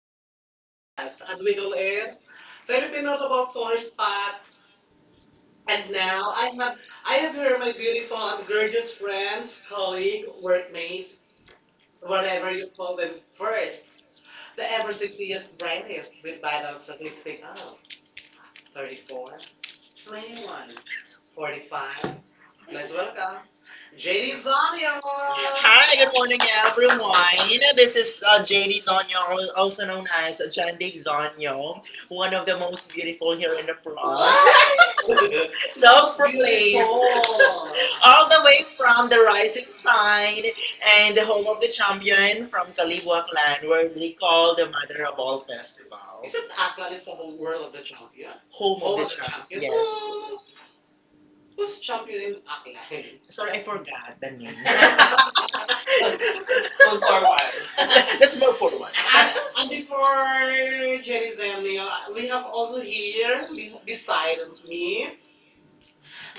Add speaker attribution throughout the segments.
Speaker 1: post
Speaker 2: Podcast.
Speaker 1: podcast. And
Speaker 2: Ang
Speaker 1: we go
Speaker 2: middle is
Speaker 1: air
Speaker 2: Filipino
Speaker 1: Filipino about tourist
Speaker 2: Podcast.
Speaker 1: spot. And
Speaker 2: And now, I,
Speaker 1: now I
Speaker 2: I
Speaker 1: have
Speaker 2: have your
Speaker 1: here my beautiful
Speaker 2: sponsor,
Speaker 1: and gorgeous friends,
Speaker 2: friends, colleague,
Speaker 1: colleague, workmates,
Speaker 2: mates,
Speaker 1: whatever
Speaker 2: whatever
Speaker 1: you
Speaker 2: you
Speaker 1: call them first.
Speaker 2: words. The
Speaker 1: The ever
Speaker 2: ever since
Speaker 1: sexiest brightest
Speaker 2: price with
Speaker 1: with vital
Speaker 2: balance
Speaker 1: statistic of
Speaker 2: 34,
Speaker 1: 34,
Speaker 2: 21,
Speaker 1: 21, 45.
Speaker 2: 45.
Speaker 1: Let's
Speaker 2: Let's work
Speaker 1: welcome JD
Speaker 2: JD's on
Speaker 1: Zonio.
Speaker 2: Hi, good morning, everyone. This is JD Zonyo, also known as Jandeep Zonyo, one of the most beautiful here in the blog.
Speaker 1: Paul
Speaker 2: Self-proclaimed, all the way from
Speaker 1: from the
Speaker 2: the rising
Speaker 1: rising
Speaker 2: sign
Speaker 1: sun.
Speaker 2: and the home of the champion
Speaker 1: From
Speaker 2: from Kaliwa
Speaker 1: Taliwang land
Speaker 2: clan, where
Speaker 1: where they
Speaker 2: we
Speaker 1: call
Speaker 2: call
Speaker 1: the
Speaker 2: the
Speaker 1: mother
Speaker 2: mother of
Speaker 1: of
Speaker 2: all
Speaker 1: all festivals.
Speaker 2: festivals.
Speaker 1: Isn't
Speaker 2: Isn't
Speaker 1: Aklan
Speaker 2: Aklan
Speaker 1: is the whole
Speaker 2: home
Speaker 1: world
Speaker 2: of
Speaker 1: of the
Speaker 2: the
Speaker 1: champion?
Speaker 2: champion?
Speaker 1: Home,
Speaker 2: Home of
Speaker 1: Home the
Speaker 2: the
Speaker 1: of the
Speaker 2: champion,
Speaker 1: champions? Champions.
Speaker 2: yes.
Speaker 1: Oh, who's
Speaker 2: Who's
Speaker 1: champion
Speaker 2: champion
Speaker 1: in
Speaker 2: in
Speaker 1: Aklan?
Speaker 2: Aklan? Sorry, I forgot
Speaker 1: God,
Speaker 2: the name. Let's go for
Speaker 1: forward.
Speaker 2: a Let's move forward.
Speaker 1: forward. and, and
Speaker 2: Before
Speaker 1: before Jerry
Speaker 2: them,
Speaker 1: Zenio,
Speaker 2: we
Speaker 1: we
Speaker 2: have
Speaker 1: have also
Speaker 2: also
Speaker 1: here
Speaker 2: here beside
Speaker 1: beside
Speaker 2: me
Speaker 1: me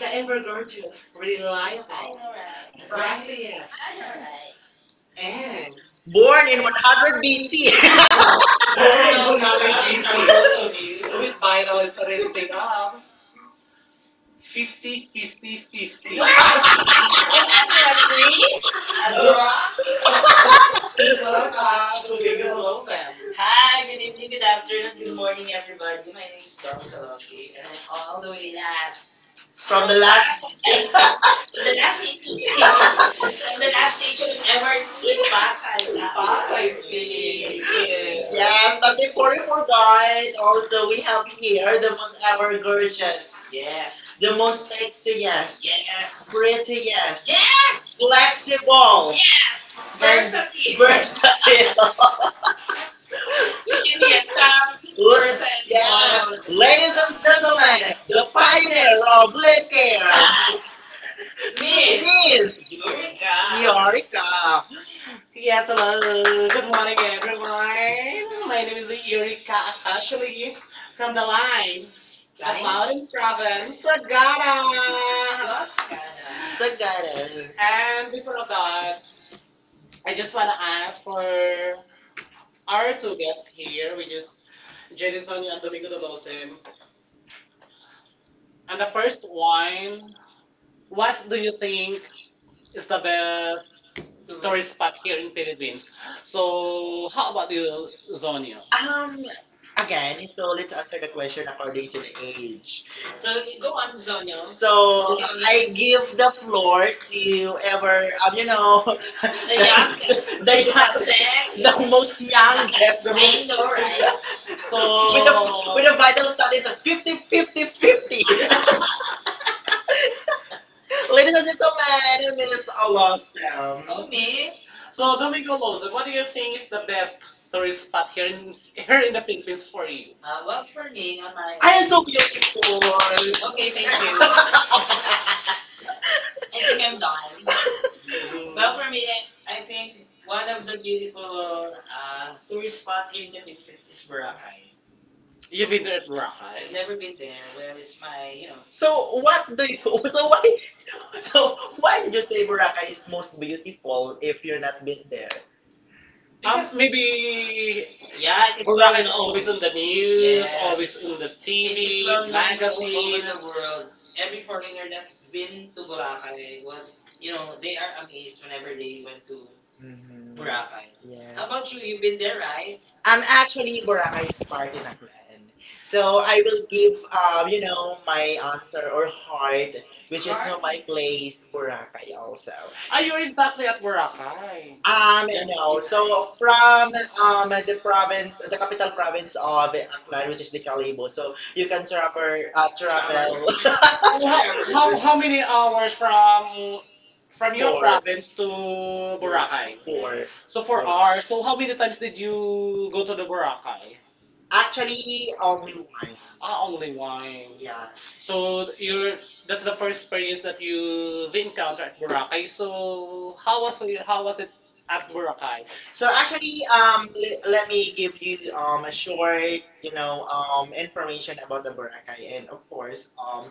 Speaker 2: the
Speaker 1: ever gorgeous,
Speaker 2: evergreen light
Speaker 1: reliable, Alright.
Speaker 2: brightest
Speaker 1: brightest, I'm alright.
Speaker 2: and
Speaker 1: and
Speaker 2: Born in 100 BC.
Speaker 1: Very viral good. with viral statistic of 50
Speaker 2: 50, 50,
Speaker 1: 50 50.
Speaker 2: 50.
Speaker 1: What? I agree. A
Speaker 2: Adora.
Speaker 1: draw? Please
Speaker 2: Hi,
Speaker 1: welcome Domingo Malone Sam.
Speaker 2: good
Speaker 1: Hi,
Speaker 2: good
Speaker 1: good evening, good
Speaker 2: afternoon,
Speaker 1: afternoon,
Speaker 2: good
Speaker 1: good
Speaker 2: morning,
Speaker 1: morning, everybody.
Speaker 2: everybody. My
Speaker 1: My
Speaker 2: name
Speaker 1: name
Speaker 2: is
Speaker 1: is
Speaker 2: Dom
Speaker 1: Dom
Speaker 2: Salossi,
Speaker 1: Salosi, and
Speaker 2: and
Speaker 1: I'm
Speaker 2: I'm all
Speaker 1: all
Speaker 2: the
Speaker 1: the
Speaker 2: way
Speaker 1: way last.
Speaker 2: last. From
Speaker 1: From
Speaker 2: the
Speaker 1: the
Speaker 2: the last.
Speaker 1: last.
Speaker 2: last, The
Speaker 1: From the last city.
Speaker 2: last, I
Speaker 1: From the
Speaker 2: the last
Speaker 1: last station
Speaker 2: station
Speaker 1: of
Speaker 2: ever
Speaker 1: MRT
Speaker 2: in
Speaker 1: in Pasay.
Speaker 2: Pasay.
Speaker 1: In
Speaker 2: Pasay
Speaker 1: Pasay
Speaker 2: City.
Speaker 1: City. Thank you.
Speaker 2: Yes,
Speaker 1: Yes,
Speaker 2: but before we forget, also we have here the most ever
Speaker 1: ever gorgeous.
Speaker 2: gorgeous, yes,
Speaker 1: Yes.
Speaker 2: the most sexiest, yes,
Speaker 1: Yes.
Speaker 2: prettiest, yes, yes,
Speaker 1: Yes!
Speaker 2: flexible, yes. And
Speaker 1: Yes!
Speaker 2: Versatile.
Speaker 1: Versatile, give
Speaker 2: Give me
Speaker 1: me
Speaker 2: a
Speaker 1: a time.
Speaker 2: common person.
Speaker 1: Versatile. Yes.
Speaker 2: Yes, ladies
Speaker 1: Ladies and
Speaker 2: and gentlemen,
Speaker 1: gentlemen,
Speaker 2: the
Speaker 1: the
Speaker 2: pioneer
Speaker 1: pioneer
Speaker 2: of
Speaker 1: of lip
Speaker 2: lip
Speaker 1: care,
Speaker 2: care,
Speaker 1: Miss
Speaker 2: Miss
Speaker 1: Miss
Speaker 2: Miss
Speaker 1: Eureka.
Speaker 2: Eureka.
Speaker 1: Yorika.
Speaker 2: Yes,
Speaker 1: Yes,
Speaker 2: hello.
Speaker 1: hello. Good morning, everyone.
Speaker 2: My
Speaker 1: My name
Speaker 2: name
Speaker 1: is
Speaker 2: is Eureka.
Speaker 1: Eureka
Speaker 2: I'm actually
Speaker 1: Ashley
Speaker 2: from
Speaker 1: from
Speaker 2: the
Speaker 1: the
Speaker 2: line.
Speaker 1: line of
Speaker 2: I'm out of
Speaker 1: Mountain Province,
Speaker 2: Dallas.
Speaker 1: Sagara.
Speaker 2: Sagara.
Speaker 1: And before that, I just want to ask for our two guests here, which is
Speaker 2: Jenny's on
Speaker 1: Jerison
Speaker 2: the
Speaker 1: Yandomigudolosim. And the first one, what
Speaker 2: What's
Speaker 1: do you think is the best tourist spot
Speaker 2: the
Speaker 1: here in Philippines?
Speaker 2: story?
Speaker 1: So, how about you, Zonio? Um,
Speaker 2: Um, Again, so let's answer the question according to the age.
Speaker 1: so go on, Zonyo.
Speaker 2: So
Speaker 1: So
Speaker 2: I give the floor to ever,
Speaker 1: the
Speaker 2: the
Speaker 1: young,
Speaker 2: youngest,
Speaker 1: the young, the
Speaker 2: the most
Speaker 1: young. That's
Speaker 2: youngest,
Speaker 1: the
Speaker 2: the
Speaker 1: I
Speaker 2: most,
Speaker 1: know, right? We don't,
Speaker 2: with the
Speaker 1: So,
Speaker 2: with the vital studies of 50, 50,
Speaker 1: we
Speaker 2: fifty.
Speaker 1: do
Speaker 2: Ladies and gentlemen, Miss Alasam.
Speaker 1: me. So Domingo Lozon, what do you think is the best tourist spot here in here in the Philippines
Speaker 2: For
Speaker 1: for
Speaker 2: me?
Speaker 1: you?
Speaker 2: Well,
Speaker 1: Well,
Speaker 2: for
Speaker 1: for
Speaker 2: me,
Speaker 1: me,
Speaker 2: I'm
Speaker 1: on
Speaker 2: like,
Speaker 1: my.
Speaker 2: I
Speaker 1: I
Speaker 2: am so beautiful. Okay,
Speaker 1: okay,
Speaker 2: thank
Speaker 1: thank you.
Speaker 2: you. I think I'm coming. Well,
Speaker 1: Well,
Speaker 2: for
Speaker 1: for
Speaker 2: me,
Speaker 1: me, I
Speaker 2: I think
Speaker 1: think one
Speaker 2: one of
Speaker 1: of
Speaker 2: the
Speaker 1: the beautiful
Speaker 2: beautiful tourist
Speaker 1: tourist
Speaker 2: spot
Speaker 1: spot
Speaker 2: here
Speaker 1: is,
Speaker 2: in the Philippines is
Speaker 1: is
Speaker 2: Boracay.
Speaker 1: Boracay.
Speaker 2: You've
Speaker 1: You've been
Speaker 2: been there?
Speaker 1: there at I've
Speaker 2: I've
Speaker 1: Boracay.
Speaker 2: never
Speaker 1: Never
Speaker 2: been
Speaker 1: been there.
Speaker 2: there. Where
Speaker 1: Well,
Speaker 2: is
Speaker 1: it's
Speaker 2: my,
Speaker 1: my,
Speaker 2: you know, so what
Speaker 1: what?
Speaker 2: do you? So why? So why
Speaker 1: Why
Speaker 2: did
Speaker 1: did
Speaker 2: you
Speaker 1: you
Speaker 2: say
Speaker 1: say
Speaker 2: Boracay
Speaker 1: Boracay?
Speaker 2: is most beautiful if you're not been there?
Speaker 1: Because,
Speaker 2: Because maybe
Speaker 1: maybe
Speaker 2: yeah,
Speaker 1: yeah, it is
Speaker 2: it's from smell
Speaker 1: Boracay
Speaker 2: it
Speaker 1: is well known.
Speaker 2: all the
Speaker 1: Always known. On the
Speaker 2: news.
Speaker 1: news, yes. Always yes,
Speaker 2: Yes,
Speaker 1: on the it is
Speaker 2: it
Speaker 1: TV,
Speaker 2: is
Speaker 1: well
Speaker 2: from
Speaker 1: known
Speaker 2: smelled
Speaker 1: all
Speaker 2: like the
Speaker 1: magazine. Over
Speaker 2: food in
Speaker 1: magazine.
Speaker 2: the
Speaker 1: The world.
Speaker 2: world.
Speaker 1: Every
Speaker 2: Every foreigner
Speaker 1: foreigner
Speaker 2: that's
Speaker 1: that's
Speaker 2: been
Speaker 1: been
Speaker 2: to
Speaker 1: to
Speaker 2: Boracay
Speaker 1: Boracay
Speaker 2: was,
Speaker 1: was,
Speaker 2: you
Speaker 1: you know,
Speaker 2: know, they
Speaker 1: they
Speaker 2: are
Speaker 1: are amazed
Speaker 2: amazed whenever
Speaker 1: whenever
Speaker 2: they
Speaker 1: they
Speaker 2: went
Speaker 1: went
Speaker 2: to.
Speaker 1: to.
Speaker 2: Mm-hmm. Boracay. How, yes, about you?
Speaker 1: You've
Speaker 2: You've been
Speaker 1: been
Speaker 2: there,
Speaker 1: there,
Speaker 2: right?
Speaker 1: right?
Speaker 2: I'm actually Boracay's is part in.
Speaker 1: So
Speaker 2: So
Speaker 1: I
Speaker 2: I will
Speaker 1: would
Speaker 2: give
Speaker 1: give
Speaker 2: my answer or heart, which is Heart? No my place, Boracay also.
Speaker 1: ay,
Speaker 2: Are
Speaker 1: you're
Speaker 2: you in
Speaker 1: exactly at Boracay.
Speaker 2: no. So
Speaker 1: From
Speaker 2: from the
Speaker 1: the
Speaker 2: province,
Speaker 1: province,
Speaker 2: the
Speaker 1: the
Speaker 2: capital
Speaker 1: capital
Speaker 2: province
Speaker 1: province
Speaker 2: of
Speaker 1: of
Speaker 2: Aklan,
Speaker 1: Aklan, which
Speaker 2: which is
Speaker 1: is
Speaker 2: the
Speaker 1: the Calibo.
Speaker 2: Calibo, so
Speaker 1: So
Speaker 2: you
Speaker 1: you can
Speaker 2: can
Speaker 1: travel
Speaker 2: travel,
Speaker 1: travel. How many hours from your
Speaker 2: four,
Speaker 1: Four. Province
Speaker 2: four,
Speaker 1: to Boracay?
Speaker 2: four.
Speaker 1: So
Speaker 2: For
Speaker 1: four
Speaker 2: hours.
Speaker 1: hours.
Speaker 2: So
Speaker 1: So
Speaker 2: how
Speaker 1: how
Speaker 2: many
Speaker 1: many times did
Speaker 2: to
Speaker 1: you
Speaker 2: go
Speaker 1: go to
Speaker 2: to
Speaker 1: the
Speaker 2: the Boracay?
Speaker 1: Boracay?
Speaker 2: Actually, only Ah, wines.
Speaker 1: Ah,
Speaker 2: Only.
Speaker 1: only wine. Yeah.
Speaker 2: Yeah. So
Speaker 1: So
Speaker 2: you're,
Speaker 1: you're
Speaker 2: that's
Speaker 1: that's the
Speaker 2: the
Speaker 1: first
Speaker 2: first
Speaker 1: experience
Speaker 2: place that
Speaker 1: that
Speaker 2: you
Speaker 1: you the encounter
Speaker 2: encounter in
Speaker 1: at
Speaker 2: Boracay.
Speaker 1: Boracay.
Speaker 2: So
Speaker 1: So how
Speaker 2: how
Speaker 1: was it, how was it at
Speaker 2: at work time.
Speaker 1: Boracay?
Speaker 2: So
Speaker 1: So
Speaker 2: actually, let me give you a short, you know, information about the Boracay, and of course,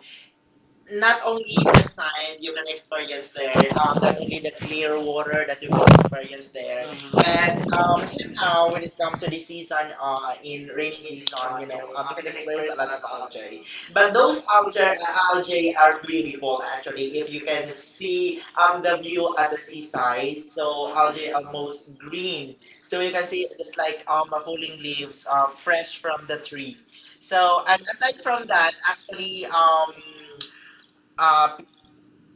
Speaker 2: not
Speaker 1: not
Speaker 2: only the sand
Speaker 1: only
Speaker 2: you
Speaker 1: you
Speaker 2: can
Speaker 1: can
Speaker 2: experience there, not only the clear water that you can experience there,
Speaker 1: expect
Speaker 2: and as you know,
Speaker 1: somehow
Speaker 2: when
Speaker 1: when
Speaker 2: it
Speaker 1: it
Speaker 2: comes
Speaker 1: comes to
Speaker 2: to
Speaker 1: the
Speaker 2: the
Speaker 1: season
Speaker 2: season, in
Speaker 1: in
Speaker 2: rainy
Speaker 1: rainy
Speaker 2: season,
Speaker 1: season,
Speaker 2: you know, you
Speaker 1: you
Speaker 2: can
Speaker 1: can
Speaker 2: experience
Speaker 1: experience
Speaker 2: a
Speaker 1: a
Speaker 2: lot
Speaker 1: lot
Speaker 2: of
Speaker 1: of
Speaker 2: algae.
Speaker 1: algae.
Speaker 2: But
Speaker 1: But
Speaker 2: those
Speaker 1: those
Speaker 2: algae,
Speaker 1: algae are
Speaker 2: algae are beautiful
Speaker 1: all
Speaker 2: actually.
Speaker 1: actually
Speaker 2: If you can see the view at the seaside,
Speaker 1: side,
Speaker 2: so
Speaker 1: so
Speaker 2: algae
Speaker 1: algae
Speaker 2: are
Speaker 1: are
Speaker 2: most
Speaker 1: most green.
Speaker 2: green, so
Speaker 1: So you
Speaker 2: you can
Speaker 1: can
Speaker 2: see
Speaker 1: see
Speaker 2: it just
Speaker 1: like
Speaker 2: like falling leaves, fresh from the tree. So and aside from that,
Speaker 1: actually
Speaker 2: actually uh,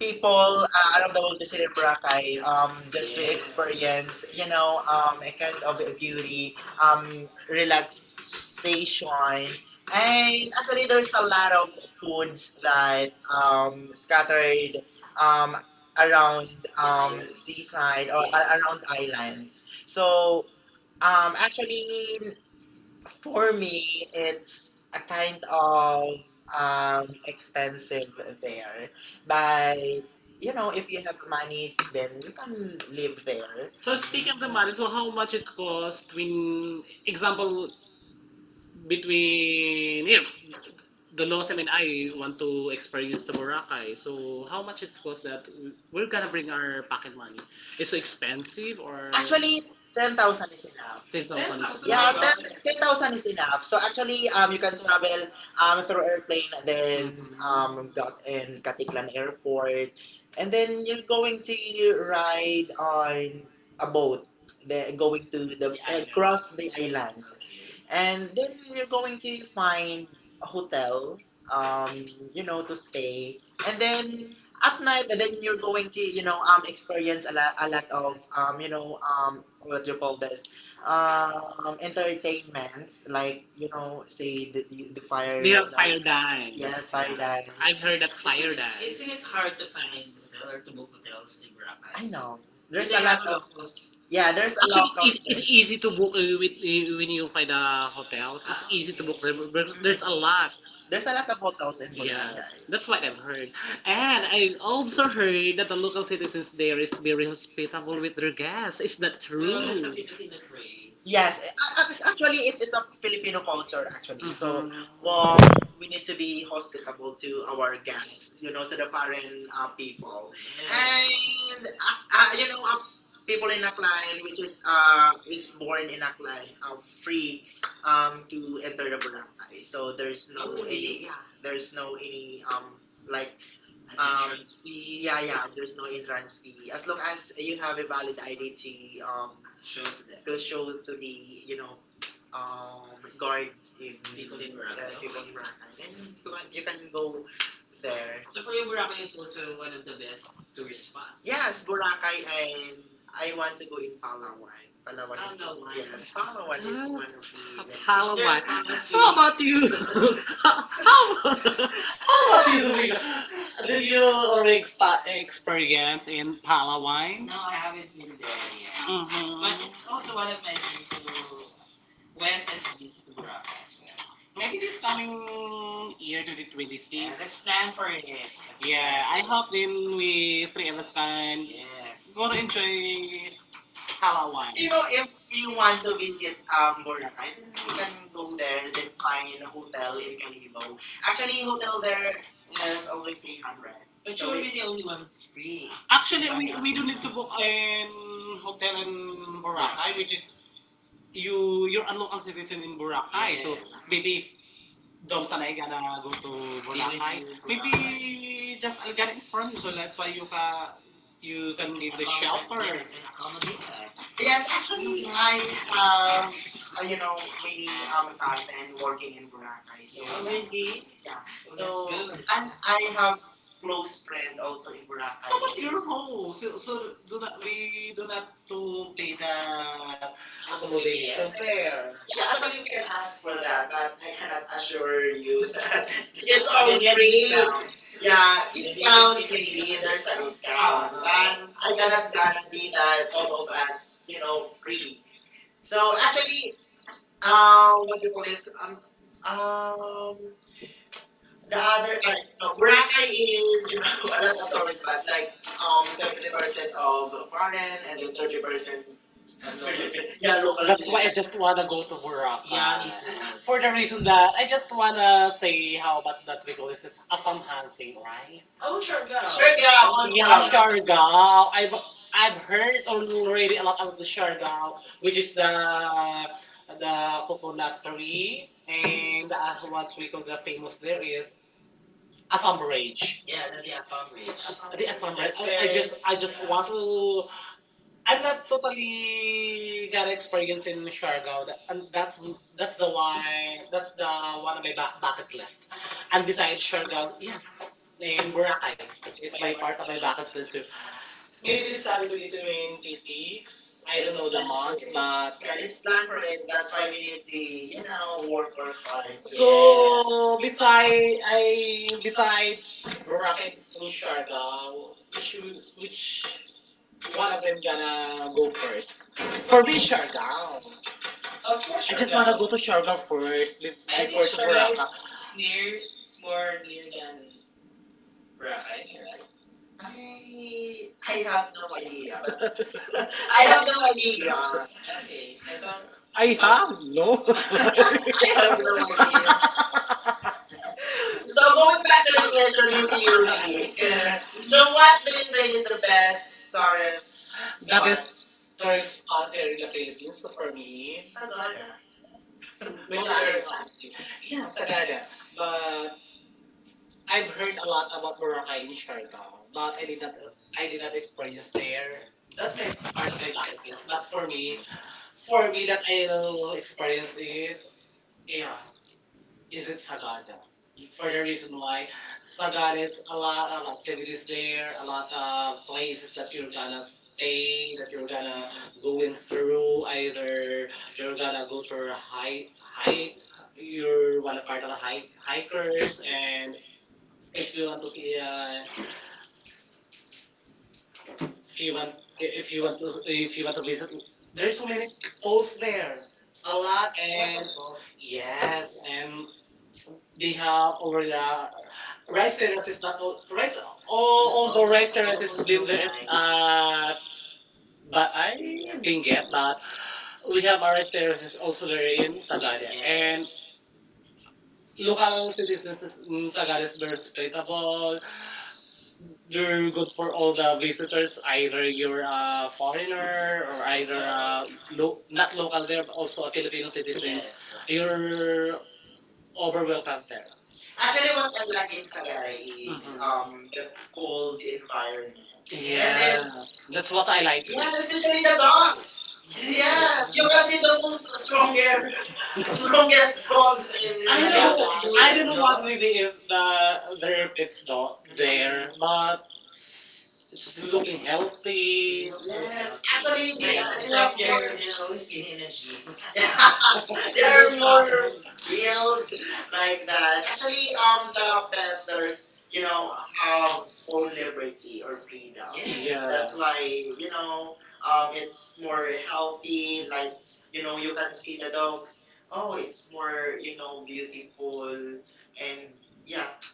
Speaker 1: people
Speaker 2: around the world visited
Speaker 1: I
Speaker 2: Boracay, just to Yes
Speaker 1: experience
Speaker 2: experience, you know, a
Speaker 1: kind
Speaker 2: kind
Speaker 1: of
Speaker 2: of
Speaker 1: the
Speaker 2: beauty,
Speaker 1: um
Speaker 2: relaxation.
Speaker 1: and
Speaker 2: And actually, there's a
Speaker 1: a
Speaker 2: lot
Speaker 1: lot
Speaker 2: of
Speaker 1: of
Speaker 2: foods that
Speaker 1: um,
Speaker 2: scattered um, around yes, seaside
Speaker 1: seaside
Speaker 2: or yes, around
Speaker 1: island.
Speaker 2: islands. So
Speaker 1: Um,
Speaker 2: actually, for me, it's a kind of expensive there. But,
Speaker 1: they-
Speaker 2: you
Speaker 1: you
Speaker 2: know,
Speaker 1: know,
Speaker 2: if you have
Speaker 1: money
Speaker 2: money,
Speaker 1: is
Speaker 2: then you can live there.
Speaker 1: so
Speaker 2: So
Speaker 1: speaking
Speaker 2: speaking
Speaker 1: of the
Speaker 2: to
Speaker 1: money,
Speaker 2: Mark, so
Speaker 1: so how much it
Speaker 2: laws,
Speaker 1: cost
Speaker 2: you
Speaker 1: when
Speaker 2: example
Speaker 1: example
Speaker 2: between
Speaker 1: between here the
Speaker 2: the
Speaker 1: Los
Speaker 2: laws
Speaker 1: I
Speaker 2: and
Speaker 1: mean I want to experience to Boracay. So how much it cost
Speaker 2: that
Speaker 1: that
Speaker 2: we're
Speaker 1: we're gonna
Speaker 2: gonna bring
Speaker 1: bring our pocket money? It's
Speaker 2: It's
Speaker 1: so
Speaker 2: so it's expensive
Speaker 1: expensive
Speaker 2: or
Speaker 1: or actually,
Speaker 2: Actually, 10,000
Speaker 1: that's
Speaker 2: is enough.
Speaker 1: enough. 10,000 is
Speaker 2: 10,000?
Speaker 1: yeah, enough?
Speaker 2: Yeah,
Speaker 1: That,
Speaker 2: 10,000
Speaker 1: that
Speaker 2: is
Speaker 1: is
Speaker 2: enough.
Speaker 1: enough.
Speaker 2: So actually, you can
Speaker 1: That's probably
Speaker 2: travel through airplane and then
Speaker 1: um,
Speaker 2: got in Katiklan Airport. And then you're going to ride on a
Speaker 1: we
Speaker 2: boat, the, going to the cross
Speaker 1: cross
Speaker 2: the island. And then you're going to find a hotel, um,
Speaker 1: and, you
Speaker 2: you know,
Speaker 1: know,
Speaker 2: to stay. And then
Speaker 1: up
Speaker 2: at night and then
Speaker 1: when
Speaker 2: you're
Speaker 1: you're
Speaker 2: going
Speaker 1: going to,
Speaker 2: to, you know, experience a lot of you know, what do you call this,
Speaker 1: um
Speaker 2: um entertainment like, you know, say
Speaker 1: say the,
Speaker 2: the fire
Speaker 1: they
Speaker 2: Yeah,
Speaker 1: have fire
Speaker 2: fine
Speaker 1: dance.
Speaker 2: yes
Speaker 1: Yes,
Speaker 2: fire
Speaker 1: fire yeah.
Speaker 2: dining.
Speaker 1: Dance. I've dance.
Speaker 2: I
Speaker 1: Heard
Speaker 2: heard
Speaker 1: that
Speaker 2: that.
Speaker 1: fire dance. Isn't
Speaker 2: Isn't
Speaker 1: it
Speaker 2: it hard
Speaker 1: hard to
Speaker 2: to find hotel or to
Speaker 1: do that?
Speaker 2: book hotels in I Boracay? Know
Speaker 1: There's
Speaker 2: there's they a
Speaker 1: a
Speaker 2: have
Speaker 1: lot
Speaker 2: lot have
Speaker 1: of
Speaker 2: of
Speaker 1: there's
Speaker 2: hotels?
Speaker 1: a
Speaker 2: Yeah, there's a
Speaker 1: actually,
Speaker 2: lot of We them.
Speaker 1: it's
Speaker 2: Need
Speaker 1: easy to book with when you find the hotels. It's ah,
Speaker 2: We
Speaker 1: easy
Speaker 2: need
Speaker 1: to
Speaker 2: to
Speaker 1: okay. Book. Them. There's a
Speaker 2: a lot.
Speaker 1: lot.
Speaker 2: There's a lot of hotels in Yeah,
Speaker 1: Yeah,
Speaker 2: Boracay.
Speaker 1: yes, right. That's
Speaker 2: That's what
Speaker 1: what I've heard.
Speaker 2: I
Speaker 1: And
Speaker 2: had.
Speaker 1: I also heard that the local citizens there is very hospitable with their guests. Is that well, true? That's a true? Filipino craze. Yeah,
Speaker 2: Yes, actually, it is a
Speaker 1: you know,
Speaker 2: Filipino culture, actually.
Speaker 1: mm-hmm. So
Speaker 2: So,
Speaker 1: mhm.
Speaker 2: um, we need to be
Speaker 1: Hospitable
Speaker 2: hospitable to
Speaker 1: to
Speaker 2: our
Speaker 1: our guests,
Speaker 2: guests,
Speaker 1: you
Speaker 2: you
Speaker 1: know,
Speaker 2: know, to
Speaker 1: to
Speaker 2: the
Speaker 1: the
Speaker 2: foreign
Speaker 1: foreign
Speaker 2: people.
Speaker 1: people. Yes.
Speaker 2: And,
Speaker 1: And, uh, uh,
Speaker 2: you
Speaker 1: you
Speaker 2: know,
Speaker 1: know,
Speaker 2: people
Speaker 1: people in
Speaker 2: in Aklan,
Speaker 1: Aklan, which is uh, which
Speaker 2: which
Speaker 1: is
Speaker 2: is
Speaker 1: born
Speaker 2: born
Speaker 1: in
Speaker 2: in Aklan,
Speaker 1: Aklan, are free
Speaker 2: free to
Speaker 1: to
Speaker 2: enter
Speaker 1: enter the
Speaker 2: the
Speaker 1: barangay.
Speaker 2: Boracay.
Speaker 1: So
Speaker 2: So
Speaker 1: there's
Speaker 2: there's
Speaker 1: no
Speaker 2: no
Speaker 1: oh, really?
Speaker 2: any,
Speaker 1: Any, yeah,
Speaker 2: there's
Speaker 1: there's
Speaker 2: no
Speaker 1: no
Speaker 2: any
Speaker 1: any,
Speaker 2: um, like
Speaker 1: like, an
Speaker 2: um,
Speaker 1: entrance fee.
Speaker 2: yeah,
Speaker 1: Yeah, yeah,
Speaker 2: there's
Speaker 1: there's no
Speaker 2: no
Speaker 1: entrance
Speaker 2: entrance fee.
Speaker 1: fee.
Speaker 2: As
Speaker 1: As
Speaker 2: long
Speaker 1: long as
Speaker 2: as you
Speaker 1: you
Speaker 2: have
Speaker 1: have
Speaker 2: a
Speaker 1: a
Speaker 2: valid
Speaker 1: valid ID
Speaker 2: IDT,
Speaker 1: to, show
Speaker 2: Shows
Speaker 1: to them.
Speaker 2: that
Speaker 1: To
Speaker 2: to
Speaker 1: show
Speaker 2: show
Speaker 1: to
Speaker 2: to
Speaker 1: the,
Speaker 2: the,
Speaker 1: you
Speaker 2: you know,
Speaker 1: know,
Speaker 2: um, guard
Speaker 1: guard in
Speaker 2: in Bibili
Speaker 1: Picolin
Speaker 2: for
Speaker 1: Rock. Picolin Bulacan. And
Speaker 2: And
Speaker 1: you can,
Speaker 2: you
Speaker 1: you
Speaker 2: can-
Speaker 1: can
Speaker 2: go
Speaker 1: go
Speaker 2: there.
Speaker 1: there.
Speaker 2: So
Speaker 1: So for you,
Speaker 2: Kuya Burakan
Speaker 1: Boracay is
Speaker 2: is also
Speaker 1: also one
Speaker 2: one of
Speaker 1: of the
Speaker 2: the best
Speaker 1: best
Speaker 2: tourist
Speaker 1: tourist spot.
Speaker 2: spots. Yes,
Speaker 1: Yes,
Speaker 2: Boracay and
Speaker 1: Boracay and
Speaker 2: I
Speaker 1: I want
Speaker 2: want to
Speaker 1: to go
Speaker 2: go
Speaker 1: in
Speaker 2: in
Speaker 1: Palawan.
Speaker 2: Palawan.
Speaker 1: Palawan
Speaker 2: Palawan
Speaker 1: is
Speaker 2: is, Palawan.
Speaker 1: Palawan. Yes,
Speaker 2: Yes, Palawan
Speaker 1: Palawan is wow.
Speaker 2: is
Speaker 1: One
Speaker 2: one
Speaker 1: of
Speaker 2: of the,
Speaker 1: the how
Speaker 2: Tapos there,
Speaker 1: about, are
Speaker 2: how
Speaker 1: how
Speaker 2: about
Speaker 1: about
Speaker 2: you?
Speaker 1: you? how, about, how
Speaker 2: How
Speaker 1: about
Speaker 2: about
Speaker 1: you,
Speaker 2: you?
Speaker 1: Domingo?
Speaker 2: Did
Speaker 1: Did
Speaker 2: you
Speaker 1: you already
Speaker 2: make experience
Speaker 1: experience
Speaker 2: in
Speaker 1: in
Speaker 2: Palawan.
Speaker 1: Palawan?
Speaker 2: No,
Speaker 1: No,
Speaker 2: I
Speaker 1: I
Speaker 2: haven't
Speaker 1: haven't been
Speaker 2: been there
Speaker 1: there yet.
Speaker 2: yet.
Speaker 1: Mhm.
Speaker 2: But
Speaker 1: But
Speaker 2: it's
Speaker 1: it's
Speaker 2: also
Speaker 1: also one
Speaker 2: one of
Speaker 1: of
Speaker 2: my
Speaker 1: my
Speaker 2: dreams
Speaker 1: dreams
Speaker 2: to
Speaker 1: to when
Speaker 2: went and
Speaker 1: is easy
Speaker 2: see
Speaker 1: to
Speaker 2: Dragons.
Speaker 1: Boracay?
Speaker 2: Maybe
Speaker 1: Maybe
Speaker 2: this
Speaker 1: this
Speaker 2: song
Speaker 1: coming
Speaker 2: year
Speaker 1: year,
Speaker 2: to give me
Speaker 1: 2026.
Speaker 2: see.
Speaker 1: Yeah, 2026.
Speaker 2: It's
Speaker 1: Let's
Speaker 2: not
Speaker 1: plan
Speaker 2: for
Speaker 1: for it.
Speaker 2: you.
Speaker 1: Let's yeah,
Speaker 2: Yeah.
Speaker 1: plan I for it. Hope then we
Speaker 2: Louise,
Speaker 1: three
Speaker 2: it
Speaker 1: of
Speaker 2: was
Speaker 1: us
Speaker 2: fun.
Speaker 1: can it.
Speaker 2: Yes.
Speaker 1: Yes. More
Speaker 2: We'll enjoy it.
Speaker 1: enjoy
Speaker 2: Oh, what?
Speaker 1: Palawan.
Speaker 2: You
Speaker 1: You
Speaker 2: know,
Speaker 1: know,
Speaker 2: if
Speaker 1: if
Speaker 2: you
Speaker 1: you
Speaker 2: want
Speaker 1: want
Speaker 2: to
Speaker 1: to
Speaker 2: visit
Speaker 1: visit
Speaker 2: Ambora, I
Speaker 1: Boracay, then
Speaker 2: you
Speaker 1: you
Speaker 2: can
Speaker 1: can
Speaker 2: go
Speaker 1: go
Speaker 2: there
Speaker 1: there,
Speaker 2: and then
Speaker 1: then
Speaker 2: find
Speaker 1: find
Speaker 2: a hotel
Speaker 1: hotel
Speaker 2: in
Speaker 1: in
Speaker 2: Calibo.
Speaker 1: Calibo.
Speaker 2: Actually,
Speaker 1: Actually,
Speaker 2: hotel
Speaker 1: hotel
Speaker 2: there
Speaker 1: there
Speaker 2: is
Speaker 1: is
Speaker 2: only
Speaker 1: only
Speaker 2: 300.
Speaker 1: 300.
Speaker 2: But
Speaker 1: But you
Speaker 2: So
Speaker 1: so
Speaker 2: you're it,
Speaker 1: will be
Speaker 2: really
Speaker 1: it,
Speaker 2: the
Speaker 1: the only
Speaker 2: only
Speaker 1: one who's
Speaker 2: ones free.
Speaker 1: free.
Speaker 2: Actually,
Speaker 1: Actually, but
Speaker 2: we
Speaker 1: we
Speaker 2: yes
Speaker 1: us,
Speaker 2: don't
Speaker 1: do
Speaker 2: need
Speaker 1: need to
Speaker 2: to book
Speaker 1: book
Speaker 2: a
Speaker 1: an
Speaker 2: hotel
Speaker 1: hotel
Speaker 2: in
Speaker 1: in Boracay,
Speaker 2: Morata. I
Speaker 1: Boracay. which
Speaker 2: mean,
Speaker 1: is
Speaker 2: you,
Speaker 1: you
Speaker 2: you,
Speaker 1: you're a local citizen in Boracay. Yes. So
Speaker 2: I,
Speaker 1: yes. Maybe
Speaker 2: maybe
Speaker 1: if Doms
Speaker 2: Dobson,
Speaker 1: and
Speaker 2: I
Speaker 1: I gonna go to Boracay. Maybe just I'll gonna inform you so that's why you can give the shelter. Yes, and accommodate us.
Speaker 2: Yes,
Speaker 1: Yes,
Speaker 2: actually,
Speaker 1: actually,
Speaker 2: I
Speaker 1: I
Speaker 2: have,
Speaker 1: um,
Speaker 2: you
Speaker 1: you
Speaker 2: know,
Speaker 1: know, many
Speaker 2: many cousin
Speaker 1: cousin
Speaker 2: working
Speaker 1: working
Speaker 2: in
Speaker 1: in
Speaker 2: Boracay.
Speaker 1: Boracay.
Speaker 2: So,
Speaker 1: So yeah. Oh,
Speaker 2: yeah.
Speaker 1: really?
Speaker 2: Yeah.
Speaker 1: Yeah, well, so that's
Speaker 2: So,
Speaker 1: so good.
Speaker 2: and
Speaker 1: And
Speaker 2: I
Speaker 1: I
Speaker 2: have
Speaker 1: have close
Speaker 2: close
Speaker 1: friend
Speaker 2: friend also
Speaker 1: also
Speaker 2: in
Speaker 1: in Boracay.
Speaker 2: Boracay.
Speaker 1: How Boracay. About
Speaker 2: Yeah,
Speaker 1: your home? So do that we do that to pay the accommodation yes. There. Yeah,
Speaker 2: actually,
Speaker 1: actually,
Speaker 2: we
Speaker 1: we
Speaker 2: can
Speaker 1: can
Speaker 2: ask
Speaker 1: ask
Speaker 2: for
Speaker 1: for
Speaker 2: that,
Speaker 1: that,
Speaker 2: but
Speaker 1: but I
Speaker 2: I
Speaker 1: cannot
Speaker 2: cannot assure
Speaker 1: assure
Speaker 2: you
Speaker 1: you
Speaker 2: that
Speaker 1: that
Speaker 2: it's
Speaker 1: it's
Speaker 2: all
Speaker 1: all maybe a free.
Speaker 2: free.
Speaker 1: Discount.
Speaker 2: Yeah,
Speaker 1: Yeah, maybe we discounts, can discounts,
Speaker 2: discounts,
Speaker 1: give me
Speaker 2: maybe
Speaker 1: maybe you
Speaker 2: there's
Speaker 1: there's
Speaker 2: a
Speaker 1: a discounts. Discount,
Speaker 2: discount,
Speaker 1: uh-huh.
Speaker 2: but
Speaker 1: But
Speaker 2: I
Speaker 1: uh-huh. I
Speaker 2: cannot
Speaker 1: cannot
Speaker 2: guarantee
Speaker 1: guarantee
Speaker 2: that
Speaker 1: that
Speaker 2: all
Speaker 1: all of
Speaker 2: of us,
Speaker 1: us,
Speaker 2: you
Speaker 1: you
Speaker 2: know,
Speaker 1: know,
Speaker 2: free.
Speaker 1: free. So
Speaker 2: So actually,
Speaker 1: actually,
Speaker 2: what do
Speaker 1: what do
Speaker 2: you
Speaker 1: you
Speaker 2: call
Speaker 1: call
Speaker 2: this?
Speaker 1: this?
Speaker 2: Um,
Speaker 1: Um,
Speaker 2: the other,
Speaker 1: other, I,
Speaker 2: no,
Speaker 1: no,
Speaker 2: Boracay
Speaker 1: Boracay is,
Speaker 2: is, you
Speaker 1: you know,
Speaker 2: know, a
Speaker 1: a
Speaker 2: lot
Speaker 1: lot
Speaker 2: of
Speaker 1: of
Speaker 2: tourist
Speaker 1: tourist
Speaker 2: spots,
Speaker 1: spots,
Speaker 2: like
Speaker 1: like
Speaker 2: 70%
Speaker 1: 70%
Speaker 2: of
Speaker 1: of foreign
Speaker 2: foreign and
Speaker 1: and
Speaker 2: then
Speaker 1: then
Speaker 2: 30%
Speaker 1: 30% of
Speaker 2: Philippines. Yeah,
Speaker 1: yeah,
Speaker 2: local.
Speaker 1: local. That's why I Philippines. Just wanna go to Boracay. Yeah, me too. For the reason that I just wanna say how about that we call this is Afamhansing, right? Oh,
Speaker 2: Surigao,
Speaker 1: sure, girl. Sure,
Speaker 2: yeah.
Speaker 1: yeah, yeah, Siargao. I've heard already a lot about the
Speaker 2: Surigao,
Speaker 1: Siargao, which
Speaker 2: which is
Speaker 1: is
Speaker 2: the
Speaker 1: the coconut
Speaker 2: three,
Speaker 1: tree,
Speaker 2: and
Speaker 1: and what we call the famous there is
Speaker 2: I'm from
Speaker 1: Afam
Speaker 2: Rich.
Speaker 1: Rage.
Speaker 2: Yeah,
Speaker 1: Yeah,
Speaker 2: I'm from
Speaker 1: the
Speaker 2: Rich. I'm
Speaker 1: Afam
Speaker 2: from
Speaker 1: Ridge. The
Speaker 2: Rich.
Speaker 1: Afam Rage. That's
Speaker 2: So
Speaker 1: I, I just
Speaker 2: I
Speaker 1: I just
Speaker 2: just
Speaker 1: yeah.
Speaker 2: want
Speaker 1: Want
Speaker 2: to.
Speaker 1: to.
Speaker 2: I'm
Speaker 1: I'm
Speaker 2: not
Speaker 1: not
Speaker 2: totally
Speaker 1: totally
Speaker 2: that
Speaker 1: got experience
Speaker 2: experienced in
Speaker 1: in
Speaker 2: Sharga.
Speaker 1: Siargao, and
Speaker 2: That's that's
Speaker 1: that's
Speaker 2: the
Speaker 1: the
Speaker 2: one.
Speaker 1: why
Speaker 2: That's
Speaker 1: that's
Speaker 2: the
Speaker 1: the
Speaker 2: one
Speaker 1: one of my
Speaker 2: with the
Speaker 1: bucket
Speaker 2: pockets.
Speaker 1: list.
Speaker 2: And
Speaker 1: And
Speaker 2: besides
Speaker 1: besides
Speaker 2: Sharga,
Speaker 1: Siargao, yeah, in
Speaker 2: then Rakai
Speaker 1: Boracay,
Speaker 2: is
Speaker 1: it's
Speaker 2: my
Speaker 1: my
Speaker 2: part
Speaker 1: part
Speaker 2: of
Speaker 1: of
Speaker 2: my
Speaker 1: my bucket
Speaker 2: husband
Speaker 1: list
Speaker 2: too.
Speaker 1: too.
Speaker 2: Maybe
Speaker 1: Maybe
Speaker 2: this
Speaker 1: discuss
Speaker 2: coming
Speaker 1: it within
Speaker 2: 2026,
Speaker 1: 26. I don't
Speaker 2: so
Speaker 1: know the
Speaker 2: much.
Speaker 1: months,
Speaker 2: But
Speaker 1: but
Speaker 2: yeah,
Speaker 1: yeah, let's
Speaker 2: let's plan
Speaker 1: plan
Speaker 2: for
Speaker 1: for
Speaker 2: it.
Speaker 1: it.
Speaker 2: That's
Speaker 1: That's
Speaker 2: why
Speaker 1: why
Speaker 2: we
Speaker 1: we
Speaker 2: need
Speaker 1: need
Speaker 2: to,
Speaker 1: to,
Speaker 2: you
Speaker 1: you
Speaker 2: know,
Speaker 1: know,
Speaker 2: work
Speaker 1: work
Speaker 2: hard.
Speaker 1: hard.
Speaker 2: So,
Speaker 1: So yes.
Speaker 2: beside,
Speaker 1: besides, I
Speaker 2: beside
Speaker 1: besides
Speaker 2: Boracay
Speaker 1: Boracay and
Speaker 2: and Siargao,
Speaker 1: Siargao, which which
Speaker 2: which one
Speaker 1: one
Speaker 2: of
Speaker 1: of
Speaker 2: them
Speaker 1: them gonna
Speaker 2: go
Speaker 1: go first?
Speaker 2: first? For
Speaker 1: For
Speaker 2: me,
Speaker 1: me,
Speaker 2: Siargao.
Speaker 1: Siargao.
Speaker 2: Of
Speaker 1: Of
Speaker 2: course,
Speaker 1: course, Siargao. I just
Speaker 2: Siargao will
Speaker 1: wanna go to
Speaker 2: go
Speaker 1: Siargao
Speaker 2: first.
Speaker 1: first
Speaker 2: I think
Speaker 1: before to
Speaker 2: Siargao
Speaker 1: Siargao Boracay. Is-
Speaker 2: is
Speaker 1: It's
Speaker 2: near,
Speaker 1: near.
Speaker 2: it's
Speaker 1: It's
Speaker 2: more
Speaker 1: more
Speaker 2: near
Speaker 1: near
Speaker 2: than
Speaker 1: than
Speaker 2: Boracay.
Speaker 1: Boracay,
Speaker 2: Right?
Speaker 1: right?
Speaker 2: I, I
Speaker 1: I
Speaker 2: have
Speaker 1: have
Speaker 2: no
Speaker 1: no
Speaker 2: idea.
Speaker 1: idea,
Speaker 2: But
Speaker 1: but
Speaker 2: I
Speaker 1: I
Speaker 2: have
Speaker 1: have
Speaker 2: no
Speaker 1: no
Speaker 2: idea.
Speaker 1: idea.
Speaker 2: Okay.
Speaker 1: Okay, I
Speaker 2: I
Speaker 1: thought
Speaker 2: thought,
Speaker 1: I
Speaker 2: I
Speaker 1: have no. I have no
Speaker 2: so
Speaker 1: idea. So
Speaker 2: going
Speaker 1: going
Speaker 2: back
Speaker 1: back
Speaker 2: to
Speaker 1: to
Speaker 2: the
Speaker 1: the
Speaker 2: question,
Speaker 1: question,
Speaker 2: Miss
Speaker 1: Miss Yuri.
Speaker 2: Yuri. so
Speaker 1: So
Speaker 2: what
Speaker 1: what
Speaker 2: do
Speaker 1: do you
Speaker 2: you think
Speaker 1: think
Speaker 2: is
Speaker 1: is
Speaker 2: the
Speaker 1: the
Speaker 2: best
Speaker 1: best
Speaker 2: tourist
Speaker 1: tourist? The
Speaker 2: The
Speaker 1: spot?
Speaker 2: spot? Best
Speaker 1: Best
Speaker 2: tourist
Speaker 1: tourist
Speaker 2: spot
Speaker 1: spot
Speaker 2: here in
Speaker 1: here in
Speaker 2: the
Speaker 1: the
Speaker 2: Philippines
Speaker 1: Philippines so
Speaker 2: for
Speaker 1: for
Speaker 2: me?
Speaker 1: me.
Speaker 2: Sagada.
Speaker 1: Sagada. No, which
Speaker 2: Which
Speaker 1: is
Speaker 2: is your...
Speaker 1: not your exactly.
Speaker 2: Yeah,
Speaker 1: Yeah,
Speaker 2: Sagada.
Speaker 1: Sagada.
Speaker 2: But
Speaker 1: But
Speaker 2: I've
Speaker 1: I've
Speaker 2: heard
Speaker 1: heard
Speaker 2: a
Speaker 1: a
Speaker 2: lot
Speaker 1: lot
Speaker 2: about
Speaker 1: about
Speaker 2: Boracay
Speaker 1: Boracay
Speaker 2: in
Speaker 1: in
Speaker 2: Sharga,
Speaker 1: Siargao,
Speaker 2: but
Speaker 1: but
Speaker 2: I
Speaker 1: I
Speaker 2: did
Speaker 1: did
Speaker 2: not
Speaker 1: not experience
Speaker 2: experience there.
Speaker 1: there.
Speaker 2: That's
Speaker 1: That's
Speaker 2: my
Speaker 1: my part of my
Speaker 2: opinion,
Speaker 1: bucket list.
Speaker 2: but
Speaker 1: But
Speaker 2: for
Speaker 1: for me
Speaker 2: me that
Speaker 1: that
Speaker 2: I will
Speaker 1: I'll experience
Speaker 2: experience is,
Speaker 1: is
Speaker 2: yeah,
Speaker 1: yeah, is
Speaker 2: isn't
Speaker 1: it
Speaker 2: forgotten
Speaker 1: Sagada?
Speaker 2: for
Speaker 1: For
Speaker 2: the
Speaker 1: the
Speaker 2: reason
Speaker 1: reason
Speaker 2: why
Speaker 1: why
Speaker 2: Sagan
Speaker 1: Sagada
Speaker 2: is
Speaker 1: is
Speaker 2: a
Speaker 1: a
Speaker 2: lot
Speaker 1: lot
Speaker 2: of
Speaker 1: of
Speaker 2: activities
Speaker 1: activities
Speaker 2: there, a
Speaker 1: there, a
Speaker 2: lot
Speaker 1: lot
Speaker 2: of
Speaker 1: of
Speaker 2: place
Speaker 1: places
Speaker 2: that
Speaker 1: that
Speaker 2: you're
Speaker 1: you're
Speaker 2: gonna
Speaker 1: gonna
Speaker 2: stay,
Speaker 1: stay,
Speaker 2: that
Speaker 1: that you're
Speaker 2: you're gonna
Speaker 1: gonna go in
Speaker 2: going through,
Speaker 1: through.
Speaker 2: either
Speaker 1: Either
Speaker 2: you're
Speaker 1: you're
Speaker 2: gonna
Speaker 1: gonna
Speaker 2: go
Speaker 1: go
Speaker 2: for
Speaker 1: through
Speaker 2: a
Speaker 1: a high high
Speaker 2: hike you're
Speaker 1: you're one
Speaker 2: gonna
Speaker 1: of
Speaker 2: part
Speaker 1: part
Speaker 2: of
Speaker 1: of the
Speaker 2: the hike,
Speaker 1: hike,
Speaker 2: hikers,
Speaker 1: hikers
Speaker 2: and
Speaker 1: and
Speaker 2: if
Speaker 1: if
Speaker 2: you
Speaker 1: you
Speaker 2: want
Speaker 1: want
Speaker 2: to
Speaker 1: to
Speaker 2: see
Speaker 1: see
Speaker 2: a
Speaker 1: if you want
Speaker 2: if
Speaker 1: if you want to visit there's so many falls there a lot and yes
Speaker 2: yes,
Speaker 1: and
Speaker 2: and
Speaker 1: they
Speaker 2: we have,
Speaker 1: have already rice terraces not all rice
Speaker 2: all
Speaker 1: all
Speaker 2: the
Speaker 1: the rice
Speaker 2: things
Speaker 1: terraces been
Speaker 2: with
Speaker 1: there
Speaker 2: but
Speaker 1: but
Speaker 2: I
Speaker 1: I
Speaker 2: think it,
Speaker 1: didn't get
Speaker 2: uh,
Speaker 1: but
Speaker 2: We
Speaker 1: we
Speaker 2: have
Speaker 1: have
Speaker 2: our
Speaker 1: our rice
Speaker 2: reserves
Speaker 1: terraces
Speaker 2: also
Speaker 1: also there
Speaker 2: in
Speaker 1: in Sagada
Speaker 2: Sagarin and
Speaker 1: and yes.
Speaker 2: local
Speaker 1: Local citizens in
Speaker 2: Sagarin
Speaker 1: Sagada is very
Speaker 2: available.
Speaker 1: hospitable
Speaker 2: They're
Speaker 1: they're good for
Speaker 2: called
Speaker 1: all the visitors.
Speaker 2: visitors,
Speaker 1: Either you're
Speaker 2: either
Speaker 1: a
Speaker 2: you're a foreigner or
Speaker 1: foreigner or
Speaker 2: it's
Speaker 1: either a
Speaker 2: a
Speaker 1: not
Speaker 2: local
Speaker 1: local there, but also a
Speaker 2: Filipino
Speaker 1: Filipino citizens.
Speaker 2: citizens.
Speaker 1: Yes.
Speaker 2: They're
Speaker 1: You're over welcome
Speaker 2: overwhelmed.
Speaker 1: there.
Speaker 2: Actually, what
Speaker 1: What
Speaker 2: I
Speaker 1: I
Speaker 2: like
Speaker 1: like
Speaker 2: in
Speaker 1: in
Speaker 2: Sagara
Speaker 1: Sagara
Speaker 2: is
Speaker 1: is mhm,
Speaker 2: the
Speaker 1: the
Speaker 2: cold
Speaker 1: cold
Speaker 2: environment.
Speaker 1: environment.
Speaker 2: Yeah. And
Speaker 1: Yeah,
Speaker 2: then-
Speaker 1: then, that's what I like too.
Speaker 2: Yes,
Speaker 1: Yes,
Speaker 2: especially
Speaker 1: especially
Speaker 2: the
Speaker 1: the
Speaker 2: dogs.
Speaker 1: dogs.
Speaker 2: Yes,
Speaker 1: Yes,
Speaker 2: you can see the
Speaker 1: the
Speaker 2: moves
Speaker 1: most
Speaker 2: stronger.
Speaker 1: stronger, strongest
Speaker 2: Strongest drugs
Speaker 1: dogs
Speaker 2: in
Speaker 1: in
Speaker 2: this
Speaker 1: I don't
Speaker 2: I
Speaker 1: know.
Speaker 2: love
Speaker 1: I
Speaker 2: with his
Speaker 1: don't know what really is
Speaker 2: uh,
Speaker 1: the their
Speaker 2: very big
Speaker 1: pets do
Speaker 2: dog. And
Speaker 1: there, but it's looking
Speaker 2: he
Speaker 1: healthy. Yes. Yeah,
Speaker 2: actually the
Speaker 1: they
Speaker 2: original
Speaker 1: are like
Speaker 2: bond
Speaker 1: more, they're,
Speaker 2: is
Speaker 1: always being in there
Speaker 2: really- there
Speaker 1: there are
Speaker 2: were
Speaker 1: more
Speaker 2: guild
Speaker 1: bills
Speaker 2: like
Speaker 1: like
Speaker 2: that.
Speaker 1: that. Actually,
Speaker 2: Actually, the
Speaker 1: the
Speaker 2: pastors,
Speaker 1: pepsters,
Speaker 2: you
Speaker 1: you
Speaker 2: know,
Speaker 1: know,
Speaker 2: have
Speaker 1: have
Speaker 2: full
Speaker 1: own
Speaker 2: liberty
Speaker 1: liberty
Speaker 2: or
Speaker 1: or freedom.
Speaker 2: freedom.
Speaker 1: Yeah.
Speaker 2: That's
Speaker 1: That's
Speaker 2: why
Speaker 1: why you know, it's
Speaker 2: it's more
Speaker 1: more healthy.
Speaker 2: healthy. Like
Speaker 1: Like
Speaker 2: you
Speaker 1: you
Speaker 2: know,
Speaker 1: know,
Speaker 2: you
Speaker 1: you
Speaker 2: can
Speaker 1: can
Speaker 2: see
Speaker 1: see
Speaker 2: the
Speaker 1: the dogs.
Speaker 2: dogs. Oh,
Speaker 1: Oh,
Speaker 2: it's
Speaker 1: it's
Speaker 2: more
Speaker 1: more you know
Speaker 2: beautiful.
Speaker 1: beautiful.
Speaker 2: And
Speaker 1: Yeah,
Speaker 2: yeah,
Speaker 1: so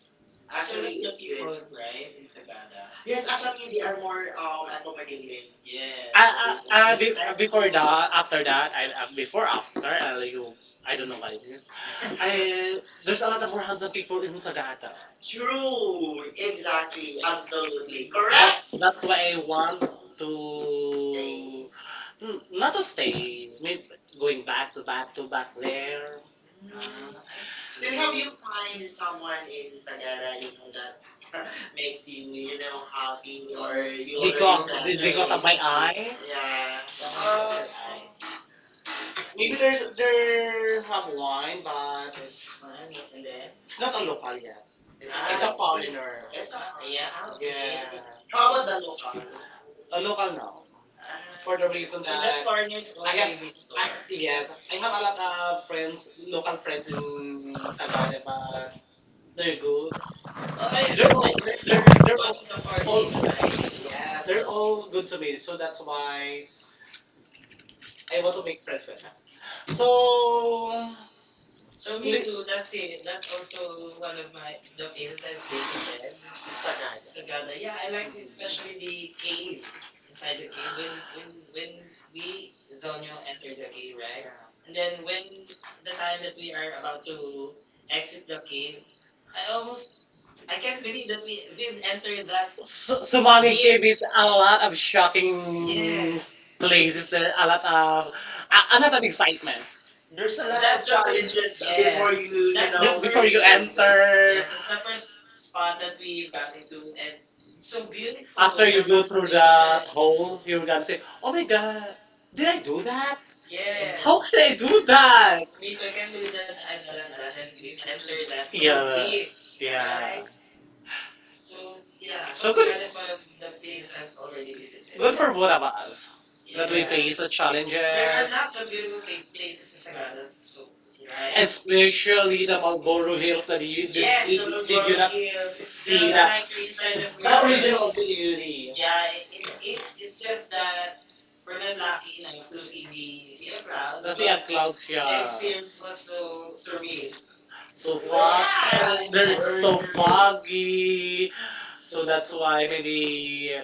Speaker 2: well
Speaker 1: actually, that's
Speaker 2: actually,
Speaker 1: the it's good people, right, in Sagada.
Speaker 2: yes,
Speaker 1: Yes,
Speaker 2: actually,
Speaker 1: actually,
Speaker 2: they
Speaker 1: they
Speaker 2: are
Speaker 1: are
Speaker 2: more
Speaker 1: more
Speaker 2: accommodating.
Speaker 1: accommodating.
Speaker 2: Yes. Ah,
Speaker 1: Before that, after that, before after, you, I
Speaker 2: I
Speaker 1: don't
Speaker 2: don't
Speaker 1: know
Speaker 2: know what.
Speaker 1: what it is. I, there's a lot of more handsome people in Sagata.
Speaker 2: True,
Speaker 1: True. Exactly.
Speaker 2: exactly, absolutely,
Speaker 1: Absolutely. That
Speaker 2: correct.
Speaker 1: correct.
Speaker 2: So
Speaker 1: That's why I want stay to not to stay. Maybe going back to back there.
Speaker 2: Um, so
Speaker 1: So
Speaker 2: have
Speaker 1: have
Speaker 2: you
Speaker 1: you find
Speaker 2: find someone
Speaker 1: someone
Speaker 2: in
Speaker 1: in
Speaker 2: Sagara,
Speaker 1: Sagara,
Speaker 2: you
Speaker 1: you
Speaker 2: know,
Speaker 1: know
Speaker 2: that
Speaker 1: that
Speaker 2: makes you,
Speaker 1: you,
Speaker 2: you
Speaker 1: you
Speaker 2: know,
Speaker 1: know,
Speaker 2: happy
Speaker 1: happy
Speaker 2: or
Speaker 1: or
Speaker 2: you
Speaker 1: you They already
Speaker 2: already have it.
Speaker 1: got met they, met the they got up my relationship eye.
Speaker 2: Yeah.
Speaker 1: Yeah, that out of your eye. Maybe
Speaker 2: Maybe there's there's
Speaker 1: there have
Speaker 2: one
Speaker 1: wine, but
Speaker 2: that
Speaker 1: it's fun.
Speaker 2: is.
Speaker 1: And then,
Speaker 2: It's
Speaker 1: it's
Speaker 2: not
Speaker 1: not
Speaker 2: a
Speaker 1: a local
Speaker 2: local.
Speaker 1: yet.
Speaker 2: It's
Speaker 1: Yeah.
Speaker 2: a it's
Speaker 1: It's a
Speaker 2: a
Speaker 1: it's
Speaker 2: foreign.
Speaker 1: foreigner.
Speaker 2: It's
Speaker 1: It's
Speaker 2: a
Speaker 1: a fun. Yeah,
Speaker 2: Korean.
Speaker 1: I do.
Speaker 2: Korean.
Speaker 1: Yeah,
Speaker 2: How
Speaker 1: how
Speaker 2: about
Speaker 1: about
Speaker 2: the
Speaker 1: the
Speaker 2: local?
Speaker 1: local?
Speaker 2: A
Speaker 1: A
Speaker 2: local.
Speaker 1: local now
Speaker 2: Ah, for
Speaker 1: for the
Speaker 2: the reason
Speaker 1: Reason so
Speaker 2: that
Speaker 1: that that foreigners
Speaker 2: I
Speaker 1: I to
Speaker 2: have,
Speaker 1: have the store. Yes, I
Speaker 2: yeah, I
Speaker 1: have a
Speaker 2: have a
Speaker 1: lot of friends,
Speaker 2: lot
Speaker 1: local
Speaker 2: of
Speaker 1: friends
Speaker 2: friends, local friends.
Speaker 1: in
Speaker 2: That-
Speaker 1: Sagada, but
Speaker 2: they're
Speaker 1: they're
Speaker 2: good.
Speaker 1: good. You're they're one all, of the all, and
Speaker 2: They're
Speaker 1: they're
Speaker 2: all
Speaker 1: all good to me, so that's
Speaker 2: why
Speaker 1: why
Speaker 2: I
Speaker 1: I
Speaker 2: want
Speaker 1: want
Speaker 2: to
Speaker 1: to
Speaker 2: make
Speaker 1: make friends
Speaker 2: friends
Speaker 1: with
Speaker 2: with
Speaker 1: them.
Speaker 2: them. So, um,
Speaker 1: So
Speaker 2: so
Speaker 1: So
Speaker 2: me
Speaker 1: me
Speaker 2: too,
Speaker 1: Li- too.
Speaker 2: that's
Speaker 1: That's
Speaker 2: it.
Speaker 1: it.
Speaker 2: That's
Speaker 1: That's also
Speaker 2: also one
Speaker 1: one
Speaker 2: of
Speaker 1: of
Speaker 2: my,
Speaker 1: my
Speaker 2: the
Speaker 1: the
Speaker 2: places
Speaker 1: places
Speaker 2: I've
Speaker 1: I've
Speaker 2: been to.
Speaker 1: visited. Sagada.
Speaker 2: Sa Ghana,
Speaker 1: Sagada. Yeah, I
Speaker 2: yeah.
Speaker 1: like mm-hmm,
Speaker 2: Especially
Speaker 1: especially
Speaker 2: the
Speaker 1: the
Speaker 2: cave.
Speaker 1: cave.
Speaker 2: Inside
Speaker 1: Inside
Speaker 2: the
Speaker 1: the
Speaker 2: cave.
Speaker 1: cave,
Speaker 2: When, when
Speaker 1: when
Speaker 2: we,
Speaker 1: we
Speaker 2: Zonyo,
Speaker 1: Zonyo
Speaker 2: entered
Speaker 1: entered
Speaker 2: the
Speaker 1: the cave,
Speaker 2: cave, right?
Speaker 1: right? Yeah.
Speaker 2: And
Speaker 1: And
Speaker 2: then
Speaker 1: then
Speaker 2: when
Speaker 1: when
Speaker 2: the
Speaker 1: the
Speaker 2: time
Speaker 1: time
Speaker 2: that
Speaker 1: that
Speaker 2: we
Speaker 1: we
Speaker 2: are
Speaker 1: are
Speaker 2: about
Speaker 1: about
Speaker 2: to
Speaker 1: to
Speaker 2: exit
Speaker 1: exit
Speaker 2: the
Speaker 1: the cave,
Speaker 2: cave, I
Speaker 1: I
Speaker 2: almost,
Speaker 1: almost
Speaker 2: I
Speaker 1: I
Speaker 2: can't
Speaker 1: can't
Speaker 2: believe
Speaker 1: believe that
Speaker 2: that we've
Speaker 1: we've
Speaker 2: entered
Speaker 1: entered
Speaker 2: that,
Speaker 1: that.
Speaker 2: so, so while we're
Speaker 1: Sumangit yeah
Speaker 2: here
Speaker 1: gave it a
Speaker 2: now, I'm
Speaker 1: lot of
Speaker 2: just.
Speaker 1: shocking yes
Speaker 2: Yes. Places.
Speaker 1: places, there, a lot of a
Speaker 2: I
Speaker 1: lot
Speaker 2: want to
Speaker 1: of
Speaker 2: make
Speaker 1: excitement.
Speaker 2: there's
Speaker 1: There's
Speaker 2: a
Speaker 1: a lot
Speaker 2: lot
Speaker 1: that's
Speaker 2: of
Speaker 1: the of the challenges
Speaker 2: challenges, yes,
Speaker 1: before
Speaker 2: before you,
Speaker 1: yes you, you
Speaker 2: you
Speaker 1: that's
Speaker 2: That's
Speaker 1: the know
Speaker 2: know,
Speaker 1: before you
Speaker 2: get- it's
Speaker 1: enter. Yes,
Speaker 2: the
Speaker 1: it's the first
Speaker 2: first
Speaker 1: spot
Speaker 2: spot
Speaker 1: that
Speaker 2: that we
Speaker 1: we
Speaker 2: got
Speaker 1: got
Speaker 2: to,
Speaker 1: into, and
Speaker 2: and
Speaker 1: it's
Speaker 2: it's
Speaker 1: so
Speaker 2: so beautiful.
Speaker 1: beautiful. After
Speaker 2: After you
Speaker 1: you
Speaker 2: go
Speaker 1: the go
Speaker 2: through
Speaker 1: through that constellations hole,
Speaker 2: the.
Speaker 1: you're gonna say, "Oh my
Speaker 2: Yeah.
Speaker 1: God, did
Speaker 2: Did
Speaker 1: I
Speaker 2: I do
Speaker 1: do
Speaker 2: that?
Speaker 1: that? Yes.
Speaker 2: Yes.
Speaker 1: How yes can
Speaker 2: Okay.
Speaker 1: I do
Speaker 2: I
Speaker 1: that?" Me too. I
Speaker 2: can
Speaker 1: can't believe
Speaker 2: believe that
Speaker 1: that I've
Speaker 2: I've
Speaker 1: done
Speaker 2: done that
Speaker 1: that and
Speaker 2: and you
Speaker 1: we entered
Speaker 2: entered
Speaker 1: that.
Speaker 2: that
Speaker 1: So
Speaker 2: so.
Speaker 1: yeah, deep,
Speaker 2: Yeah.
Speaker 1: yeah.
Speaker 2: Right?
Speaker 1: Right? So
Speaker 2: So yeah,
Speaker 1: yeah, So
Speaker 2: so
Speaker 1: so good,
Speaker 2: there
Speaker 1: that is one of
Speaker 2: was
Speaker 1: the
Speaker 2: the place
Speaker 1: places
Speaker 2: I've
Speaker 1: I've already
Speaker 2: already
Speaker 1: visited.
Speaker 2: visited.
Speaker 1: Good
Speaker 2: Good
Speaker 1: for
Speaker 2: for both
Speaker 1: both of
Speaker 2: of.
Speaker 1: us
Speaker 2: Yeah.
Speaker 1: that
Speaker 2: Yeah.
Speaker 1: we
Speaker 2: There
Speaker 1: yeah,
Speaker 2: are
Speaker 1: face the there are challenges,
Speaker 2: lots
Speaker 1: lots of
Speaker 2: of beautiful
Speaker 1: beautiful
Speaker 2: places
Speaker 1: places in Sagada, so
Speaker 2: in Sagada,
Speaker 1: right?
Speaker 2: right?
Speaker 1: Especially the
Speaker 2: Us.
Speaker 1: Marlboro Hills. That you, did, yes,
Speaker 2: Yes,
Speaker 1: the did you not Hills see felt
Speaker 2: it's like
Speaker 1: the
Speaker 2: a
Speaker 1: like
Speaker 2: free
Speaker 1: the
Speaker 2: original.
Speaker 1: original beauty?
Speaker 2: Yeah,
Speaker 1: Yeah,
Speaker 2: it, it's
Speaker 1: it's
Speaker 2: it's just
Speaker 1: just
Speaker 2: that
Speaker 1: that we're
Speaker 2: we're not
Speaker 1: not lucky
Speaker 2: lucky enough
Speaker 1: enough
Speaker 2: to
Speaker 1: to see
Speaker 2: see the
Speaker 1: the
Speaker 2: sea
Speaker 1: sea of
Speaker 2: of
Speaker 1: the
Speaker 2: clouds. The
Speaker 1: clouds,
Speaker 2: but
Speaker 1: sea but of
Speaker 2: film.
Speaker 1: clouds, the yeah experience
Speaker 2: Experience was
Speaker 1: was so
Speaker 2: so
Speaker 1: surreal.
Speaker 2: surreal. So.
Speaker 1: So
Speaker 2: Wow. What?
Speaker 1: far, yes, they're so foggy.
Speaker 2: So
Speaker 1: So that's
Speaker 2: that's why
Speaker 1: why
Speaker 2: I
Speaker 1: maybe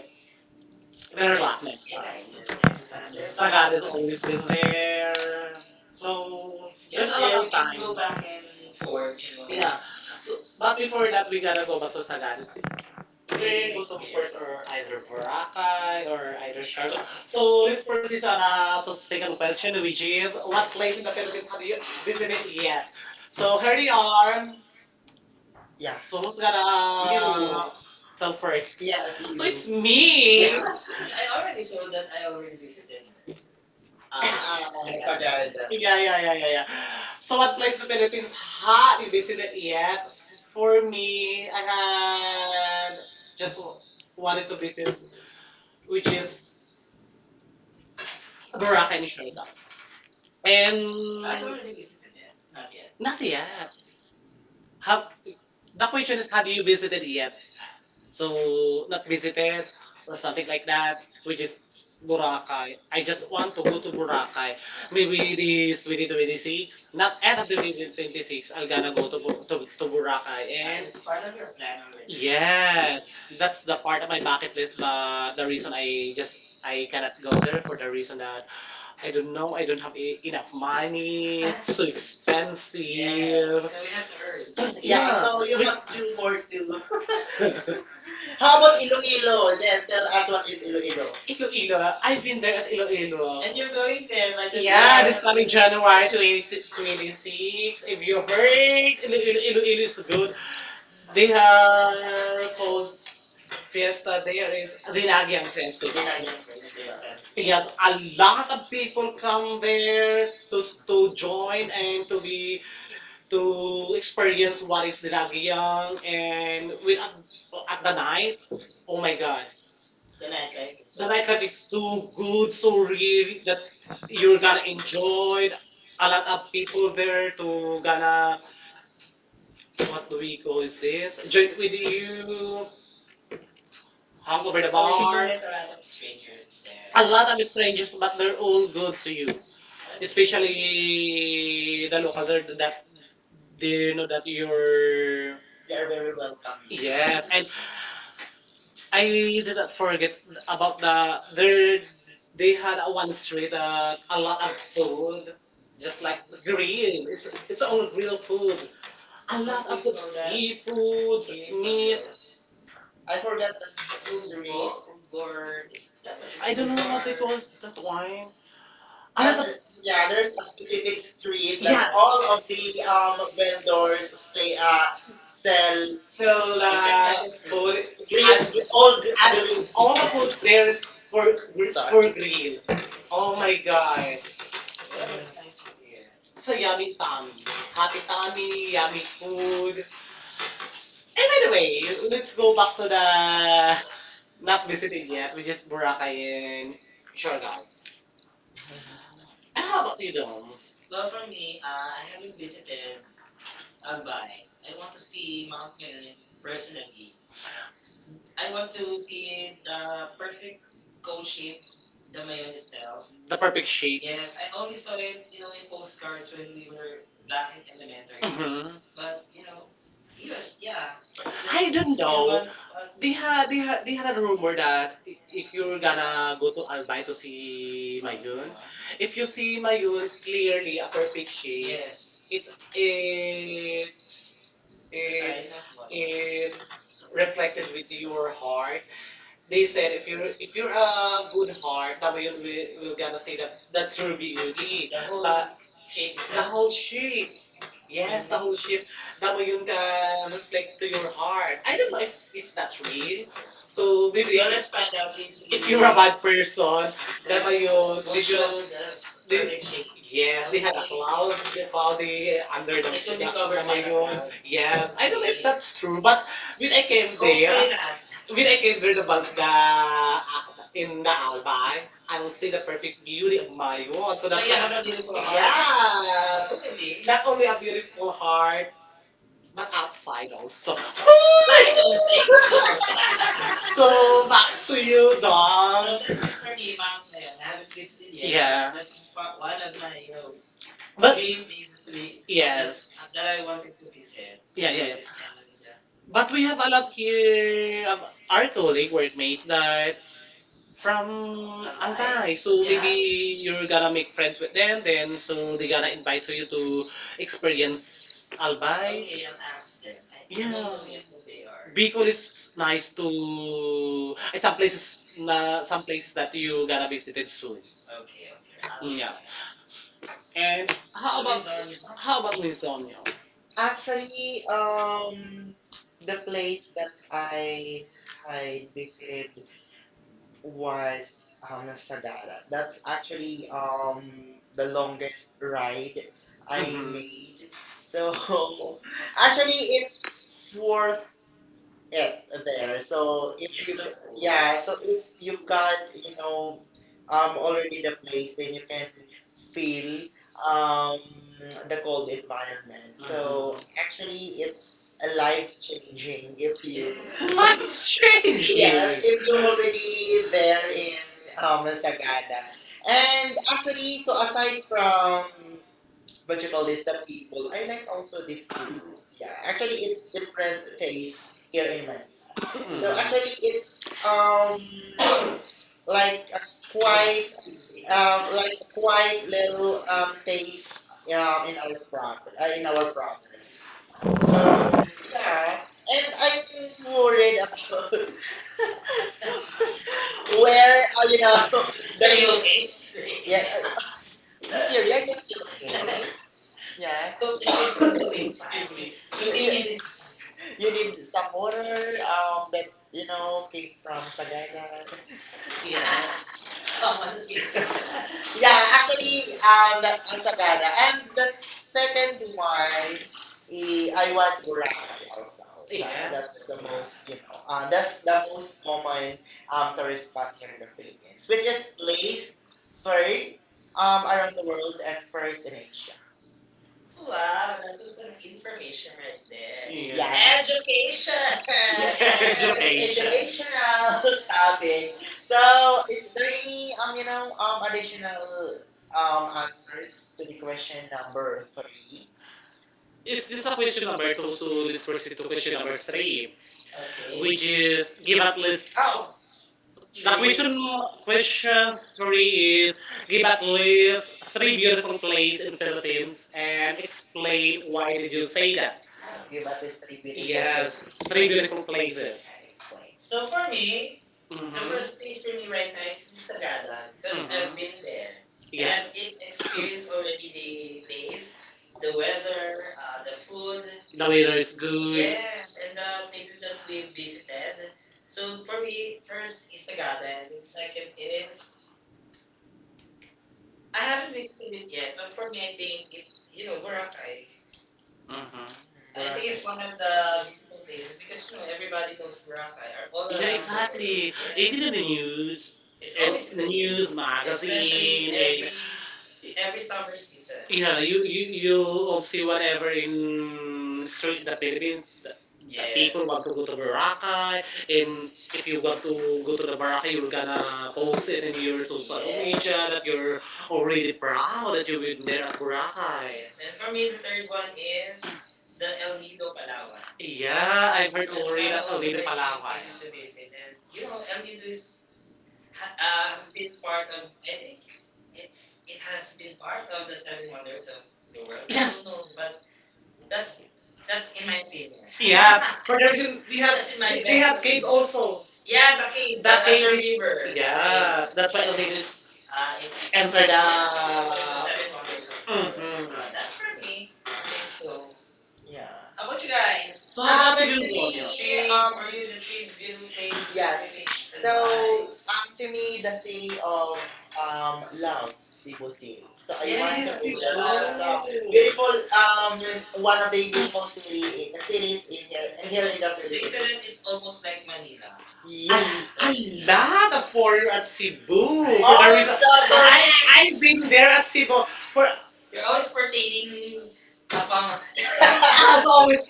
Speaker 1: better
Speaker 2: better luck
Speaker 1: luck next time. Yes, yes, next
Speaker 2: next
Speaker 1: time.
Speaker 2: time.
Speaker 1: There's
Speaker 2: It's.
Speaker 1: a lot Sagad has always been there.
Speaker 2: So
Speaker 1: So it's
Speaker 2: it's
Speaker 1: there's
Speaker 2: just
Speaker 1: just a lot
Speaker 2: there
Speaker 1: there, we of can go time back and
Speaker 2: for you know.
Speaker 1: forth, you know.
Speaker 2: Yeah,
Speaker 1: Yeah. So,
Speaker 2: but
Speaker 1: but
Speaker 2: before
Speaker 1: before that, we gotta go back to Sagad.
Speaker 2: we
Speaker 1: Maybe we go next to next year first
Speaker 2: first or
Speaker 1: or
Speaker 2: kind
Speaker 1: either
Speaker 2: of rock,
Speaker 1: Boracay or either Siargao.
Speaker 2: so
Speaker 1: So let's
Speaker 2: let's take
Speaker 1: proceed
Speaker 2: this
Speaker 1: to
Speaker 2: around
Speaker 1: the so
Speaker 2: to the
Speaker 1: second
Speaker 2: second
Speaker 1: question,
Speaker 2: question, which
Speaker 1: which is
Speaker 2: is
Speaker 1: what
Speaker 2: one line
Speaker 1: place in the Philippines have you
Speaker 2: question
Speaker 1: visited
Speaker 2: between India.
Speaker 1: yet? So
Speaker 2: So
Speaker 1: here
Speaker 2: hurry
Speaker 1: they
Speaker 2: are?
Speaker 1: are. Yeah.
Speaker 2: Yeah.
Speaker 1: So
Speaker 2: So
Speaker 1: who's
Speaker 2: who's gonna you?
Speaker 1: gonna tell
Speaker 2: So first.
Speaker 1: first?
Speaker 2: Yes,
Speaker 1: Yeah.
Speaker 2: yeah, you.
Speaker 1: So it's
Speaker 2: It's me.
Speaker 1: me.
Speaker 2: Yeah.
Speaker 1: I
Speaker 2: I already
Speaker 1: already told
Speaker 2: told that
Speaker 1: that
Speaker 2: I
Speaker 1: I already
Speaker 2: already visited.
Speaker 1: visited.
Speaker 2: Ah,
Speaker 1: Uh,
Speaker 2: sa
Speaker 1: Yeah,
Speaker 2: garden.
Speaker 1: yeah, yeah, yeah, yeah. So
Speaker 2: So what
Speaker 1: what place
Speaker 2: place
Speaker 1: in the
Speaker 2: in the
Speaker 1: Philippines
Speaker 2: Philippines
Speaker 1: have
Speaker 2: ha
Speaker 1: you
Speaker 2: in
Speaker 1: visited
Speaker 2: visited yet?
Speaker 1: yet? For
Speaker 2: For me,
Speaker 1: me, I
Speaker 2: and
Speaker 1: had just
Speaker 2: just wanted
Speaker 1: wanted
Speaker 2: to
Speaker 1: to visit,
Speaker 2: visit,
Speaker 1: which
Speaker 2: which
Speaker 1: is
Speaker 2: is
Speaker 1: Boracay
Speaker 2: Boracay.
Speaker 1: in Siargao. I
Speaker 2: And
Speaker 1: and
Speaker 2: I already.
Speaker 1: already visited it.
Speaker 2: Not
Speaker 1: Not yet,
Speaker 2: yet. Not
Speaker 1: not
Speaker 2: yet.
Speaker 1: yet. Have
Speaker 2: Have, the
Speaker 1: the
Speaker 2: question
Speaker 1: question is, have
Speaker 2: is
Speaker 1: you visited yet? So not visited
Speaker 2: or
Speaker 1: or
Speaker 2: something
Speaker 1: something like that, which is
Speaker 2: like Buraka.
Speaker 1: Boracay. I just want to go to Boracay. Maybe
Speaker 2: Maybe
Speaker 1: this 2026,
Speaker 2: not
Speaker 1: not end of
Speaker 2: every disease
Speaker 1: 2026, I'm
Speaker 2: like
Speaker 1: gonna go to, to
Speaker 2: Buraka.
Speaker 1: Boracay.
Speaker 2: And
Speaker 1: And
Speaker 2: it's minor. Minor. Yeah,
Speaker 1: yes, that's
Speaker 2: that's
Speaker 1: the
Speaker 2: the
Speaker 1: part of my bucket list, but the reason I just I
Speaker 2: I kind
Speaker 1: cannot go there for the reason that I don't
Speaker 2: of know
Speaker 1: know, I don't have enough
Speaker 2: money.
Speaker 1: money, it's so
Speaker 2: Expense.
Speaker 1: expensive.
Speaker 2: Yeah.
Speaker 1: Yes, so we have to earn. Yeah.
Speaker 2: Yeah,
Speaker 1: Yeah,
Speaker 2: so
Speaker 1: so
Speaker 2: you
Speaker 1: you have
Speaker 2: have two
Speaker 1: two
Speaker 2: more
Speaker 1: more
Speaker 2: too.
Speaker 1: to.
Speaker 2: How about Iloilo? Then tell us what
Speaker 1: Is
Speaker 2: is Iloilo.
Speaker 1: Iloilo.
Speaker 2: Iloilo.
Speaker 1: Iloilo.
Speaker 2: I
Speaker 1: I've been there at Iloilo.
Speaker 2: and
Speaker 1: And
Speaker 2: you're
Speaker 1: you're
Speaker 2: going
Speaker 1: going
Speaker 2: there
Speaker 1: there by
Speaker 2: like.
Speaker 1: the yeah, time this time coming January 20,
Speaker 2: Yes.
Speaker 1: 26. If
Speaker 2: Disease. You
Speaker 1: you
Speaker 2: heard it.
Speaker 1: heard, Iloilo, Iloilo is good.
Speaker 2: They
Speaker 1: They
Speaker 2: have
Speaker 1: have called
Speaker 2: Fiesta,
Speaker 1: fiesta
Speaker 2: we not
Speaker 1: there is
Speaker 2: getting
Speaker 1: Dinagyang Festival. Dinagyang
Speaker 2: this for
Speaker 1: Festival.
Speaker 2: us.
Speaker 1: Yes,
Speaker 2: Because I
Speaker 1: a lot of people
Speaker 2: come
Speaker 1: come there
Speaker 2: there to
Speaker 1: to
Speaker 2: join
Speaker 1: join
Speaker 2: in
Speaker 1: and to be
Speaker 2: to
Speaker 1: to experience
Speaker 2: experience
Speaker 1: what is Dinagyang and
Speaker 2: young
Speaker 1: with at
Speaker 2: at the
Speaker 1: the
Speaker 2: night.
Speaker 1: night.
Speaker 2: Oh
Speaker 1: Oh my
Speaker 2: my God,
Speaker 1: God,
Speaker 2: the
Speaker 1: the
Speaker 2: nightlife
Speaker 1: nightlife is
Speaker 2: is- the
Speaker 1: the so nightlife
Speaker 2: nightlife is
Speaker 1: is so
Speaker 2: so
Speaker 1: good, so
Speaker 2: big.
Speaker 1: real that
Speaker 2: You're
Speaker 1: you're
Speaker 2: gonna
Speaker 1: gonna enjoy
Speaker 2: enjoy
Speaker 1: it.
Speaker 2: a
Speaker 1: A
Speaker 2: lot
Speaker 1: lot
Speaker 2: of
Speaker 1: of people
Speaker 2: people there.
Speaker 1: there to
Speaker 2: You're gonna
Speaker 1: gonna what do we call is this? Join with you, hang
Speaker 2: hang over
Speaker 1: over
Speaker 2: the
Speaker 1: the so you
Speaker 2: bars.
Speaker 1: bar met a lot of strangers
Speaker 2: I
Speaker 1: there. A lot of
Speaker 2: love
Speaker 1: strangers, but they're all good to you. Okay.
Speaker 2: it, especially the
Speaker 1: Especially the local there that they
Speaker 2: they
Speaker 1: know that you're
Speaker 2: are very welcome. Yeah,
Speaker 1: yes, and
Speaker 2: I
Speaker 1: I did not forget
Speaker 2: about
Speaker 1: about
Speaker 2: the
Speaker 1: the
Speaker 2: year
Speaker 1: there. They
Speaker 2: they had
Speaker 1: had a one street
Speaker 2: with a
Speaker 1: that a lot of food, just
Speaker 2: just
Speaker 1: like
Speaker 2: like breathe.
Speaker 1: grill. It's all grill food.
Speaker 2: I
Speaker 1: A
Speaker 2: love
Speaker 1: lot of food,
Speaker 2: you
Speaker 1: seafoods, meat.
Speaker 2: I
Speaker 1: I
Speaker 2: forgot the sweet. Word. That's don't
Speaker 1: don't
Speaker 2: know.
Speaker 1: know what they call that
Speaker 2: Uh,
Speaker 1: wine. A lot
Speaker 2: uh,
Speaker 1: of yeah,
Speaker 2: yeah, there's a specific street that yeah,
Speaker 1: all
Speaker 2: all of
Speaker 1: of
Speaker 2: the
Speaker 1: the
Speaker 2: vendors
Speaker 1: stores
Speaker 2: say
Speaker 1: uh,
Speaker 2: sell
Speaker 1: sell that
Speaker 2: so the food
Speaker 1: food.
Speaker 2: grill, all
Speaker 1: Grill
Speaker 2: grill.
Speaker 1: Adeline,
Speaker 2: All
Speaker 1: all the
Speaker 2: of
Speaker 1: food there is
Speaker 2: those for. Sorry.
Speaker 1: for
Speaker 2: Hungry.
Speaker 1: green.
Speaker 2: Oh
Speaker 1: Oh
Speaker 2: my
Speaker 1: my
Speaker 2: god.
Speaker 1: God. Well, that's
Speaker 2: Yes.
Speaker 1: nice to hear.
Speaker 2: So
Speaker 1: So
Speaker 2: yummy,
Speaker 1: yummy tummy.
Speaker 2: happy
Speaker 1: Happy
Speaker 2: family,
Speaker 1: tummy, yummy
Speaker 2: yummy food.
Speaker 1: food.
Speaker 2: And
Speaker 1: And
Speaker 2: by
Speaker 1: by
Speaker 2: the
Speaker 1: the way,
Speaker 2: way,
Speaker 1: let's go back to the
Speaker 2: not
Speaker 1: not
Speaker 2: with
Speaker 1: visited yet, which is Boracay
Speaker 2: Boracay,
Speaker 1: and
Speaker 2: Siargao.
Speaker 1: Siargao.
Speaker 2: How
Speaker 1: How
Speaker 2: about
Speaker 1: about
Speaker 2: you?
Speaker 1: you, Doms?
Speaker 2: Well,
Speaker 1: Well,
Speaker 2: for
Speaker 1: for
Speaker 2: me,
Speaker 1: me,
Speaker 2: I
Speaker 1: I
Speaker 2: haven't
Speaker 1: haven't
Speaker 2: visited
Speaker 1: visited
Speaker 2: Albany.
Speaker 1: Albay.
Speaker 2: I
Speaker 1: I
Speaker 2: want
Speaker 1: want
Speaker 2: to
Speaker 1: to
Speaker 2: see
Speaker 1: see
Speaker 2: Mount
Speaker 1: Mount Meron in
Speaker 2: Minet personally. I
Speaker 1: I
Speaker 2: want
Speaker 1: want
Speaker 2: to
Speaker 1: to
Speaker 2: see
Speaker 1: see
Speaker 2: the
Speaker 1: the
Speaker 2: perfect
Speaker 1: perfect cone
Speaker 2: coaching
Speaker 1: shape,
Speaker 2: the
Speaker 1: the
Speaker 2: Mayon
Speaker 1: Mayon
Speaker 2: itself.
Speaker 1: itself.
Speaker 2: The
Speaker 1: The
Speaker 2: perfect
Speaker 1: perfect
Speaker 2: street.
Speaker 1: shape.
Speaker 2: Yes,
Speaker 1: Yes,
Speaker 2: I
Speaker 1: I
Speaker 2: only
Speaker 1: only
Speaker 2: saw
Speaker 1: saw
Speaker 2: it,
Speaker 1: it,
Speaker 2: you
Speaker 1: you
Speaker 2: know,
Speaker 1: know,
Speaker 2: in
Speaker 1: in
Speaker 2: postcards
Speaker 1: postcards
Speaker 2: when
Speaker 1: when
Speaker 2: we
Speaker 1: we
Speaker 2: were
Speaker 1: were back
Speaker 2: back in
Speaker 1: in elementary.
Speaker 2: elementary. Mm-hmm.
Speaker 1: Hmm.
Speaker 2: But,
Speaker 1: But you
Speaker 2: you
Speaker 1: know,
Speaker 2: know,
Speaker 1: yun,
Speaker 2: yun,
Speaker 1: yeah.
Speaker 2: yeah. I
Speaker 1: I that's
Speaker 2: did.
Speaker 1: don't still know one, but
Speaker 2: They have. They
Speaker 1: They
Speaker 2: have.
Speaker 1: had a rumor that if
Speaker 2: You're
Speaker 1: you're
Speaker 2: going
Speaker 1: gonna go
Speaker 2: to
Speaker 1: to Albay to see Mayun, if
Speaker 2: if
Speaker 1: you
Speaker 2: you see
Speaker 1: see Mayun clearly
Speaker 2: yeah.
Speaker 1: a perfect shape,
Speaker 2: Yes.
Speaker 1: yes,
Speaker 2: It, it,
Speaker 1: it
Speaker 2: it
Speaker 1: it's
Speaker 2: reflected
Speaker 1: reflected with
Speaker 2: in your
Speaker 1: your
Speaker 2: heart.
Speaker 1: heart.
Speaker 2: They
Speaker 1: They said
Speaker 2: said
Speaker 1: if
Speaker 2: if you're,
Speaker 1: you're
Speaker 2: if you're a
Speaker 1: a
Speaker 2: good
Speaker 1: good
Speaker 2: heart,
Speaker 1: heart,
Speaker 2: sabi
Speaker 1: tama
Speaker 2: ko
Speaker 1: yun we
Speaker 2: tuloy,
Speaker 1: will gonna say that
Speaker 2: that
Speaker 1: the
Speaker 2: will
Speaker 1: true
Speaker 2: be you.
Speaker 1: beauty. The
Speaker 2: The
Speaker 1: whole
Speaker 2: whole, uh,
Speaker 1: but shape
Speaker 2: the
Speaker 1: the
Speaker 2: whole
Speaker 1: whole
Speaker 2: street.
Speaker 1: shape,
Speaker 2: Yes,
Speaker 1: yes,
Speaker 2: the
Speaker 1: the
Speaker 2: whole
Speaker 1: whole
Speaker 2: street.
Speaker 1: ship. Damo
Speaker 2: Tama
Speaker 1: yun
Speaker 2: yun ka,
Speaker 1: can reflect
Speaker 2: who
Speaker 1: to
Speaker 2: you
Speaker 1: your
Speaker 2: are.
Speaker 1: heart.
Speaker 2: I
Speaker 1: I don't
Speaker 2: don't
Speaker 1: know
Speaker 2: know
Speaker 1: if is
Speaker 2: if
Speaker 1: that
Speaker 2: that's real.
Speaker 1: real.
Speaker 2: So
Speaker 1: So
Speaker 2: we
Speaker 1: maybe well,
Speaker 2: learned
Speaker 1: let's
Speaker 2: from
Speaker 1: find
Speaker 2: our
Speaker 1: out if
Speaker 2: if you're
Speaker 1: you're a
Speaker 2: about
Speaker 1: bad
Speaker 2: to go,
Speaker 1: person, damo
Speaker 2: whatever your
Speaker 1: yun, we'll they do
Speaker 2: mission
Speaker 1: show not this
Speaker 2: is, do
Speaker 1: they,
Speaker 2: make
Speaker 1: perfect
Speaker 2: sure.
Speaker 1: shape. Yes,
Speaker 2: Yeah, we
Speaker 1: they
Speaker 2: have
Speaker 1: had a
Speaker 2: a
Speaker 1: okay
Speaker 2: lot
Speaker 1: cloud,
Speaker 2: of people
Speaker 1: the
Speaker 2: all
Speaker 1: cloudy
Speaker 2: day. I'm going
Speaker 1: under
Speaker 2: to
Speaker 1: the,
Speaker 2: take
Speaker 1: it will be the be
Speaker 2: over
Speaker 1: covered damo by the
Speaker 2: my.
Speaker 1: yun cloud.
Speaker 2: Yes, I
Speaker 1: Yes, I don't know if
Speaker 2: think
Speaker 1: okay that's
Speaker 2: it's true.
Speaker 1: true,
Speaker 2: But
Speaker 1: but
Speaker 2: we
Speaker 1: when I
Speaker 2: like it.
Speaker 1: came there,
Speaker 2: We
Speaker 1: hopefully not when I
Speaker 2: like
Speaker 1: came there
Speaker 2: it.
Speaker 1: the
Speaker 2: In
Speaker 1: in the
Speaker 2: that.
Speaker 1: Albay, I will
Speaker 2: See
Speaker 1: see
Speaker 2: the
Speaker 1: the perfect beauty
Speaker 2: beauty
Speaker 1: of
Speaker 2: of my
Speaker 1: my
Speaker 2: world.
Speaker 1: watch.
Speaker 2: So
Speaker 1: So so that's
Speaker 2: that's
Speaker 1: so
Speaker 2: what
Speaker 1: you why have
Speaker 2: I'm
Speaker 1: a beautiful heart.
Speaker 2: doing. Yeah.
Speaker 1: Yes. Really?
Speaker 2: Not
Speaker 1: Not
Speaker 2: only
Speaker 1: only
Speaker 2: a
Speaker 1: a beautiful
Speaker 2: beautiful heart,
Speaker 1: heart,
Speaker 2: but
Speaker 1: but
Speaker 2: outside
Speaker 1: outside
Speaker 2: also.
Speaker 1: also. Hoy! Outside of. So
Speaker 2: Oh,
Speaker 1: back to
Speaker 2: so
Speaker 1: you, so Dom, that's it
Speaker 2: that's it for
Speaker 1: for
Speaker 2: me,
Speaker 1: me,
Speaker 2: Mom.
Speaker 1: Mount
Speaker 2: You know,
Speaker 1: Leon. I
Speaker 2: I haven't
Speaker 1: haven't
Speaker 2: visited
Speaker 1: visited
Speaker 2: yet.
Speaker 1: yet. Yeah.
Speaker 2: Yeah.
Speaker 1: That's
Speaker 2: One
Speaker 1: one
Speaker 2: of
Speaker 1: of
Speaker 2: my
Speaker 1: my you know,
Speaker 2: but-
Speaker 1: but dream places to be.
Speaker 2: dreams yeah, that's
Speaker 1: Yes, that's, that
Speaker 2: that I
Speaker 1: I
Speaker 2: wanted
Speaker 1: wanted
Speaker 2: to
Speaker 1: to
Speaker 2: visit.
Speaker 1: visit.
Speaker 2: Yeah.
Speaker 1: Yeah, yeah, yeah.
Speaker 2: Yes.
Speaker 1: Visit Canada.
Speaker 2: But
Speaker 1: But
Speaker 2: we
Speaker 1: we
Speaker 2: have
Speaker 1: have a lot here of our
Speaker 2: told
Speaker 1: colleague workmates that
Speaker 2: from
Speaker 1: from
Speaker 2: I
Speaker 1: Albay. So yeah, maybe you're gonna make friends with them, then so they gonna invite you to experience
Speaker 2: experience Alba.
Speaker 1: Albay.
Speaker 2: Ask I.
Speaker 1: Okay,
Speaker 2: Yeah. Don't know
Speaker 1: yeah.
Speaker 2: who they are.
Speaker 1: Bicol
Speaker 2: Because
Speaker 1: is nice
Speaker 2: nice to
Speaker 1: to eh, some places
Speaker 2: na.
Speaker 1: na some places that you gonna visit soon.
Speaker 2: Okay,
Speaker 1: Okay,
Speaker 2: okay.
Speaker 1: okay.
Speaker 2: I'll.
Speaker 1: Mm,
Speaker 2: Yeah.
Speaker 1: yeah.
Speaker 2: And
Speaker 1: And how so about
Speaker 2: how
Speaker 1: how
Speaker 2: about
Speaker 1: about
Speaker 2: you?
Speaker 1: Miss Sonia?
Speaker 2: Actually,
Speaker 1: Um,
Speaker 2: the place that
Speaker 1: I,
Speaker 2: I
Speaker 1: I
Speaker 2: visited
Speaker 1: visited was
Speaker 2: was Sagara.
Speaker 1: Sagara.
Speaker 2: That's
Speaker 1: That's
Speaker 2: actually
Speaker 1: actually
Speaker 2: the
Speaker 1: the longest
Speaker 2: longest ride
Speaker 1: ride I
Speaker 2: I Mhm.
Speaker 1: mhm
Speaker 2: made.
Speaker 1: made.
Speaker 2: So
Speaker 1: So
Speaker 2: actually,
Speaker 1: actually,
Speaker 2: it's
Speaker 1: it's worth
Speaker 2: worth it
Speaker 1: it.
Speaker 2: there. So if you g- yeah, so
Speaker 1: It
Speaker 2: if you've got, you know,
Speaker 1: um,
Speaker 2: already the place, then you can feel um the cold environment. So actually, it's a life changing if you
Speaker 1: yeah. Life has
Speaker 2: yes
Speaker 1: changed yes, yes,
Speaker 2: if
Speaker 1: it's
Speaker 2: you're already
Speaker 1: already
Speaker 2: there
Speaker 1: there
Speaker 2: in
Speaker 1: in
Speaker 2: Sagada. And actually, so aside from what you call this the people. I like also the foods. Yeah, actually, it's different taste
Speaker 1: days.
Speaker 2: here in Manila.
Speaker 1: So
Speaker 2: So
Speaker 1: mm-mm,
Speaker 2: actually, it's
Speaker 1: um,
Speaker 2: like a quite like a quite little taste in our prov in our province.
Speaker 1: so
Speaker 2: So yeah,
Speaker 1: yeah,
Speaker 2: and
Speaker 1: and I'm
Speaker 2: I'm worried
Speaker 1: worried
Speaker 2: about
Speaker 1: about
Speaker 2: where
Speaker 1: where are
Speaker 2: you
Speaker 1: you know
Speaker 2: know the
Speaker 1: are you
Speaker 2: You
Speaker 1: okay? It's great.
Speaker 2: yeah. Miss Yuri, are
Speaker 1: It's
Speaker 2: you still
Speaker 1: your
Speaker 2: okay?
Speaker 1: yeah.
Speaker 2: Yeah.
Speaker 1: Excuse
Speaker 2: Excuse me.
Speaker 1: me. The
Speaker 2: You, you,
Speaker 1: thing
Speaker 2: you need some water that, you know, came from Sagada.
Speaker 1: yeah. Uh,
Speaker 2: Yeah,
Speaker 1: yeah.
Speaker 2: actually, the, Sagada. And the second one, eh, I was Boracay also. So yeah, that's the most, you know, that's the most common tourist spot here in the Philippines, which is placed third around the world and first in Asia. Wow, that
Speaker 1: Wow, that
Speaker 2: was
Speaker 1: was
Speaker 2: some
Speaker 1: some
Speaker 2: information
Speaker 1: information
Speaker 2: right
Speaker 1: right there.
Speaker 2: there.
Speaker 1: Yeah.
Speaker 2: Yes.
Speaker 1: Education.
Speaker 2: Education.
Speaker 1: Yeah,
Speaker 2: Yes,
Speaker 1: education.
Speaker 2: educational
Speaker 1: Educational topic.
Speaker 2: topic. So, is there any you know additional answers to the question number three? Is this
Speaker 1: This a
Speaker 2: a
Speaker 1: question number two? So let's proceed to
Speaker 2: question
Speaker 1: question
Speaker 2: number
Speaker 1: number
Speaker 2: three?
Speaker 1: three,
Speaker 2: Okay.
Speaker 1: okay,
Speaker 2: Would
Speaker 1: which
Speaker 2: you
Speaker 1: is give
Speaker 2: not
Speaker 1: at
Speaker 2: listen.
Speaker 1: least
Speaker 2: Oh,
Speaker 1: The
Speaker 2: now question
Speaker 1: question
Speaker 2: question
Speaker 1: question
Speaker 2: is
Speaker 1: three is give
Speaker 2: give at
Speaker 1: at
Speaker 2: least
Speaker 1: least three
Speaker 2: three beautiful
Speaker 1: beautiful places
Speaker 2: places in
Speaker 1: in
Speaker 2: the Philippines
Speaker 1: Philippines and
Speaker 2: and explain
Speaker 1: explain
Speaker 2: how
Speaker 1: why
Speaker 2: you
Speaker 1: did you
Speaker 2: do say
Speaker 1: say that? Oh,
Speaker 2: that. Give at least three beautiful Yeah. places.
Speaker 1: Yes, three
Speaker 2: Three
Speaker 1: beautiful
Speaker 2: beautiful
Speaker 1: places.
Speaker 2: places. Explain. So
Speaker 1: So for
Speaker 2: for me,
Speaker 1: me, the
Speaker 2: mm-hmm, the
Speaker 1: first
Speaker 2: first
Speaker 1: place
Speaker 2: place for
Speaker 1: for
Speaker 2: me
Speaker 1: me right
Speaker 2: right
Speaker 1: now
Speaker 2: now
Speaker 1: is
Speaker 2: is Sagada
Speaker 1: Sagada because
Speaker 2: because, mm-hmm,
Speaker 1: I've
Speaker 2: I've
Speaker 1: been
Speaker 2: been there.
Speaker 1: there. And
Speaker 2: Yeah,
Speaker 1: Yes.
Speaker 2: and
Speaker 1: I've
Speaker 2: yeah,
Speaker 1: it-
Speaker 2: I've
Speaker 1: experienced
Speaker 2: experienced already
Speaker 1: already
Speaker 2: the
Speaker 1: the
Speaker 2: new place,
Speaker 1: place,
Speaker 2: the
Speaker 1: the
Speaker 2: weather,
Speaker 1: weather, the
Speaker 2: the food,
Speaker 1: food. The weather is good. Yes,
Speaker 2: yes, and
Speaker 1: and the
Speaker 2: the
Speaker 1: places
Speaker 2: places that
Speaker 1: that
Speaker 2: we
Speaker 1: we visited.
Speaker 2: visited. So
Speaker 1: So for
Speaker 2: for me,
Speaker 1: me,
Speaker 2: first
Speaker 1: first is
Speaker 2: is the garden,
Speaker 1: Sagada,
Speaker 2: and
Speaker 1: and
Speaker 2: then
Speaker 1: then
Speaker 2: second
Speaker 1: second is,
Speaker 2: is I
Speaker 1: I
Speaker 2: haven't
Speaker 1: haven't been
Speaker 2: visited
Speaker 1: seen
Speaker 2: it
Speaker 1: it
Speaker 2: yet,
Speaker 1: yet,
Speaker 2: but
Speaker 1: but
Speaker 2: for
Speaker 1: for me,
Speaker 2: me, I
Speaker 1: I
Speaker 2: think
Speaker 1: think
Speaker 2: it's,
Speaker 1: it's
Speaker 2: you know, Boracay.
Speaker 1: Boracay.
Speaker 2: Mm-hmm.
Speaker 1: Mm-hmm.
Speaker 2: I think
Speaker 1: I
Speaker 2: Boracay,
Speaker 1: think
Speaker 2: it's
Speaker 1: it's
Speaker 2: one
Speaker 1: one
Speaker 2: of
Speaker 1: of
Speaker 2: the
Speaker 1: the beautiful
Speaker 2: places
Speaker 1: places
Speaker 2: because you
Speaker 1: because
Speaker 2: know
Speaker 1: everybody
Speaker 2: everybody knows
Speaker 1: knows Boracay
Speaker 2: Boracay
Speaker 1: or
Speaker 2: all
Speaker 1: all, yeah, around the world.
Speaker 2: around the
Speaker 1: Exactly.
Speaker 2: world.
Speaker 1: Even in, yes, the news,
Speaker 2: It's
Speaker 1: it's in always in the news, especially
Speaker 2: like
Speaker 1: magazine, and every
Speaker 2: every
Speaker 1: every
Speaker 2: summer
Speaker 1: summer season.
Speaker 2: season.
Speaker 1: Yeah, you obviously whatever in street in the Philippines. The
Speaker 2: Yeah.
Speaker 1: people, yes, want to go to Boracay, and if you want to go to the Boracay, you're gonna post it in your social media that yes, you're already proud that you've been there at Boracay. Yes,
Speaker 2: Yes, and
Speaker 1: and
Speaker 2: for
Speaker 1: for
Speaker 2: me,
Speaker 1: me,
Speaker 2: the
Speaker 1: the
Speaker 2: third
Speaker 1: third
Speaker 2: one
Speaker 1: one is
Speaker 2: is the
Speaker 1: the
Speaker 2: El
Speaker 1: El
Speaker 2: Nido
Speaker 1: Nido Palawan.
Speaker 2: Palawan. Yeah,
Speaker 1: Yeah, I've heard That's
Speaker 2: it's
Speaker 1: already
Speaker 2: one
Speaker 1: one
Speaker 2: of
Speaker 1: that
Speaker 2: the
Speaker 1: El also already my dream Palawan. This is
Speaker 2: places
Speaker 1: the
Speaker 2: to visit,
Speaker 1: visit,
Speaker 2: and
Speaker 1: and
Speaker 2: you
Speaker 1: you
Speaker 2: know
Speaker 1: know,
Speaker 2: El
Speaker 1: El
Speaker 2: Nido
Speaker 1: Nido
Speaker 2: is
Speaker 1: is
Speaker 2: ha- has
Speaker 1: have
Speaker 2: been
Speaker 1: been
Speaker 2: part
Speaker 1: part
Speaker 2: of,
Speaker 1: of.
Speaker 2: I
Speaker 1: I
Speaker 2: think
Speaker 1: think it's
Speaker 2: it
Speaker 1: it has
Speaker 2: has been
Speaker 1: been
Speaker 2: part
Speaker 1: part
Speaker 2: of
Speaker 1: of
Speaker 2: the
Speaker 1: the
Speaker 2: seven
Speaker 1: Seven
Speaker 2: wonders
Speaker 1: Wonders
Speaker 2: of
Speaker 1: of
Speaker 2: the
Speaker 1: the
Speaker 2: world.
Speaker 1: world.
Speaker 2: I
Speaker 1: I,
Speaker 2: don't
Speaker 1: yes, don't
Speaker 2: know,
Speaker 1: know,
Speaker 2: but
Speaker 1: but
Speaker 2: that's,
Speaker 1: that's
Speaker 2: that's in
Speaker 1: in
Speaker 2: my
Speaker 1: my
Speaker 2: opinion.
Speaker 1: opinion.
Speaker 2: Yeah.
Speaker 1: Yeah, for the reason we have That's in my they
Speaker 2: They.
Speaker 1: best have of cave me. Also.
Speaker 2: Yeah,
Speaker 1: Yeah,
Speaker 2: the
Speaker 1: the
Speaker 2: key,
Speaker 1: cave.
Speaker 2: the
Speaker 1: That the cave
Speaker 2: other
Speaker 1: under is river. Yeah, yes. That's why only this
Speaker 2: it
Speaker 1: Enter
Speaker 2: entered
Speaker 1: the.
Speaker 2: the
Speaker 1: Yeah, there's the
Speaker 2: seven
Speaker 1: seven
Speaker 2: wonders
Speaker 1: wonders of
Speaker 2: of the
Speaker 1: the
Speaker 2: world.
Speaker 1: world. Mhm. Ah, that's
Speaker 2: That's for
Speaker 1: for
Speaker 2: me.
Speaker 1: me.
Speaker 2: I think
Speaker 1: Okay,
Speaker 2: so.
Speaker 1: so
Speaker 2: Yeah. How about you
Speaker 1: guys,
Speaker 2: guys?
Speaker 1: So how About you, to
Speaker 2: To
Speaker 1: me,
Speaker 2: me,
Speaker 1: Sonia? Three, are you
Speaker 2: you
Speaker 1: the
Speaker 2: achieve
Speaker 1: three
Speaker 2: build
Speaker 1: beautiful
Speaker 2: place
Speaker 1: places? In
Speaker 2: in
Speaker 1: the,
Speaker 2: Yes.
Speaker 1: yes, three things?
Speaker 2: Philippines and so
Speaker 1: So,
Speaker 2: why? To me,
Speaker 1: me
Speaker 2: the
Speaker 1: the
Speaker 2: city of
Speaker 1: whole
Speaker 2: love, Cebu City.
Speaker 1: city.
Speaker 2: So
Speaker 1: So
Speaker 2: I
Speaker 1: I,
Speaker 2: want to
Speaker 1: yes,
Speaker 2: yes,
Speaker 1: want to yes, go yes. I
Speaker 2: build love, also love,
Speaker 1: love.
Speaker 2: beautiful
Speaker 1: Beautiful is
Speaker 2: one of the beautiful city cities in here in here in the Philippines.
Speaker 1: Switzerland
Speaker 2: Switzerland is
Speaker 1: is
Speaker 2: almost
Speaker 1: almost
Speaker 2: like
Speaker 1: like Manila.
Speaker 2: Manila.
Speaker 1: Yes. A
Speaker 2: Yes.
Speaker 1: lot of
Speaker 2: Yeah.
Speaker 1: foreigner at
Speaker 2: Ooh,
Speaker 1: Cebu for
Speaker 2: oh,
Speaker 1: the,
Speaker 2: you're
Speaker 1: oh, reason
Speaker 2: so
Speaker 1: I I've been there at
Speaker 2: correct.
Speaker 1: Cebu for You're
Speaker 2: You're always
Speaker 1: always
Speaker 2: pertaining
Speaker 1: pertaining a
Speaker 2: kafang.
Speaker 1: fam- as always.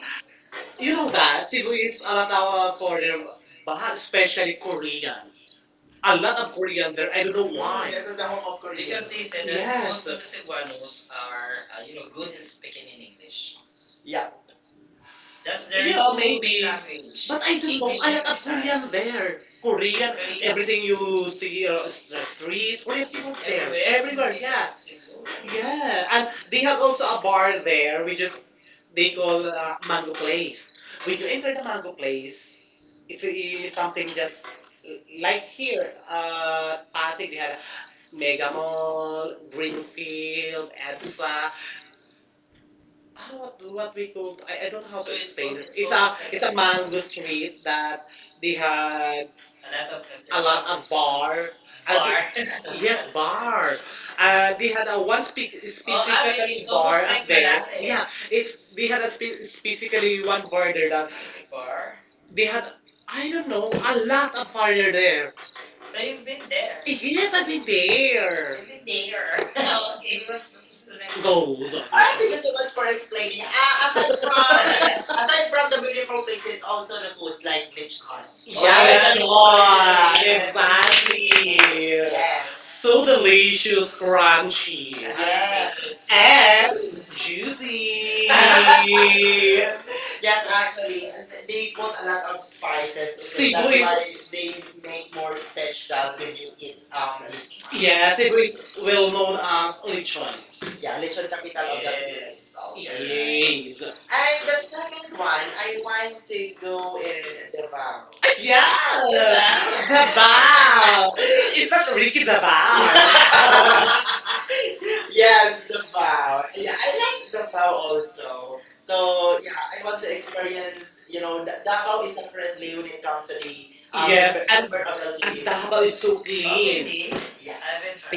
Speaker 2: You
Speaker 1: You
Speaker 2: know
Speaker 1: know
Speaker 2: that.
Speaker 1: that Cebu
Speaker 2: Siguro
Speaker 1: is
Speaker 2: yung
Speaker 1: a
Speaker 2: anak
Speaker 1: lot
Speaker 2: ko
Speaker 1: of
Speaker 2: Korea.
Speaker 1: foreigner,
Speaker 2: Bahar
Speaker 1: but
Speaker 2: especially
Speaker 1: especially
Speaker 2: Korea.
Speaker 1: Korean.
Speaker 2: A
Speaker 1: A
Speaker 2: lot
Speaker 1: lot
Speaker 2: of
Speaker 1: of
Speaker 2: Koreans
Speaker 1: Korean
Speaker 2: there.
Speaker 1: there.
Speaker 2: I
Speaker 1: I
Speaker 2: don't
Speaker 1: don't know
Speaker 2: know kung
Speaker 1: why.
Speaker 2: kasi
Speaker 1: Yes, the
Speaker 2: naman
Speaker 1: home
Speaker 2: of
Speaker 1: of
Speaker 2: Korea.
Speaker 1: Korea.
Speaker 2: Because
Speaker 1: Because they
Speaker 2: they
Speaker 1: said
Speaker 2: said
Speaker 1: that,
Speaker 2: that, yes, most
Speaker 1: yes, most
Speaker 2: of
Speaker 1: of
Speaker 2: the
Speaker 1: the
Speaker 2: Cebuanos
Speaker 1: Cebuanos
Speaker 2: are,
Speaker 1: are,
Speaker 2: you
Speaker 1: you
Speaker 2: know,
Speaker 1: know,
Speaker 2: good
Speaker 1: good in
Speaker 2: in speaking
Speaker 1: speaking in
Speaker 2: in English.
Speaker 1: English.
Speaker 2: Yeah. That's
Speaker 1: That's
Speaker 2: their
Speaker 1: their,
Speaker 2: you
Speaker 1: yeah,
Speaker 2: know,
Speaker 1: own maybe.
Speaker 2: English.
Speaker 1: Language.
Speaker 2: But
Speaker 1: But
Speaker 2: I
Speaker 1: I don't know.
Speaker 2: think
Speaker 1: English A
Speaker 2: not
Speaker 1: and lot
Speaker 2: know. I
Speaker 1: language. Of Korean there.
Speaker 2: Korean
Speaker 1: Korean, Korean. Everything you see on the
Speaker 2: minerals is
Speaker 1: street, Korean
Speaker 2: really
Speaker 1: people there. Everywhere,
Speaker 2: correct.
Speaker 1: Everywhere, Koreans, yeah, obviously go.
Speaker 2: Yeah.
Speaker 1: Yeah, and they
Speaker 2: And
Speaker 1: have
Speaker 2: also,
Speaker 1: also a bar there. We just
Speaker 2: they
Speaker 1: they
Speaker 2: call
Speaker 1: call Mango Place.
Speaker 2: cakes. We
Speaker 1: When
Speaker 2: do
Speaker 1: you enter
Speaker 2: English.
Speaker 1: the Mango Place,
Speaker 2: It's
Speaker 1: it's
Speaker 2: really something
Speaker 1: something just
Speaker 2: just like
Speaker 1: like
Speaker 2: here.
Speaker 1: here
Speaker 2: Uh,
Speaker 1: Pasig. They had a Mega
Speaker 2: Mega Monifa.
Speaker 1: Mall, Greenfield, EDSA, ah,
Speaker 2: Oh, no. I
Speaker 1: what
Speaker 2: don't
Speaker 1: what we called I don't know
Speaker 2: know how
Speaker 1: how So to
Speaker 2: many
Speaker 1: explain
Speaker 2: things.
Speaker 1: this.
Speaker 2: It's
Speaker 1: It's a like it's
Speaker 2: a
Speaker 1: a
Speaker 2: band
Speaker 1: mango street that they
Speaker 2: that have
Speaker 1: had
Speaker 2: okay a
Speaker 1: a
Speaker 2: lot
Speaker 1: lot
Speaker 2: of
Speaker 1: of bar.
Speaker 2: bar.
Speaker 1: And
Speaker 2: Bar.
Speaker 1: bar. They- yes, bar. They had
Speaker 2: This.
Speaker 1: a one spe-
Speaker 2: Oh, I think
Speaker 1: specifically
Speaker 2: this bar.
Speaker 1: bar almost like there. Yeah, it's they
Speaker 2: They
Speaker 1: had
Speaker 2: had a
Speaker 1: a spe-
Speaker 2: basically
Speaker 1: specifically
Speaker 2: one
Speaker 1: one
Speaker 2: bar
Speaker 1: bar
Speaker 2: in the
Speaker 1: there that
Speaker 2: Galaxy
Speaker 1: bar.
Speaker 2: bar. They
Speaker 1: They
Speaker 2: had,
Speaker 1: had
Speaker 2: I
Speaker 1: I
Speaker 2: don't
Speaker 1: don't
Speaker 2: know,
Speaker 1: know
Speaker 2: I
Speaker 1: a
Speaker 2: don't
Speaker 1: lot of bar
Speaker 2: know.
Speaker 1: there.
Speaker 2: So
Speaker 1: So
Speaker 2: you've
Speaker 1: you've
Speaker 2: been
Speaker 1: been
Speaker 2: there.
Speaker 1: there.
Speaker 2: It did,
Speaker 1: Yes,
Speaker 2: but
Speaker 1: I've been
Speaker 2: it's there.
Speaker 1: there. You've
Speaker 2: It's
Speaker 1: been
Speaker 2: there.
Speaker 1: there. Okay, what's
Speaker 2: It's
Speaker 1: the
Speaker 2: the
Speaker 1: next
Speaker 2: next
Speaker 1: one?
Speaker 2: goal. All
Speaker 1: Goals. Alright,
Speaker 2: right, thank
Speaker 1: thank you
Speaker 2: you so
Speaker 1: so
Speaker 2: much
Speaker 1: much
Speaker 2: for
Speaker 1: for
Speaker 2: explaining.
Speaker 1: explaining.
Speaker 2: Aside
Speaker 1: Aside
Speaker 2: from yeah,
Speaker 1: from
Speaker 2: aside
Speaker 1: aside
Speaker 2: from
Speaker 1: from
Speaker 2: the beautiful
Speaker 1: different places,
Speaker 2: places, also
Speaker 1: also the
Speaker 2: the
Speaker 1: food
Speaker 2: foods
Speaker 1: is
Speaker 2: like
Speaker 1: like
Speaker 2: lechon.
Speaker 1: hard.
Speaker 2: Yeah.
Speaker 1: Oh,
Speaker 2: Where
Speaker 1: yeah, yeah, that's
Speaker 2: Yeah.
Speaker 1: yeah. Right. Yeah. Exactly.
Speaker 2: the
Speaker 1: Yes.
Speaker 2: Yes. So
Speaker 1: So delicious,
Speaker 2: delicious,
Speaker 1: crunchy, I
Speaker 2: crunchy,
Speaker 1: haven't
Speaker 2: Yes.
Speaker 1: yes. Tasted it. And
Speaker 2: and juicy.
Speaker 1: juicy.
Speaker 2: Yes,
Speaker 1: Yes,
Speaker 2: actually,
Speaker 1: actually,
Speaker 2: they
Speaker 1: they
Speaker 2: put
Speaker 1: put
Speaker 2: a
Speaker 1: a
Speaker 2: lot
Speaker 1: lot
Speaker 2: of
Speaker 1: of
Speaker 2: spices,
Speaker 1: spices. In it.
Speaker 2: so
Speaker 1: Cebu
Speaker 2: that's
Speaker 1: That's is-
Speaker 2: why
Speaker 1: why they
Speaker 2: they make
Speaker 1: make
Speaker 2: more
Speaker 1: more
Speaker 2: special when you
Speaker 1: you in
Speaker 2: eat lechon.
Speaker 1: yeah,
Speaker 2: Yes, it
Speaker 1: Cebu is
Speaker 2: was
Speaker 1: well
Speaker 2: well known
Speaker 1: known as lechon.
Speaker 2: choice.
Speaker 1: Yeah,
Speaker 2: Yeah, lechon capital of the Philippines.
Speaker 1: yes. Right.
Speaker 2: Also. Yeah.
Speaker 1: Yes.
Speaker 2: And
Speaker 1: And
Speaker 2: the
Speaker 1: the second
Speaker 2: second
Speaker 1: one,
Speaker 2: one, I
Speaker 1: I
Speaker 2: want
Speaker 1: want to
Speaker 2: to
Speaker 1: do
Speaker 2: go in
Speaker 1: in
Speaker 2: Davao.
Speaker 1: Davao.
Speaker 2: Yeah,
Speaker 1: Yeah. Dabao? Dabao.
Speaker 2: is
Speaker 1: It's
Speaker 2: that
Speaker 1: not
Speaker 2: the
Speaker 1: Ricky
Speaker 2: wicked
Speaker 1: Dabao.
Speaker 2: about? Yes,
Speaker 1: Yes,
Speaker 2: Davao. I,
Speaker 1: wow. Yeah,
Speaker 2: I
Speaker 1: I
Speaker 2: like
Speaker 1: like
Speaker 2: Davao
Speaker 1: Davao
Speaker 2: also.
Speaker 1: also.
Speaker 2: So,
Speaker 1: So
Speaker 2: yeah, I
Speaker 1: yeah, I
Speaker 2: want
Speaker 1: want
Speaker 2: to
Speaker 1: to experience.
Speaker 2: experience, you know, Davao
Speaker 1: Davao
Speaker 2: is a
Speaker 1: is a
Speaker 2: friendly
Speaker 1: friendly
Speaker 2: when
Speaker 1: when
Speaker 2: it
Speaker 1: it
Speaker 2: comes
Speaker 1: comes.
Speaker 2: to the Yes. member,
Speaker 1: Yes,
Speaker 2: Yes.
Speaker 1: and
Speaker 2: member of LGBT.
Speaker 1: LTO. Davao is so, okay, clean.
Speaker 2: Yes. Yes.
Speaker 1: Yes.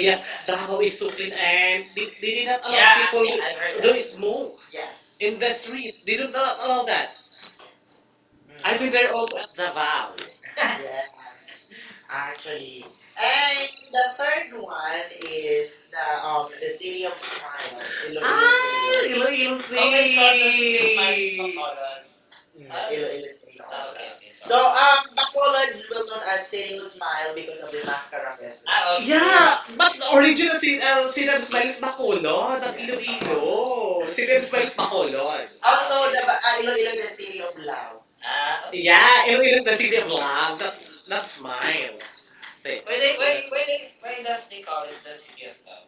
Speaker 1: Yes, Davao is so clean, and they did not allow, yeah, people yeah, to that. Smoke, yes. In the street. They do not allow that.
Speaker 2: I
Speaker 1: I've been there also at Davao. Yes.
Speaker 2: Yes,
Speaker 1: Actually.
Speaker 2: actually. And
Speaker 1: And the
Speaker 2: the third
Speaker 1: third
Speaker 2: one
Speaker 1: one is
Speaker 2: is the
Speaker 1: the
Speaker 2: city
Speaker 1: City
Speaker 2: of
Speaker 1: of
Speaker 2: smile,
Speaker 1: Smile. Iloilo
Speaker 2: Iloilo City.
Speaker 1: Ah, Iloilo City. Oh
Speaker 2: Mm, Iloilo City
Speaker 1: okay,
Speaker 2: also.
Speaker 1: okay,
Speaker 2: So
Speaker 1: So,
Speaker 2: Bacolod will known as City of Smile because
Speaker 1: So
Speaker 2: of the
Speaker 1: the
Speaker 2: mascara
Speaker 1: mascara fest. Ah, okay.
Speaker 2: festival.
Speaker 1: Yeah, but the original si, si Reb Smile is Bacolod, ang Iloilo. Si Reb Smile is Bacolod.
Speaker 2: Also
Speaker 1: Also,
Speaker 2: the
Speaker 1: Iloilo
Speaker 2: Iloilo
Speaker 1: is
Speaker 2: the
Speaker 1: the
Speaker 2: City
Speaker 1: city of
Speaker 2: of Love.
Speaker 1: love. Ah, okay. Yeah, Iloilo is the city of love, not, not Smile. So,
Speaker 2: Yeah.
Speaker 1: why does they call it the city of love?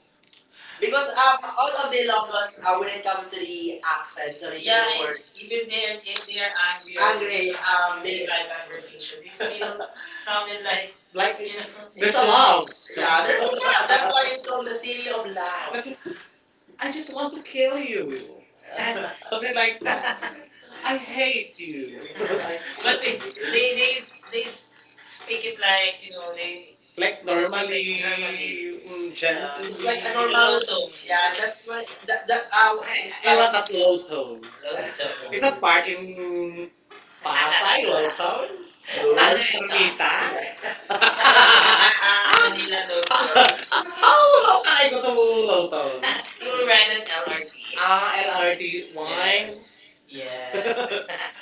Speaker 2: Because all of the languages,
Speaker 1: Ilongos,
Speaker 2: when
Speaker 1: when
Speaker 2: it
Speaker 1: it
Speaker 2: comes
Speaker 1: comes
Speaker 2: to the accents or anything, the
Speaker 1: to
Speaker 2: word,
Speaker 1: work,
Speaker 2: even
Speaker 1: even
Speaker 2: they
Speaker 1: they
Speaker 2: are, if they are angry, angry,
Speaker 1: Andre,
Speaker 2: they
Speaker 1: they
Speaker 2: like
Speaker 1: had
Speaker 2: conversation.
Speaker 1: conversation.
Speaker 2: They
Speaker 1: They
Speaker 2: still
Speaker 1: still
Speaker 2: sounded
Speaker 1: sounded
Speaker 2: like
Speaker 1: like,
Speaker 2: that. You
Speaker 1: you know.
Speaker 2: know. There's
Speaker 1: There's a
Speaker 2: a Amen. Lot.
Speaker 1: love.
Speaker 2: Yeah,
Speaker 1: Yeah, there's
Speaker 2: there's
Speaker 1: a
Speaker 2: a lot.
Speaker 1: love. That's
Speaker 2: That's why
Speaker 1: why it's
Speaker 2: it's called
Speaker 1: called
Speaker 2: the
Speaker 1: the
Speaker 2: city
Speaker 1: city
Speaker 2: of
Speaker 1: of love.
Speaker 2: love.
Speaker 1: That's-
Speaker 2: I
Speaker 1: I
Speaker 2: just
Speaker 1: just
Speaker 2: want
Speaker 1: want to
Speaker 2: to kill
Speaker 1: kill
Speaker 2: you.
Speaker 1: you.
Speaker 2: And they're
Speaker 1: Something
Speaker 2: like,
Speaker 1: like that. I
Speaker 2: I hate
Speaker 1: hate
Speaker 2: you.
Speaker 1: you.
Speaker 2: I
Speaker 1: But
Speaker 2: But they,
Speaker 1: they,
Speaker 2: hate you. they,
Speaker 1: they,
Speaker 2: they, they
Speaker 1: they, they
Speaker 2: speak
Speaker 1: speak
Speaker 2: it.
Speaker 1: it like,
Speaker 2: Like you
Speaker 1: you
Speaker 2: know,
Speaker 1: know,
Speaker 2: they,
Speaker 1: they.
Speaker 2: like
Speaker 1: Like
Speaker 2: normal.
Speaker 1: normally, like normally. Mm, yeah,
Speaker 2: Yeah,
Speaker 1: gently. It's
Speaker 2: it's like
Speaker 1: like
Speaker 2: a
Speaker 1: a
Speaker 2: normal.
Speaker 1: normal tone. Yeah,
Speaker 2: Yeah,
Speaker 1: that's why.
Speaker 2: that's that that
Speaker 1: I it's
Speaker 2: it's
Speaker 1: I like want that low tone. Low
Speaker 2: like a
Speaker 1: tone. It's
Speaker 2: it's
Speaker 1: a
Speaker 2: a
Speaker 1: part
Speaker 2: party.
Speaker 1: in Pasay, Lawson. Ano yung
Speaker 2: Yun.
Speaker 1: Ermita. Ah, Manila Lawson. Oh, how can I go to Lawton? You will ride an LRT. Ah,
Speaker 2: Yes.
Speaker 1: LRT line.
Speaker 2: Yes. Yeah.
Speaker 1: Yes. Yes.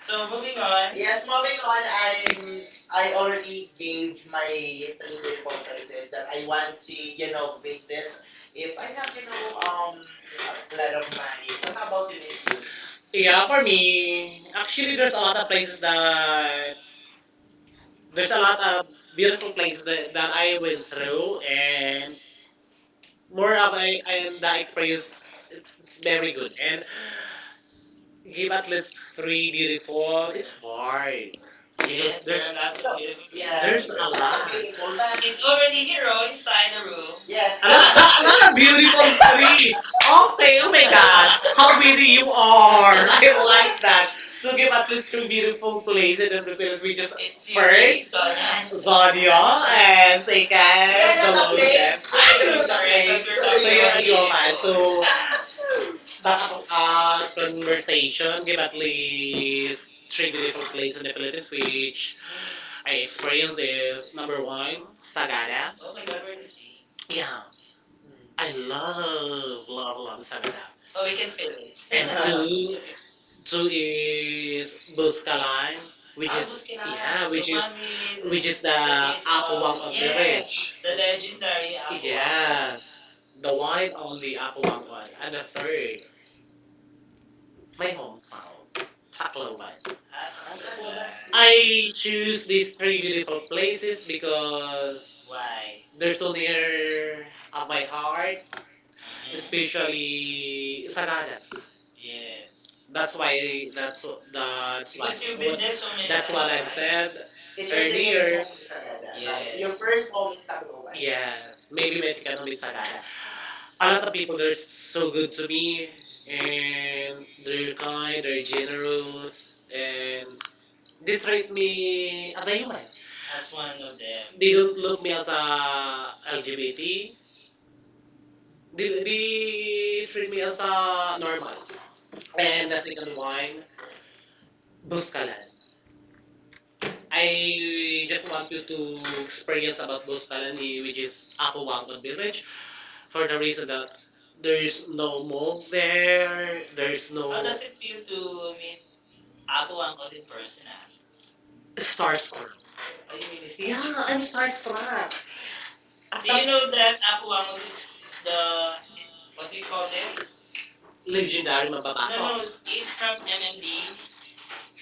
Speaker 1: So moving on. Yes,
Speaker 2: Yes,
Speaker 1: moving
Speaker 2: moving on,
Speaker 1: on, I'm
Speaker 2: I already
Speaker 1: already give
Speaker 2: gave
Speaker 1: my
Speaker 2: my
Speaker 1: three
Speaker 2: three local
Speaker 1: different places
Speaker 2: places
Speaker 1: that
Speaker 2: that
Speaker 1: I
Speaker 2: I want
Speaker 1: want
Speaker 2: to,
Speaker 1: to, you
Speaker 2: you know,
Speaker 1: know, visit.
Speaker 2: visit.
Speaker 1: If
Speaker 2: If
Speaker 1: I
Speaker 2: I have,
Speaker 1: have,
Speaker 2: you
Speaker 1: you
Speaker 2: know,
Speaker 1: know, a
Speaker 2: a lot
Speaker 1: lot
Speaker 2: of
Speaker 1: of money,
Speaker 2: money.
Speaker 1: so
Speaker 2: So how
Speaker 1: how
Speaker 2: about
Speaker 1: about you,
Speaker 2: you,
Speaker 1: Miss Yu?
Speaker 2: Miss Yu? Yeah,
Speaker 1: Yeah,
Speaker 2: for
Speaker 1: for
Speaker 2: me,
Speaker 1: me, actually,
Speaker 2: actually,
Speaker 1: there's a lot of places
Speaker 2: uh,
Speaker 1: that there's
Speaker 2: there's a
Speaker 1: a
Speaker 2: lot
Speaker 1: lot
Speaker 2: of
Speaker 1: of beautiful
Speaker 2: beautiful
Speaker 1: places that, that I went
Speaker 2: places
Speaker 1: through, and more
Speaker 2: more
Speaker 1: of
Speaker 2: about
Speaker 1: I and
Speaker 2: it,
Speaker 1: the experience it's
Speaker 2: it's very
Speaker 1: very
Speaker 2: good.
Speaker 1: good. And give
Speaker 2: Give
Speaker 1: at
Speaker 2: at least
Speaker 1: least three
Speaker 2: three
Speaker 1: beautiful. It's, yes,
Speaker 2: before.
Speaker 1: hard because,
Speaker 2: Yeah.
Speaker 1: yes, there's there are lots
Speaker 2: So,
Speaker 1: of beautiful places. Yeah. There's a
Speaker 2: yes.
Speaker 1: there's
Speaker 2: It's
Speaker 1: lot.
Speaker 2: all
Speaker 1: Lot. Of
Speaker 2: beautiful,
Speaker 1: Beautiful.
Speaker 2: but
Speaker 1: It's
Speaker 2: it's
Speaker 1: lands. Already
Speaker 2: already here
Speaker 1: zero
Speaker 2: on inside
Speaker 1: inside the
Speaker 2: the room.
Speaker 1: room. Yes.
Speaker 2: Yes.
Speaker 1: A
Speaker 2: I'm
Speaker 1: lot, a
Speaker 2: sorry.
Speaker 1: lot of beautiful three.
Speaker 2: Okay,
Speaker 1: Okay, oh my
Speaker 2: wait
Speaker 1: gosh,
Speaker 2: now.
Speaker 1: how pretty you are! I like that.
Speaker 2: Who
Speaker 1: So
Speaker 2: you are. Look at
Speaker 1: give
Speaker 2: my
Speaker 1: at least two
Speaker 2: sister,
Speaker 1: beautiful places
Speaker 2: please.
Speaker 1: in the Philippines. We just It's
Speaker 2: It's
Speaker 1: you, first
Speaker 2: yours.
Speaker 1: Sonia.
Speaker 2: I love you.
Speaker 1: Zonia and
Speaker 2: Yes,
Speaker 1: second
Speaker 2: get
Speaker 1: We're
Speaker 2: into
Speaker 1: not
Speaker 2: the
Speaker 1: Dolores. Place.
Speaker 2: place.
Speaker 1: Wala I don't know I'm so the sorry, place. But we're
Speaker 2: Get
Speaker 1: not So community
Speaker 2: into
Speaker 1: you're a beautiful. Yeoman.
Speaker 2: the
Speaker 1: So beautiful that as a
Speaker 2: place.
Speaker 1: conversation give at least three beautiful places in the Philippines, which I experience is number one,
Speaker 2: I got
Speaker 1: Sagada. Oh my god, we're
Speaker 2: it.
Speaker 1: in the sea.
Speaker 2: Yeah.
Speaker 1: Yeah,
Speaker 2: I
Speaker 1: I
Speaker 2: Oh,
Speaker 1: love Sagada. Oh,
Speaker 2: we
Speaker 1: we can
Speaker 2: can
Speaker 1: feel it.
Speaker 2: skip.
Speaker 1: And two, two
Speaker 2: So in
Speaker 1: is Buscalan,
Speaker 2: Bustahan,
Speaker 1: which Ah,
Speaker 2: Which
Speaker 1: is
Speaker 2: is
Speaker 1: Busquilan, yeah, the which
Speaker 2: Bustahan.
Speaker 1: is one
Speaker 2: Yeah,
Speaker 1: with which
Speaker 2: which is
Speaker 1: is the place of-
Speaker 2: from
Speaker 1: Apuang of the yes,
Speaker 2: Yes.
Speaker 1: Rich. The
Speaker 2: the
Speaker 1: legendary
Speaker 2: legendary
Speaker 1: Apuang.
Speaker 2: uh,
Speaker 1: Yes, the
Speaker 2: the
Speaker 1: one
Speaker 2: one
Speaker 1: and only Apuang. One. And the third, my
Speaker 2: my home.
Speaker 1: hometown,
Speaker 2: Oh,
Speaker 1: Tacloban. At
Speaker 2: Nasa po
Speaker 1: Tacloban
Speaker 2: ba? I
Speaker 1: I choose these three beautiful
Speaker 2: this
Speaker 1: places
Speaker 2: is the
Speaker 1: because
Speaker 2: like
Speaker 1: Why? They're
Speaker 2: the
Speaker 1: so
Speaker 2: solid of
Speaker 1: near of
Speaker 2: my
Speaker 1: my
Speaker 2: home,
Speaker 1: heart, Mhm.
Speaker 2: especially
Speaker 1: Especially
Speaker 2: Sagada.
Speaker 1: Sagada. Yes.
Speaker 2: Yes.
Speaker 1: That's
Speaker 2: That's
Speaker 1: why
Speaker 2: why
Speaker 1: that's wh- that's what, because
Speaker 2: because
Speaker 1: you've
Speaker 2: you've
Speaker 1: been
Speaker 2: been
Speaker 1: what there
Speaker 2: there
Speaker 1: so
Speaker 2: so
Speaker 1: many that's times, what
Speaker 2: many
Speaker 1: times,
Speaker 2: times.
Speaker 1: I've right? Said. It's
Speaker 2: It's your
Speaker 1: your
Speaker 2: Maybe-
Speaker 1: second
Speaker 2: second
Speaker 1: Earlier-
Speaker 2: home
Speaker 1: home is
Speaker 2: is
Speaker 1: Sagada,
Speaker 2: Canada.
Speaker 1: right?
Speaker 2: Yes. Like Yes.
Speaker 1: Yes. Your,
Speaker 2: your
Speaker 1: yes, first
Speaker 2: first
Speaker 1: home
Speaker 2: home is
Speaker 1: is Tacloban.
Speaker 2: Tacloban. Yeah,
Speaker 1: Yes, maybe
Speaker 2: maybe
Speaker 1: my
Speaker 2: my
Speaker 1: second home
Speaker 2: family
Speaker 1: is
Speaker 2: is
Speaker 1: Sagada,
Speaker 2: like,
Speaker 1: a
Speaker 2: a lot
Speaker 1: lot of
Speaker 2: of
Speaker 1: people
Speaker 2: people
Speaker 1: they're
Speaker 2: are so
Speaker 1: so
Speaker 2: good
Speaker 1: good
Speaker 2: to
Speaker 1: to me
Speaker 2: me and
Speaker 1: and they're
Speaker 2: you come
Speaker 1: kind they're
Speaker 2: in general
Speaker 1: generous
Speaker 2: and
Speaker 1: and they
Speaker 2: they try
Speaker 1: treat
Speaker 2: to be me
Speaker 1: me as a human As
Speaker 2: as one
Speaker 1: one
Speaker 2: of them.
Speaker 1: of them. They
Speaker 2: They don't
Speaker 1: don't
Speaker 2: love
Speaker 1: look me
Speaker 2: me
Speaker 1: as
Speaker 2: as a
Speaker 1: a
Speaker 2: LGBT.
Speaker 1: lgbt
Speaker 2: They
Speaker 1: they,
Speaker 2: don't
Speaker 1: they treat me as
Speaker 2: as a mom.
Speaker 1: a normal and
Speaker 2: And
Speaker 1: the second
Speaker 2: that's why
Speaker 1: wine
Speaker 2: bus ka
Speaker 1: buskalan
Speaker 2: lang. I
Speaker 1: I just
Speaker 2: just
Speaker 1: want
Speaker 2: wanted
Speaker 1: you to
Speaker 2: to
Speaker 1: experience
Speaker 2: experience about
Speaker 1: about
Speaker 2: this
Speaker 1: buskalan eh,
Speaker 2: already
Speaker 1: which is
Speaker 2: in Apple Wild
Speaker 1: apawangkot village
Speaker 2: for
Speaker 1: for the
Speaker 2: the reason
Speaker 1: reason that
Speaker 2: that
Speaker 1: there's
Speaker 2: there's
Speaker 1: no
Speaker 2: no
Speaker 1: mall
Speaker 2: monster there,
Speaker 1: there, there's
Speaker 2: there's no
Speaker 1: How no does
Speaker 2: Does it
Speaker 1: it
Speaker 2: mean
Speaker 1: feel to
Speaker 2: to
Speaker 1: meet Apo
Speaker 2: Apple ang
Speaker 1: Angkot in person?
Speaker 2: person?
Speaker 1: Ah? Starstruck.
Speaker 2: Stars.
Speaker 1: Are
Speaker 2: Are you
Speaker 1: you
Speaker 2: really
Speaker 1: really starstruck? Yeah,
Speaker 2: Yeah,
Speaker 1: starstruck? I'm starstruck. At Do
Speaker 2: Do
Speaker 1: you
Speaker 2: you
Speaker 1: that know
Speaker 2: know that
Speaker 1: that Apo
Speaker 2: Apple ang
Speaker 1: Angkot is,
Speaker 2: is
Speaker 1: is
Speaker 2: the,
Speaker 1: the,
Speaker 2: what
Speaker 1: what
Speaker 2: do
Speaker 1: do
Speaker 2: you
Speaker 1: you
Speaker 2: call
Speaker 1: call
Speaker 2: this?
Speaker 1: this?
Speaker 2: Legendary.
Speaker 1: Legendary No, mababato.
Speaker 2: No,
Speaker 1: No,
Speaker 2: it's
Speaker 1: it's
Speaker 2: from
Speaker 1: from MMD.
Speaker 2: MLB.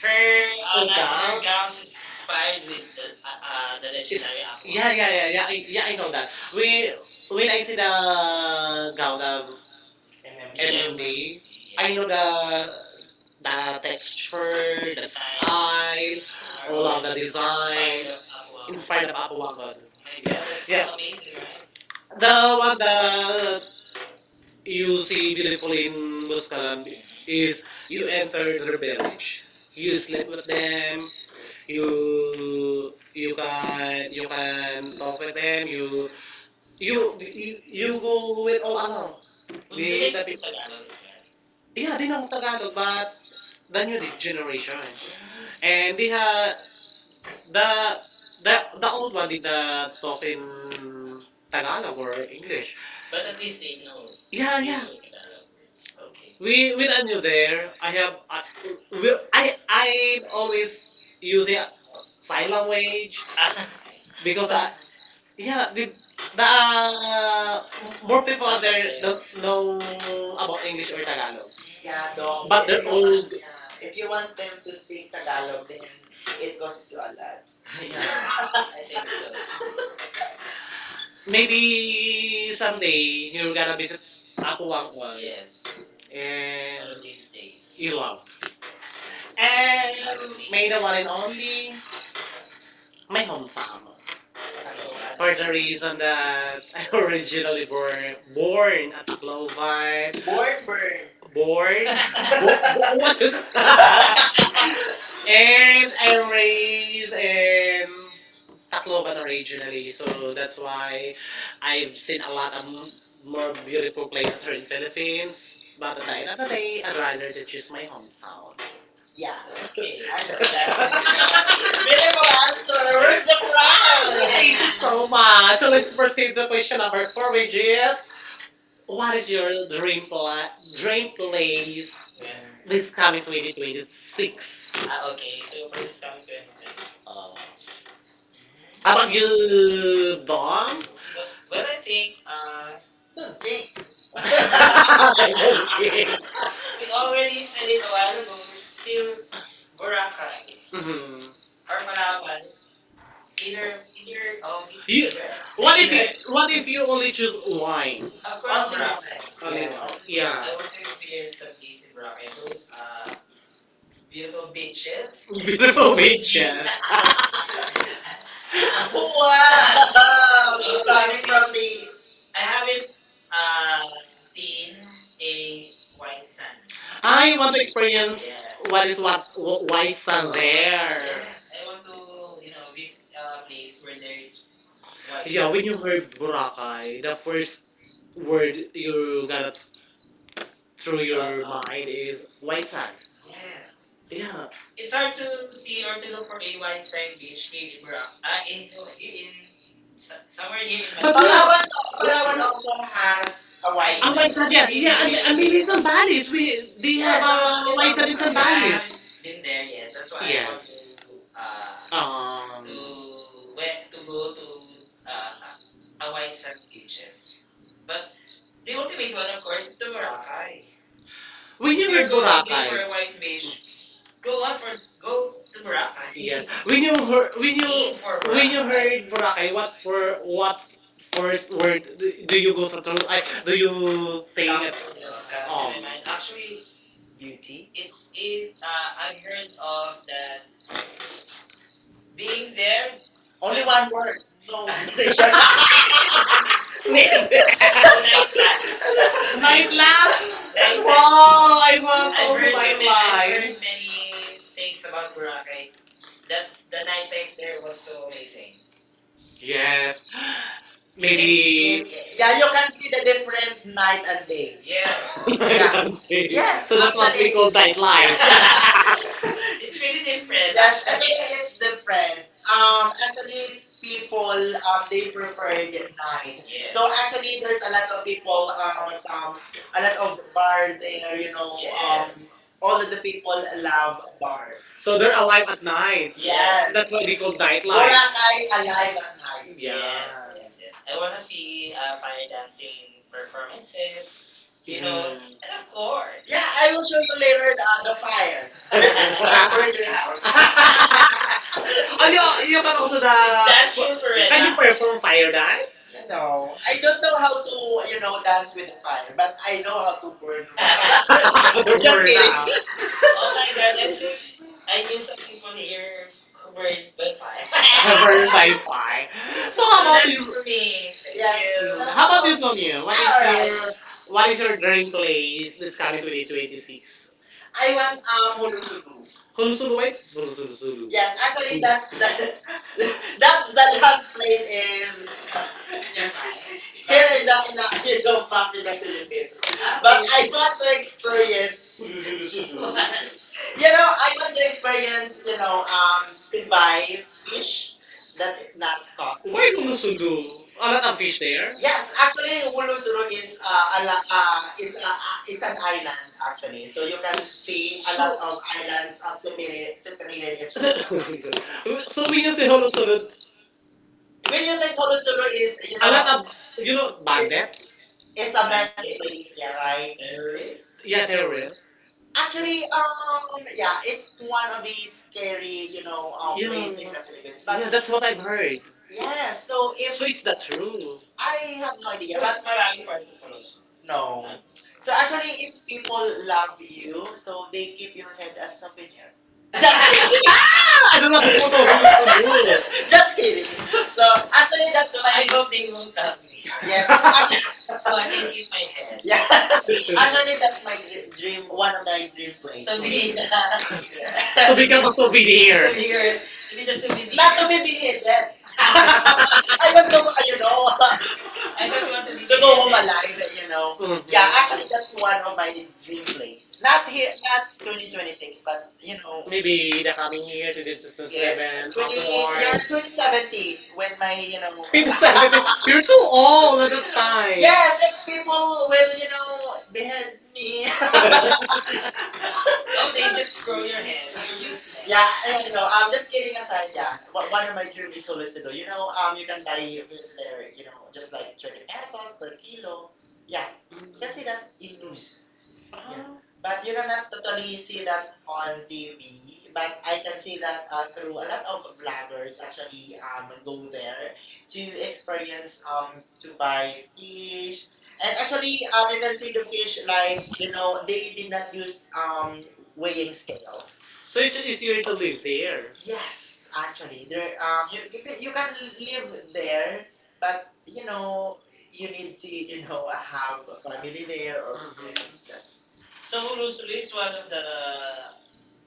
Speaker 2: Her,
Speaker 1: Her, oh, nine gown? Her gowns is inspired
Speaker 2: fine
Speaker 1: with
Speaker 2: with the
Speaker 1: the It's
Speaker 2: legendary
Speaker 1: legendary Apo,
Speaker 2: action.
Speaker 1: yeah,
Speaker 2: Ah,
Speaker 1: Angkot.
Speaker 2: yeah.
Speaker 1: Yeah. I
Speaker 2: Ito
Speaker 1: know
Speaker 2: ba?
Speaker 1: that. We
Speaker 2: We
Speaker 1: when
Speaker 2: na
Speaker 1: I see
Speaker 2: sila
Speaker 1: the gown of
Speaker 2: MMG. ML.
Speaker 1: MMD.
Speaker 2: I
Speaker 1: I
Speaker 2: know
Speaker 1: know
Speaker 2: the
Speaker 1: the the
Speaker 2: texture,
Speaker 1: texture,
Speaker 2: the
Speaker 1: the
Speaker 2: sound,
Speaker 1: style,
Speaker 2: Oh.
Speaker 1: all of the design,
Speaker 2: Inspired
Speaker 1: inspired of
Speaker 2: ako.
Speaker 1: Aquaman. Yeah,
Speaker 2: Kaya,
Speaker 1: yeah.
Speaker 2: the
Speaker 1: The
Speaker 2: one
Speaker 1: one that you
Speaker 2: using
Speaker 1: see
Speaker 2: the
Speaker 1: beautiful in Buscalan
Speaker 2: is
Speaker 1: is you
Speaker 2: enter
Speaker 1: enter the village, you
Speaker 2: use let
Speaker 1: sleep with
Speaker 2: them
Speaker 1: them,
Speaker 2: you
Speaker 1: you
Speaker 2: you
Speaker 1: you
Speaker 2: can
Speaker 1: can you can talk with them, you
Speaker 2: you you
Speaker 1: you
Speaker 2: go
Speaker 1: go
Speaker 2: with
Speaker 1: with all along
Speaker 2: with
Speaker 1: But Do they with the speak people. Tagalog as
Speaker 2: this?
Speaker 1: well?
Speaker 2: Yeah
Speaker 1: Yeah,
Speaker 2: they
Speaker 1: they
Speaker 2: know
Speaker 1: know Tagalog, but the
Speaker 2: than you
Speaker 1: new
Speaker 2: do
Speaker 1: generation,
Speaker 2: and
Speaker 1: and they have
Speaker 2: the
Speaker 1: the
Speaker 2: the
Speaker 1: the
Speaker 2: the
Speaker 1: the old
Speaker 2: one
Speaker 1: one did not talk in
Speaker 2: uh,
Speaker 1: Tagalog
Speaker 2: Tagalog
Speaker 1: or English. But at least they know. Yeah,
Speaker 2: yeah
Speaker 1: They
Speaker 2: yeah
Speaker 1: yeah. Know Tagalog words.
Speaker 2: Okay.
Speaker 1: Okay. We
Speaker 2: We
Speaker 1: when I knew there, I have I, we,
Speaker 2: I
Speaker 1: I
Speaker 2: I
Speaker 1: I'm always
Speaker 2: is
Speaker 1: using
Speaker 2: using
Speaker 1: sign
Speaker 2: silo when
Speaker 1: language
Speaker 2: because
Speaker 1: because I...
Speaker 2: yeah
Speaker 1: Yeah,
Speaker 2: the
Speaker 1: the
Speaker 2: more
Speaker 1: more people
Speaker 2: people
Speaker 1: out there don't
Speaker 2: know
Speaker 1: know
Speaker 2: about
Speaker 1: about
Speaker 2: English
Speaker 1: English or
Speaker 2: in Tagalog.
Speaker 1: Tagalog. Yeah,
Speaker 2: Yeah, Dong. But
Speaker 1: but they're you all, yeah.
Speaker 2: If
Speaker 1: If
Speaker 2: you
Speaker 1: you
Speaker 2: want
Speaker 1: want
Speaker 2: them
Speaker 1: them
Speaker 2: to
Speaker 1: to
Speaker 2: speak
Speaker 1: speak
Speaker 2: Tagalog,
Speaker 1: Tagalog,
Speaker 2: then
Speaker 1: then
Speaker 2: it
Speaker 1: it
Speaker 2: costs
Speaker 1: goes
Speaker 2: you
Speaker 1: to
Speaker 2: a lot.
Speaker 1: Allah. Yeah.
Speaker 2: Yes.
Speaker 1: I think so.
Speaker 2: Maybe
Speaker 1: Maybe someday you're gonna
Speaker 2: um,
Speaker 1: visit
Speaker 2: ako
Speaker 1: Apo
Speaker 2: ang
Speaker 1: Wangwan.
Speaker 2: yes
Speaker 1: Yes.
Speaker 2: and
Speaker 1: And of
Speaker 2: still love
Speaker 1: Ilog.
Speaker 2: and
Speaker 1: And
Speaker 2: may
Speaker 1: may the
Speaker 2: the one
Speaker 1: one and only
Speaker 2: my
Speaker 1: my
Speaker 2: home
Speaker 1: hometown. For the reason that I originally born, born at Tacloban.
Speaker 2: born
Speaker 1: Born
Speaker 2: born
Speaker 1: burn.
Speaker 2: born,
Speaker 1: Born, what is...
Speaker 2: and
Speaker 1: And I'm raised in
Speaker 2: I'm
Speaker 1: Tacloban originally, so that's why I've seen a lot of m-
Speaker 2: Boy,
Speaker 1: more
Speaker 2: bird.
Speaker 1: beautiful places here in Philippines. But at the end of the day, I'd rather to choose my hometown.
Speaker 2: Yeah.
Speaker 1: Yeah. Okay,
Speaker 2: Actually,
Speaker 1: I
Speaker 2: that's
Speaker 1: got that.
Speaker 2: the Beautiful
Speaker 1: Beautiful answer.
Speaker 2: answer. Where's
Speaker 1: Where's...
Speaker 2: the
Speaker 1: Thank you
Speaker 2: prize?
Speaker 1: so
Speaker 2: Oh
Speaker 1: much.
Speaker 2: my.
Speaker 1: Let's proceed to question number four, which is
Speaker 2: What
Speaker 1: what
Speaker 2: is
Speaker 1: is
Speaker 2: your
Speaker 1: your dream place this
Speaker 2: This time,
Speaker 1: coming 2026?
Speaker 2: I
Speaker 1: Ah, okay. So for this coming 2020. Oh. How
Speaker 2: how about
Speaker 1: about
Speaker 2: you?
Speaker 1: you, Dom? But well,
Speaker 2: What do
Speaker 1: I
Speaker 2: you think?
Speaker 1: think
Speaker 2: Uh, Don't
Speaker 1: don't
Speaker 2: think.
Speaker 1: think.
Speaker 2: We
Speaker 1: I'm only kidding. We
Speaker 2: already
Speaker 1: already
Speaker 2: said
Speaker 1: said
Speaker 2: it
Speaker 1: it
Speaker 2: a
Speaker 1: a
Speaker 2: while
Speaker 1: while ago.
Speaker 2: ago.
Speaker 1: Still
Speaker 2: Still Boracay
Speaker 1: Boracay. Mhm. Or
Speaker 2: or
Speaker 1: Palawan.
Speaker 2: Palawan. Either either of
Speaker 1: You,
Speaker 2: either
Speaker 1: what if
Speaker 2: either.
Speaker 1: you... what if you only choose
Speaker 2: Of course,
Speaker 1: wine? Of course,
Speaker 2: Boracay.
Speaker 1: only wine.
Speaker 2: Yes, yeah,
Speaker 1: Yeah.
Speaker 2: I want to experience the place in Boracay. Those
Speaker 1: uh,
Speaker 2: beautiful beaches. One.
Speaker 1: Beautiful beaches.
Speaker 2: Wow! Running
Speaker 1: Coming
Speaker 2: from
Speaker 1: from
Speaker 2: the
Speaker 1: the
Speaker 2: I haven't uh,
Speaker 1: uh,
Speaker 2: seen
Speaker 1: seen
Speaker 2: a
Speaker 1: a
Speaker 2: white
Speaker 1: white
Speaker 2: sun.
Speaker 1: sun. Ah,
Speaker 2: I
Speaker 1: you
Speaker 2: want
Speaker 1: want to experience. Yes. What is what
Speaker 2: white
Speaker 1: white
Speaker 2: sun.
Speaker 1: sun
Speaker 2: I
Speaker 1: there? Yes, I
Speaker 2: want
Speaker 1: want to,
Speaker 2: to you
Speaker 1: you
Speaker 2: know
Speaker 1: know,
Speaker 2: visit
Speaker 1: visit a
Speaker 2: a place where there
Speaker 1: there
Speaker 2: is
Speaker 1: is...
Speaker 2: white
Speaker 1: Yeah, when you heard Boracay, the first word you got it through your mind is white
Speaker 2: sun.
Speaker 1: sand.
Speaker 2: Yes.
Speaker 1: Yeah,
Speaker 2: It's
Speaker 1: it's
Speaker 2: hard
Speaker 1: hard
Speaker 2: to
Speaker 1: to
Speaker 2: see
Speaker 1: see
Speaker 2: or
Speaker 1: or
Speaker 2: to
Speaker 1: to
Speaker 2: look
Speaker 1: look
Speaker 2: for
Speaker 1: for
Speaker 2: a
Speaker 1: a
Speaker 2: white
Speaker 1: white
Speaker 2: sun
Speaker 1: sand
Speaker 2: beach
Speaker 1: beach
Speaker 2: in
Speaker 1: here in
Speaker 2: Burang.
Speaker 1: Boracay. Ah, in, no, here
Speaker 2: In
Speaker 1: in,
Speaker 2: somewhere
Speaker 1: somewhere
Speaker 2: near
Speaker 1: near in,
Speaker 2: in
Speaker 1: but we Manila
Speaker 2: Palawan,
Speaker 1: have.
Speaker 2: Palawan
Speaker 1: Palawan
Speaker 2: also
Speaker 1: also
Speaker 2: has
Speaker 1: has
Speaker 2: a white
Speaker 1: white.
Speaker 2: Ang
Speaker 1: Oh my,
Speaker 2: sun.
Speaker 1: sand. Yeah, yeah, and maybe in San Valley's we they have
Speaker 2: Yes, ang maraming
Speaker 1: a
Speaker 2: sa
Speaker 1: white sand in San But I
Speaker 2: mga
Speaker 1: Valley's. Have
Speaker 2: been
Speaker 1: been
Speaker 2: there
Speaker 1: there
Speaker 2: yet.
Speaker 1: yet.
Speaker 2: That's
Speaker 1: That's why
Speaker 2: why I
Speaker 1: I
Speaker 2: want
Speaker 1: want. Yes.
Speaker 2: to
Speaker 1: To
Speaker 2: uh, to
Speaker 1: to where
Speaker 2: went to
Speaker 1: to go
Speaker 2: go to
Speaker 1: to
Speaker 2: uh, Hawaii
Speaker 1: white sand
Speaker 2: some beaches.
Speaker 1: beaches.
Speaker 2: But
Speaker 1: But the
Speaker 2: the ultimate
Speaker 1: ultimate one,
Speaker 2: one, of
Speaker 1: of course,
Speaker 2: course, is
Speaker 1: is
Speaker 2: the Boracay.
Speaker 1: Boracay. When
Speaker 2: When if
Speaker 1: you
Speaker 2: you're
Speaker 1: if were
Speaker 2: going to
Speaker 1: in for
Speaker 2: the
Speaker 1: Boracay, a white
Speaker 2: beach,
Speaker 1: beach,
Speaker 2: go
Speaker 1: go on
Speaker 2: on,
Speaker 1: for,
Speaker 2: go
Speaker 1: go to
Speaker 2: to Boracay.
Speaker 1: Boracay.
Speaker 2: Yeah.
Speaker 1: Yes. When you heard, when you aim for
Speaker 2: When
Speaker 1: when you
Speaker 2: you're
Speaker 1: Boracay
Speaker 2: Boracay. You
Speaker 1: heard, Boracay,
Speaker 2: I
Speaker 1: what
Speaker 2: were
Speaker 1: for what first
Speaker 2: forced
Speaker 1: word do, do you go through? Through I do you think comes it?
Speaker 2: to come
Speaker 1: Comes to my...
Speaker 2: Cancun.
Speaker 1: Mind.
Speaker 2: Actually,
Speaker 1: Actually,
Speaker 2: beauty, it's in,
Speaker 1: it, I
Speaker 2: I've heard
Speaker 1: heard
Speaker 2: of
Speaker 1: of that
Speaker 2: that being
Speaker 1: being
Speaker 2: there.
Speaker 1: there.
Speaker 2: Only one word.
Speaker 1: No,
Speaker 2: No inspiration.
Speaker 1: no. Night life. Night life. Night life.
Speaker 2: I've so
Speaker 1: Wow, I want. I've also
Speaker 2: many,
Speaker 1: heard, so night many, I've
Speaker 2: I've
Speaker 1: life
Speaker 2: heard
Speaker 1: heard many
Speaker 2: many things
Speaker 1: things
Speaker 2: about
Speaker 1: about
Speaker 2: Boracay.
Speaker 1: Boracay. The,
Speaker 2: That the
Speaker 1: the
Speaker 2: night
Speaker 1: night life
Speaker 2: life there
Speaker 1: there was
Speaker 2: was so
Speaker 1: so amazing.
Speaker 2: amazing.
Speaker 1: Yes. It's maybe. It's... Yeah,
Speaker 2: Yeah, you
Speaker 1: you
Speaker 2: can
Speaker 1: see
Speaker 2: see the
Speaker 1: the different
Speaker 2: different night
Speaker 1: night.
Speaker 2: and day.
Speaker 1: Yes. Night.
Speaker 2: Yeah.
Speaker 1: Yeah.
Speaker 2: Yeah.
Speaker 1: Hunting. Yes,
Speaker 2: Yes,
Speaker 1: so that's what we
Speaker 2: actually,
Speaker 1: actually call nightlife.
Speaker 2: it's
Speaker 1: It's
Speaker 2: really
Speaker 1: really
Speaker 2: different.
Speaker 1: different.
Speaker 2: Yes,
Speaker 1: Yes, actually,
Speaker 2: actually,
Speaker 1: actually,
Speaker 2: it's
Speaker 1: it's
Speaker 2: different.
Speaker 1: different. Um,
Speaker 2: Actually,
Speaker 1: People
Speaker 2: people, they
Speaker 1: prefer
Speaker 2: prefer the
Speaker 1: the
Speaker 2: night.
Speaker 1: night. Yeah.
Speaker 2: So
Speaker 1: So
Speaker 2: actually, there's
Speaker 1: there's
Speaker 2: a
Speaker 1: a
Speaker 2: lot
Speaker 1: lot
Speaker 2: of
Speaker 1: of
Speaker 2: people,
Speaker 1: people,
Speaker 2: comes,
Speaker 1: comes,
Speaker 2: a
Speaker 1: a
Speaker 2: lot
Speaker 1: lot
Speaker 2: of
Speaker 1: of
Speaker 2: bar
Speaker 1: bar
Speaker 2: there,
Speaker 1: there.
Speaker 2: you
Speaker 1: You
Speaker 2: know,
Speaker 1: know,
Speaker 2: um,
Speaker 1: yes, all
Speaker 2: all of
Speaker 1: of
Speaker 2: the
Speaker 1: the
Speaker 2: people
Speaker 1: people love
Speaker 2: love bar.
Speaker 1: bar. So they're alive at night. Yes. That's
Speaker 2: Yes.
Speaker 1: yes why they call night Wala, life.
Speaker 2: Boracay
Speaker 1: Live at
Speaker 2: alive at night.
Speaker 1: night. Yeah. Yes,
Speaker 2: Yes. Yes,
Speaker 1: yes, yes.
Speaker 2: yes. I
Speaker 1: I
Speaker 2: want
Speaker 1: wanna
Speaker 2: to see
Speaker 1: see fire
Speaker 2: fire dancing
Speaker 1: dancing performances.
Speaker 2: performances.
Speaker 1: You
Speaker 2: You know, and
Speaker 1: know, yes, and
Speaker 2: of
Speaker 1: of
Speaker 2: course.
Speaker 1: course. Yeah,
Speaker 2: Yeah, I
Speaker 1: I
Speaker 2: will
Speaker 1: will
Speaker 2: show
Speaker 1: show
Speaker 2: you
Speaker 1: you
Speaker 2: later
Speaker 1: later the
Speaker 2: the fire
Speaker 1: fire.
Speaker 2: with
Speaker 1: Is
Speaker 2: the
Speaker 1: my birthday
Speaker 2: burning house.
Speaker 1: house.
Speaker 2: Ano, yun
Speaker 1: Oh, you can also...
Speaker 2: also
Speaker 1: Is that you, Beretta? Can you
Speaker 2: Statues,
Speaker 1: Perena perform fire
Speaker 2: Rena.
Speaker 1: dance?
Speaker 2: No,
Speaker 1: No, I
Speaker 2: I don't
Speaker 1: don't know
Speaker 2: know how
Speaker 1: how
Speaker 2: to,
Speaker 1: to, you
Speaker 2: you
Speaker 1: know,
Speaker 2: know, dance with the fire, but I know how to
Speaker 1: burn.
Speaker 2: burn house.
Speaker 1: The just
Speaker 2: Just
Speaker 1: word.
Speaker 2: kidding.
Speaker 1: Oh
Speaker 2: Oh
Speaker 1: my god,
Speaker 2: my
Speaker 1: I
Speaker 2: god.
Speaker 1: think I
Speaker 2: I
Speaker 1: knew
Speaker 2: knew
Speaker 1: some people
Speaker 2: some people here
Speaker 1: here who
Speaker 2: who
Speaker 1: were
Speaker 2: were in
Speaker 1: in Wi-Fi.
Speaker 2: my class.
Speaker 1: Very Wi-Fi. So how so about that's you?
Speaker 2: So
Speaker 1: For me. Thank
Speaker 2: Yes.
Speaker 1: yes. So you.
Speaker 2: So
Speaker 1: Mm, how
Speaker 2: how
Speaker 1: about
Speaker 2: about
Speaker 1: this one, you? What is,
Speaker 2: all
Speaker 1: all right, your...
Speaker 2: right?
Speaker 1: what is your dream place this coming 2026? I
Speaker 2: I
Speaker 1: want
Speaker 2: want
Speaker 1: Hulhulu. Hulusulu,
Speaker 2: Molosubu.
Speaker 1: wait, Hulusulu, Sulu.
Speaker 2: Yes,
Speaker 1: Yes,
Speaker 2: actually,
Speaker 1: actually that's
Speaker 2: that's
Speaker 1: the
Speaker 2: that. That's that has played
Speaker 1: place
Speaker 2: in
Speaker 1: in Japan.
Speaker 2: here in the,
Speaker 1: Not you
Speaker 2: in the,
Speaker 1: know map
Speaker 2: in
Speaker 1: in the
Speaker 2: the Philippines.
Speaker 1: Philippines. Ah,
Speaker 2: But
Speaker 1: but
Speaker 2: I
Speaker 1: I
Speaker 2: want
Speaker 1: want to
Speaker 2: to
Speaker 1: experience.
Speaker 2: experience.
Speaker 1: You you know, I
Speaker 2: You know, I want
Speaker 1: want
Speaker 2: to
Speaker 1: to experience.
Speaker 2: experience. You
Speaker 1: You
Speaker 2: know,
Speaker 1: know,
Speaker 2: to buy fish that's not costly.
Speaker 1: why Hulusulu? A
Speaker 2: What
Speaker 1: lot of
Speaker 2: about
Speaker 1: fish there? Yes,
Speaker 2: Yes, actually,
Speaker 1: actually,
Speaker 2: Revolution
Speaker 1: Wuluzulu is
Speaker 2: is
Speaker 1: a la-
Speaker 2: is
Speaker 1: is
Speaker 2: a, is
Speaker 1: a
Speaker 2: an island actually. So you can see
Speaker 1: shape
Speaker 2: a lot of
Speaker 1: of
Speaker 2: islands
Speaker 1: islands
Speaker 2: of
Speaker 1: separated,
Speaker 2: separated,
Speaker 1: separated
Speaker 2: separated each other.
Speaker 1: each so, other. So when you say Hulusulu, when
Speaker 2: When you
Speaker 1: you
Speaker 2: think
Speaker 1: think of
Speaker 2: Hulusulo
Speaker 1: Wuluzulu is
Speaker 2: is,
Speaker 1: you a know lot of, you
Speaker 2: you
Speaker 1: know,
Speaker 2: know,
Speaker 1: it,
Speaker 2: it's,
Speaker 1: bandit?
Speaker 2: it's
Speaker 1: It's
Speaker 2: a
Speaker 1: a mess
Speaker 2: messy
Speaker 1: place,
Speaker 2: place,
Speaker 1: yeah,
Speaker 2: yeah,
Speaker 1: right?
Speaker 2: right?
Speaker 1: Terrorists. Yeah, terrorists. Actually,
Speaker 2: Actually, yeah,
Speaker 1: yeah,
Speaker 2: it's
Speaker 1: it's one
Speaker 2: one of
Speaker 1: of these
Speaker 2: these
Speaker 1: scary,
Speaker 2: scary,
Speaker 1: you
Speaker 2: you
Speaker 1: know,
Speaker 2: know,
Speaker 1: yeah, places
Speaker 2: places in
Speaker 1: in
Speaker 2: the
Speaker 1: the Philippines.
Speaker 2: Philippines.
Speaker 1: But
Speaker 2: But
Speaker 1: yeah, that's what I've heard. Yeah,
Speaker 2: yes, so if
Speaker 1: so it's not true.
Speaker 2: I
Speaker 1: I
Speaker 2: have no idea.
Speaker 1: because
Speaker 2: But
Speaker 1: that's maraming particles.
Speaker 2: no. So
Speaker 1: So,
Speaker 2: actually, if people
Speaker 1: people
Speaker 2: love
Speaker 1: laugh,
Speaker 2: you, so they
Speaker 1: they keep
Speaker 2: keep your
Speaker 1: your
Speaker 2: head as souvenir. Just
Speaker 1: head.
Speaker 2: kidding.
Speaker 1: Ano na po to? Hulo-tulo. Just
Speaker 2: Just kidding.
Speaker 1: kidding.
Speaker 2: So
Speaker 1: So, actually,
Speaker 2: actually,
Speaker 1: that's
Speaker 2: that's So,
Speaker 1: so, my,
Speaker 2: what I
Speaker 1: I hope
Speaker 2: hope they
Speaker 1: they
Speaker 2: won't
Speaker 1: won't
Speaker 2: love
Speaker 1: have
Speaker 2: me.
Speaker 1: me. Yes,
Speaker 2: Yes. Actually,
Speaker 1: actually,
Speaker 2: so,
Speaker 1: so
Speaker 2: I
Speaker 1: I
Speaker 2: can
Speaker 1: can
Speaker 2: keep
Speaker 1: keep
Speaker 2: my
Speaker 1: my
Speaker 2: head.
Speaker 1: head.
Speaker 2: Yeah.
Speaker 1: Yes,
Speaker 2: Actually,
Speaker 1: that's
Speaker 2: that's my
Speaker 1: my
Speaker 2: dream.
Speaker 1: dream
Speaker 2: One of my dream place.
Speaker 1: place.
Speaker 2: To
Speaker 1: To
Speaker 2: be
Speaker 1: be,
Speaker 2: the... To
Speaker 1: to
Speaker 2: be
Speaker 1: become a
Speaker 2: the...
Speaker 1: souvenir. To be your, to be the
Speaker 2: To be
Speaker 1: souvenir.
Speaker 2: the... Not to
Speaker 1: Not to
Speaker 2: be
Speaker 1: be beheaded.
Speaker 2: believed. I
Speaker 1: I
Speaker 2: want
Speaker 1: don't will go, I
Speaker 2: to, you
Speaker 1: don't know,
Speaker 2: know.
Speaker 1: I don't want to be,
Speaker 2: To go home alive,
Speaker 1: you
Speaker 2: you know.
Speaker 1: know. Mhm.
Speaker 2: Yeah,
Speaker 1: Yeah,
Speaker 2: actually, that's one of my dream
Speaker 1: dream place.
Speaker 2: place. Not here, not
Speaker 1: Not
Speaker 2: 2026, but you know, Maybe
Speaker 1: maybe the coming year, 2027.
Speaker 2: yes,
Speaker 1: Yes. twenty
Speaker 2: 20, yeah,
Speaker 1: twenty-seven, upward. 27.
Speaker 2: 2017 when my, you know,
Speaker 1: 2017. You're so old at that time.
Speaker 2: yes,
Speaker 1: Yes,
Speaker 2: if
Speaker 1: if people
Speaker 2: people when
Speaker 1: will,
Speaker 2: you
Speaker 1: you know,
Speaker 2: know, behead
Speaker 1: me.
Speaker 2: me.
Speaker 1: They
Speaker 2: Okay,
Speaker 1: just
Speaker 2: just
Speaker 1: grow your
Speaker 2: kidding.
Speaker 1: head. Useless.
Speaker 2: Yeah,
Speaker 1: Yeah, I
Speaker 2: and
Speaker 1: mean, no,
Speaker 2: no,
Speaker 1: I'm
Speaker 2: I'm just
Speaker 1: just
Speaker 2: kidding
Speaker 1: kidding
Speaker 2: aside,
Speaker 1: aside,
Speaker 2: yeah.
Speaker 1: yeah.
Speaker 2: One one
Speaker 1: One
Speaker 2: of
Speaker 1: of
Speaker 2: my
Speaker 1: my
Speaker 2: dream
Speaker 1: dreams
Speaker 2: is
Speaker 1: is always to
Speaker 2: Solucido.
Speaker 1: do,
Speaker 2: You
Speaker 1: you
Speaker 2: know,
Speaker 1: know,
Speaker 2: you
Speaker 1: you
Speaker 2: can
Speaker 1: can buy
Speaker 2: buy
Speaker 1: a
Speaker 2: wheels there,
Speaker 1: there,
Speaker 2: you
Speaker 1: you
Speaker 2: know,
Speaker 1: know,
Speaker 2: just
Speaker 1: just,
Speaker 2: like 20 pesos per kilo. Yeah, you can
Speaker 1: that's...
Speaker 2: see that in news. Oh. Yeah. Oh.
Speaker 1: Oh,
Speaker 2: But you cannot totally
Speaker 1: totally
Speaker 2: see that
Speaker 1: on
Speaker 2: on
Speaker 1: the,
Speaker 2: TV. But
Speaker 1: I
Speaker 2: I can
Speaker 1: can
Speaker 2: see
Speaker 1: see
Speaker 2: that through a lot of vloggers
Speaker 1: vloggers
Speaker 2: actually
Speaker 1: actually,
Speaker 2: go there to
Speaker 1: to experience,
Speaker 2: experience to
Speaker 1: suba
Speaker 2: buy fish.
Speaker 1: fish, and
Speaker 2: And actually, you
Speaker 1: you
Speaker 2: can
Speaker 1: can see
Speaker 2: see the
Speaker 1: the...
Speaker 2: fish like you know they did not use
Speaker 1: Um,
Speaker 2: weighing scale.
Speaker 1: so it's easier to live there. Yes.
Speaker 2: Yes, actually, there
Speaker 1: Um,
Speaker 2: you you can live there, but you
Speaker 1: you
Speaker 2: know
Speaker 1: know,
Speaker 2: you need to
Speaker 1: you
Speaker 2: you know
Speaker 1: know, I
Speaker 2: have a
Speaker 1: have
Speaker 2: family there or
Speaker 1: broken.
Speaker 2: friends
Speaker 1: Mhm.
Speaker 2: that So
Speaker 1: So Luzon
Speaker 2: Luzon is
Speaker 1: is
Speaker 2: one
Speaker 1: one
Speaker 2: of
Speaker 1: of the...
Speaker 2: the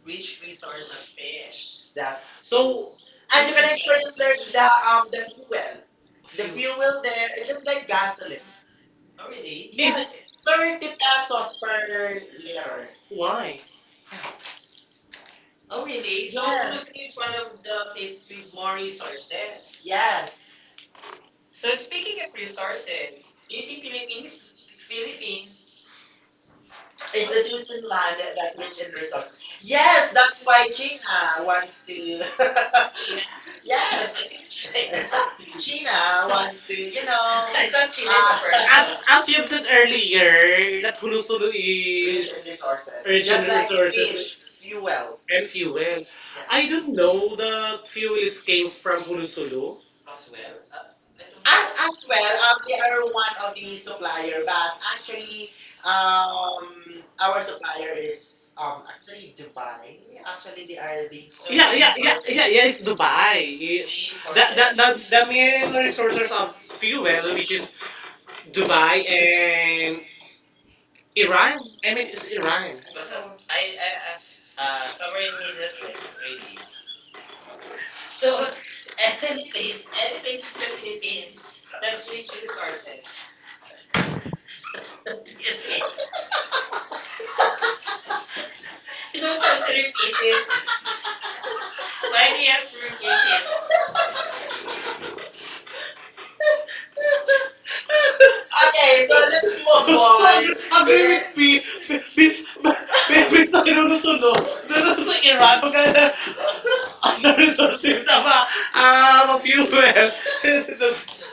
Speaker 2: rich resource of fish. That's so true.
Speaker 1: So
Speaker 2: So And you can experience there the um the fuel, the
Speaker 1: Phil-
Speaker 2: fuel there it's just like gasoline.
Speaker 1: oh
Speaker 2: Oh
Speaker 1: really?
Speaker 2: really?
Speaker 1: Is
Speaker 2: Yes,
Speaker 1: yes, it,
Speaker 2: 30
Speaker 1: third
Speaker 2: pesos per
Speaker 1: year
Speaker 2: liter.
Speaker 1: later.
Speaker 2: Why?
Speaker 1: Why?
Speaker 2: Oh,
Speaker 1: Oh
Speaker 2: really?
Speaker 1: really?
Speaker 2: So Yes. Husni is
Speaker 1: It's one
Speaker 2: one of
Speaker 1: of the
Speaker 2: the places
Speaker 1: places with
Speaker 2: with
Speaker 1: more
Speaker 2: more
Speaker 1: resources.
Speaker 2: resources.
Speaker 1: Yes,
Speaker 2: Yes.
Speaker 1: so
Speaker 2: So speaking
Speaker 1: speaking of
Speaker 2: of
Speaker 1: resources,
Speaker 2: resources, do you think Philippines,
Speaker 1: Philippines
Speaker 2: Philippines,
Speaker 1: it's
Speaker 2: it's would the
Speaker 1: the
Speaker 2: chosen
Speaker 1: chosen land
Speaker 2: land that
Speaker 1: that
Speaker 2: rich
Speaker 1: that
Speaker 2: in
Speaker 1: in
Speaker 2: resource.
Speaker 1: resources.
Speaker 2: Yes,
Speaker 1: Yes,
Speaker 2: that's why China
Speaker 1: Dina, one.
Speaker 2: wants to. China? Yes, Yes, I
Speaker 1: Yes,
Speaker 2: think it's China. China
Speaker 1: Gina
Speaker 2: wants
Speaker 1: wants
Speaker 2: to,
Speaker 1: to, you
Speaker 2: you
Speaker 1: know,
Speaker 2: know. I
Speaker 1: I
Speaker 2: thought
Speaker 1: thought Gina is a
Speaker 2: China
Speaker 1: as, person,
Speaker 2: is a the
Speaker 1: as you've said earlier, that Hulus-Hulu
Speaker 2: rich
Speaker 1: rich in
Speaker 2: in
Speaker 1: is resources,
Speaker 2: resources.
Speaker 1: rich in
Speaker 2: Just
Speaker 1: just
Speaker 2: like
Speaker 1: like resources fish,
Speaker 2: fish, did, you Thank
Speaker 1: fuel, and
Speaker 2: you.
Speaker 1: fuel. Yeah. I
Speaker 2: I don't
Speaker 1: don't
Speaker 2: know
Speaker 1: know that fuel
Speaker 2: the
Speaker 1: is came
Speaker 2: thing
Speaker 1: from
Speaker 2: from
Speaker 1: Hulus-Hulu.
Speaker 2: as
Speaker 1: As
Speaker 2: well.
Speaker 1: well. Well,
Speaker 2: They are
Speaker 1: they're
Speaker 2: one
Speaker 1: one
Speaker 2: of
Speaker 1: of
Speaker 2: the
Speaker 1: the supplier,
Speaker 2: supplier,
Speaker 1: but
Speaker 2: but actually,
Speaker 1: actually
Speaker 2: our
Speaker 1: supplier
Speaker 2: supplier is
Speaker 1: is...
Speaker 2: actually Dubai. Actually, they are the So
Speaker 1: Yeah,
Speaker 2: yeah.
Speaker 1: yeah, yeah, yeah, yeah. It's Dubai. It...
Speaker 2: I,
Speaker 1: The,
Speaker 2: that,
Speaker 1: the,
Speaker 2: that
Speaker 1: the, the main resources of
Speaker 2: fuel, which
Speaker 1: fuel, which is
Speaker 2: is Dubai,
Speaker 1: Dubai and
Speaker 2: Iran.
Speaker 1: Iran. I mean, it's Iran. Basta,
Speaker 2: So I,
Speaker 1: I,
Speaker 2: I
Speaker 1: I,
Speaker 2: asked
Speaker 1: somewhere
Speaker 2: someone
Speaker 1: in
Speaker 2: in the
Speaker 1: Middle East,
Speaker 2: East,
Speaker 1: really.
Speaker 2: maybe.
Speaker 1: So,
Speaker 2: So NFAs,
Speaker 1: any
Speaker 2: NFAs
Speaker 1: place in the
Speaker 2: simply
Speaker 1: Philippines,
Speaker 2: means that's
Speaker 1: that's rich
Speaker 2: rich in
Speaker 1: resources.
Speaker 2: resources. You don't
Speaker 1: Don't
Speaker 2: have to repeat
Speaker 1: repeat
Speaker 2: it.
Speaker 1: it.
Speaker 2: Why
Speaker 1: Why
Speaker 2: do
Speaker 1: do
Speaker 2: you
Speaker 1: you
Speaker 2: have to
Speaker 1: have to repeat
Speaker 2: repeat it?
Speaker 1: it?
Speaker 2: Okay,
Speaker 1: Okay,
Speaker 2: so
Speaker 1: so let's
Speaker 2: let's
Speaker 1: move so,
Speaker 2: move
Speaker 1: so
Speaker 2: on.
Speaker 1: on, agree, agree with me. Please,
Speaker 2: Miss- Miss-
Speaker 1: please, ano susunod? Sunod sa Iran, huwag ka na other resources na ma, ah, ma-fuel.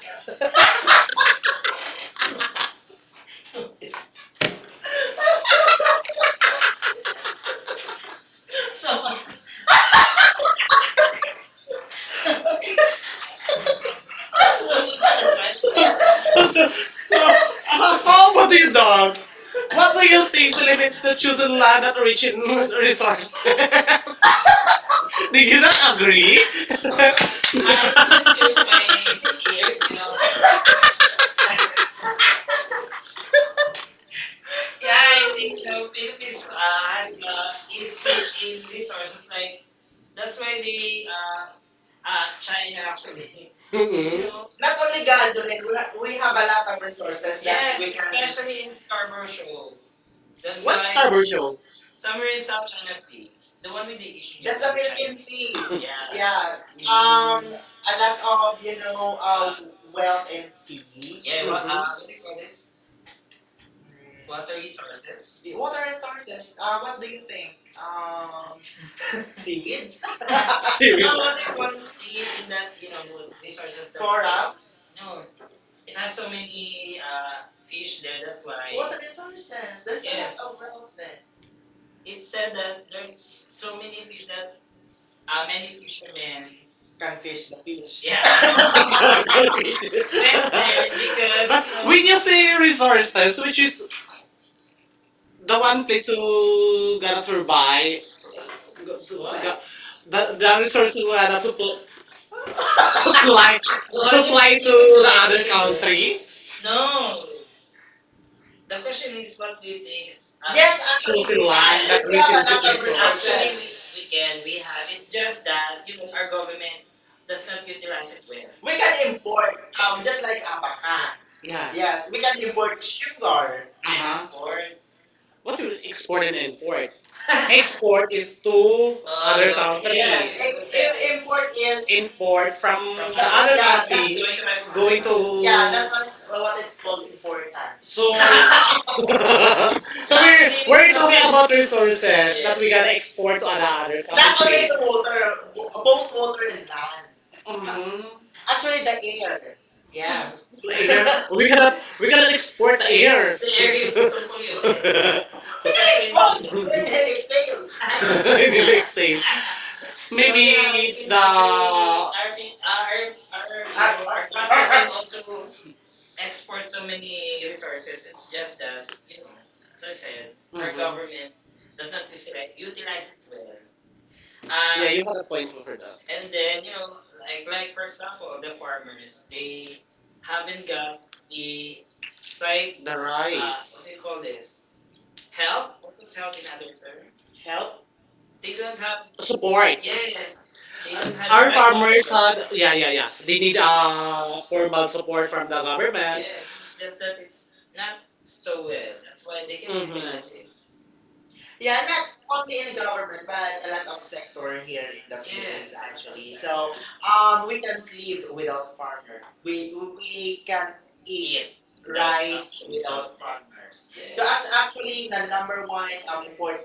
Speaker 1: So,
Speaker 2: so what was the
Speaker 1: magkakaroon.
Speaker 2: question?
Speaker 1: So, so, so, how what do you dog?
Speaker 2: What
Speaker 1: What
Speaker 2: were
Speaker 1: do
Speaker 2: you
Speaker 1: you think
Speaker 2: thinking
Speaker 1: limits the chosen
Speaker 2: about?
Speaker 1: land that rich in resources? Did you
Speaker 2: You know,
Speaker 1: not agree? I
Speaker 2: I
Speaker 1: listened to use
Speaker 2: my
Speaker 1: my ears,
Speaker 2: ears,
Speaker 1: you
Speaker 2: you know.
Speaker 1: know.
Speaker 2: Yeah,
Speaker 1: Yeah,
Speaker 2: I
Speaker 1: I
Speaker 2: think
Speaker 1: think, you
Speaker 2: the
Speaker 1: know, Philippines,
Speaker 2: Philippines has is
Speaker 1: is to
Speaker 2: rich in
Speaker 1: achieve resources
Speaker 2: resources. Like
Speaker 1: like that's
Speaker 2: that's why
Speaker 1: why
Speaker 2: they
Speaker 1: the China
Speaker 2: China actually.
Speaker 1: actually.
Speaker 2: Is,
Speaker 1: Mm-mm.
Speaker 2: you Mhm.
Speaker 1: You
Speaker 2: know,
Speaker 1: know,
Speaker 2: not
Speaker 1: not only
Speaker 2: only
Speaker 1: Gaza,
Speaker 2: gasoline, we have, we
Speaker 1: we have
Speaker 2: have
Speaker 1: a
Speaker 2: a lot
Speaker 1: lot
Speaker 2: of
Speaker 1: of resources
Speaker 2: resources that yes,
Speaker 1: that yes, we
Speaker 2: we can,
Speaker 1: can. Like
Speaker 2: especially in Scarborough Shoal.
Speaker 1: commercial. That's
Speaker 2: That's what's
Speaker 1: what's why
Speaker 2: why up?
Speaker 1: Scarborough Show? Somewhere
Speaker 2: Somewhere in
Speaker 1: in
Speaker 2: South
Speaker 1: South
Speaker 2: China
Speaker 1: China,
Speaker 2: Sea, the
Speaker 1: the
Speaker 2: one
Speaker 1: one with
Speaker 2: with
Speaker 1: the
Speaker 2: the
Speaker 1: E.
Speaker 2: issue. That's a with Philippine Sea. China.
Speaker 1: Yeah.
Speaker 2: Yeah,
Speaker 1: Yeah. Mm-hmm.
Speaker 2: yeah. A lot of
Speaker 1: Of,
Speaker 2: you
Speaker 1: you
Speaker 2: know,
Speaker 1: know, well,
Speaker 2: wealth and sea. Yeah.
Speaker 1: yeah, what, mhm,
Speaker 2: What
Speaker 1: what
Speaker 2: do
Speaker 1: do
Speaker 2: you
Speaker 1: you
Speaker 2: call
Speaker 1: call this?
Speaker 2: this? Water
Speaker 1: Resources.
Speaker 2: resources. Water resources
Speaker 1: Resources.
Speaker 2: are what do you think?
Speaker 1: Um,
Speaker 2: Seaweeds, and,
Speaker 1: No.
Speaker 2: you
Speaker 1: Seriously?
Speaker 2: know,
Speaker 1: One
Speaker 2: what it
Speaker 1: everyone's
Speaker 2: was
Speaker 1: thinking
Speaker 2: in that,
Speaker 1: that
Speaker 2: you
Speaker 1: you know
Speaker 2: know,
Speaker 1: resources
Speaker 2: resources that-
Speaker 1: that...
Speaker 2: coral.
Speaker 1: No,
Speaker 2: No, it
Speaker 1: it has
Speaker 2: has so
Speaker 1: so many
Speaker 2: many
Speaker 1: fish
Speaker 2: fish
Speaker 1: there.
Speaker 2: there,
Speaker 1: That's
Speaker 2: that's why.
Speaker 1: why
Speaker 2: Water
Speaker 1: water resources.
Speaker 2: resources.
Speaker 1: There's
Speaker 2: There's a lot,
Speaker 1: yes
Speaker 2: yes,
Speaker 1: a lot
Speaker 2: of
Speaker 1: of
Speaker 2: them.
Speaker 1: wealth there.
Speaker 2: Then. It
Speaker 1: It
Speaker 2: said
Speaker 1: said
Speaker 2: that
Speaker 1: that there's
Speaker 2: there's so
Speaker 1: so
Speaker 2: many
Speaker 1: many fish
Speaker 2: fish that
Speaker 1: that
Speaker 2: many
Speaker 1: many fishermen
Speaker 2: fishermen. Can
Speaker 1: can
Speaker 2: fish
Speaker 1: fish
Speaker 2: the
Speaker 1: the
Speaker 2: fish.
Speaker 1: fish.
Speaker 2: Yeah.
Speaker 1: Yeah. Went there because but you know,
Speaker 2: Because,
Speaker 1: when you say resources, which is the one place who gonna survive,
Speaker 2: what?
Speaker 1: what? The resources who gonna supply, well,
Speaker 2: Why do I
Speaker 1: supply to the
Speaker 2: do? You?
Speaker 1: thinking? Other, yeah, country. No,
Speaker 2: No. The
Speaker 1: the
Speaker 2: question
Speaker 1: question
Speaker 2: is
Speaker 1: is,
Speaker 2: what
Speaker 1: what do you think?
Speaker 2: buildings are- Yes, actually
Speaker 1: Truth in
Speaker 2: we can.
Speaker 1: line that
Speaker 2: But we still have
Speaker 1: reaches
Speaker 2: another, yes, resources.
Speaker 1: it's
Speaker 2: Actually,
Speaker 1: people.
Speaker 2: we can, we
Speaker 1: We
Speaker 2: have.
Speaker 1: have.
Speaker 2: It's
Speaker 1: It's
Speaker 2: just
Speaker 1: just
Speaker 2: that
Speaker 1: that
Speaker 2: you
Speaker 1: you
Speaker 2: know,
Speaker 1: know
Speaker 2: our
Speaker 1: our
Speaker 2: government
Speaker 1: government
Speaker 2: does
Speaker 1: does not
Speaker 2: not
Speaker 1: utilize
Speaker 2: utilize it
Speaker 1: it
Speaker 2: well.
Speaker 1: well. We
Speaker 2: We can
Speaker 1: can
Speaker 2: import,
Speaker 1: import,
Speaker 2: just
Speaker 1: just
Speaker 2: like
Speaker 1: like
Speaker 2: abangan.
Speaker 1: abaca.
Speaker 2: Yeah.
Speaker 1: Yeah.
Speaker 2: Yes,
Speaker 1: Yes,
Speaker 2: we
Speaker 1: we
Speaker 2: can
Speaker 1: can
Speaker 2: import
Speaker 1: import sugar.
Speaker 2: sugar.
Speaker 1: Uh huh.
Speaker 2: Yes.
Speaker 1: Export
Speaker 2: What
Speaker 1: what
Speaker 2: do we-
Speaker 1: you export and import? Export is to other countries. Yes,
Speaker 2: Yes, import
Speaker 1: Import
Speaker 2: is
Speaker 1: is
Speaker 2: import
Speaker 1: import
Speaker 2: from,
Speaker 1: from
Speaker 2: from.
Speaker 1: From the other,
Speaker 2: Yeah,
Speaker 1: yeah, country going
Speaker 2: yeah.
Speaker 1: to, going
Speaker 2: Going to
Speaker 1: to,
Speaker 2: yeah.
Speaker 1: yeah,
Speaker 2: That's
Speaker 1: that's
Speaker 2: what's
Speaker 1: what's,
Speaker 2: what
Speaker 1: what is
Speaker 2: is called
Speaker 1: called important.
Speaker 2: important. So
Speaker 1: So so we're
Speaker 2: actually,
Speaker 1: we're
Speaker 2: we
Speaker 1: talking
Speaker 2: also
Speaker 1: about resources that we, yes,
Speaker 2: you
Speaker 1: gotta export to other other,
Speaker 2: not
Speaker 1: not only
Speaker 2: only
Speaker 1: countries, the water,
Speaker 2: water, both
Speaker 1: children
Speaker 2: water and
Speaker 1: land.
Speaker 2: land. Mhm.
Speaker 1: Mm-hmm.
Speaker 2: Actually,
Speaker 1: Actually,
Speaker 2: the
Speaker 1: the
Speaker 2: air.
Speaker 1: air.
Speaker 2: Yes.
Speaker 1: Yes. The air.
Speaker 2: You
Speaker 1: We cannot
Speaker 2: gotta explain.
Speaker 1: export the air. The air is so polluted.
Speaker 2: We can explode. We can exhale.
Speaker 1: During the exhale. Inhale, exhale. So
Speaker 2: We have
Speaker 1: maybe so, yeah, we it's can
Speaker 2: um,
Speaker 1: actually the our, Our- you
Speaker 2: our, our,
Speaker 1: Our, know,
Speaker 2: our,
Speaker 1: our-
Speaker 2: our
Speaker 1: country
Speaker 2: country
Speaker 1: can our,
Speaker 2: also
Speaker 1: also export
Speaker 2: exports
Speaker 1: so
Speaker 2: so many
Speaker 1: many
Speaker 2: resources.
Speaker 1: resources.
Speaker 2: It's
Speaker 1: It's
Speaker 2: just
Speaker 1: just
Speaker 2: that,
Speaker 1: that, you know,
Speaker 2: as
Speaker 1: as
Speaker 2: I
Speaker 1: I
Speaker 2: said,
Speaker 1: said,
Speaker 2: our
Speaker 1: our mhm
Speaker 2: government
Speaker 1: government
Speaker 2: does
Speaker 1: does
Speaker 2: not
Speaker 1: not
Speaker 2: utilize
Speaker 1: utilize
Speaker 2: it.
Speaker 1: it well. Yeah,
Speaker 2: Uh,
Speaker 1: you had a point for that.
Speaker 2: And
Speaker 1: And
Speaker 2: then,
Speaker 1: then,
Speaker 2: you know, like,
Speaker 1: like,
Speaker 2: like
Speaker 1: like
Speaker 2: for
Speaker 1: for
Speaker 2: example,
Speaker 1: example,
Speaker 2: the
Speaker 1: the
Speaker 2: farmers,
Speaker 1: farmers,
Speaker 2: they
Speaker 1: they
Speaker 2: haven't
Speaker 1: haven't
Speaker 2: got
Speaker 1: got
Speaker 2: the
Speaker 1: the,
Speaker 2: right,
Speaker 1: The
Speaker 2: what
Speaker 1: rice. What do
Speaker 2: do
Speaker 1: you
Speaker 2: you
Speaker 1: call
Speaker 2: call
Speaker 1: this?
Speaker 2: this? Help?
Speaker 1: What
Speaker 2: What
Speaker 1: is
Speaker 2: is
Speaker 1: how
Speaker 2: help in other term? Help. They
Speaker 1: they
Speaker 2: don't
Speaker 1: don't have,
Speaker 2: have support.
Speaker 1: support. Yes,
Speaker 2: Yes,
Speaker 1: they
Speaker 2: they
Speaker 1: don't have
Speaker 2: don't
Speaker 1: the
Speaker 2: have our
Speaker 1: our
Speaker 2: the
Speaker 1: right
Speaker 2: right
Speaker 1: farmers support. Had, yeah, yeah, yeah. They need
Speaker 2: farmers.
Speaker 1: formal support from the government. Yes,
Speaker 2: Yes, it's
Speaker 1: it's
Speaker 2: just
Speaker 1: just
Speaker 2: that
Speaker 1: that it's
Speaker 2: it's not
Speaker 1: not so
Speaker 2: so well.
Speaker 1: well. That's
Speaker 2: That's why
Speaker 1: why
Speaker 2: they
Speaker 1: they
Speaker 2: can
Speaker 1: can, mhm,
Speaker 2: utilize
Speaker 1: utilize
Speaker 2: it.
Speaker 1: it.
Speaker 2: Yeah,
Speaker 1: Yeah, not
Speaker 2: not only
Speaker 1: only
Speaker 2: in
Speaker 1: in
Speaker 2: government,
Speaker 1: government, but
Speaker 2: but a lot of sector here in the Philippines, yes, actually. So, we
Speaker 1: we
Speaker 2: can't live without farmer.
Speaker 1: farmer.
Speaker 2: We can't eat
Speaker 1: Eat.
Speaker 2: rice
Speaker 1: Rice
Speaker 2: without
Speaker 1: without
Speaker 2: farmers.
Speaker 1: farmers.
Speaker 2: So as, yes, actually the number
Speaker 1: Number
Speaker 2: one
Speaker 1: one, and
Speaker 2: important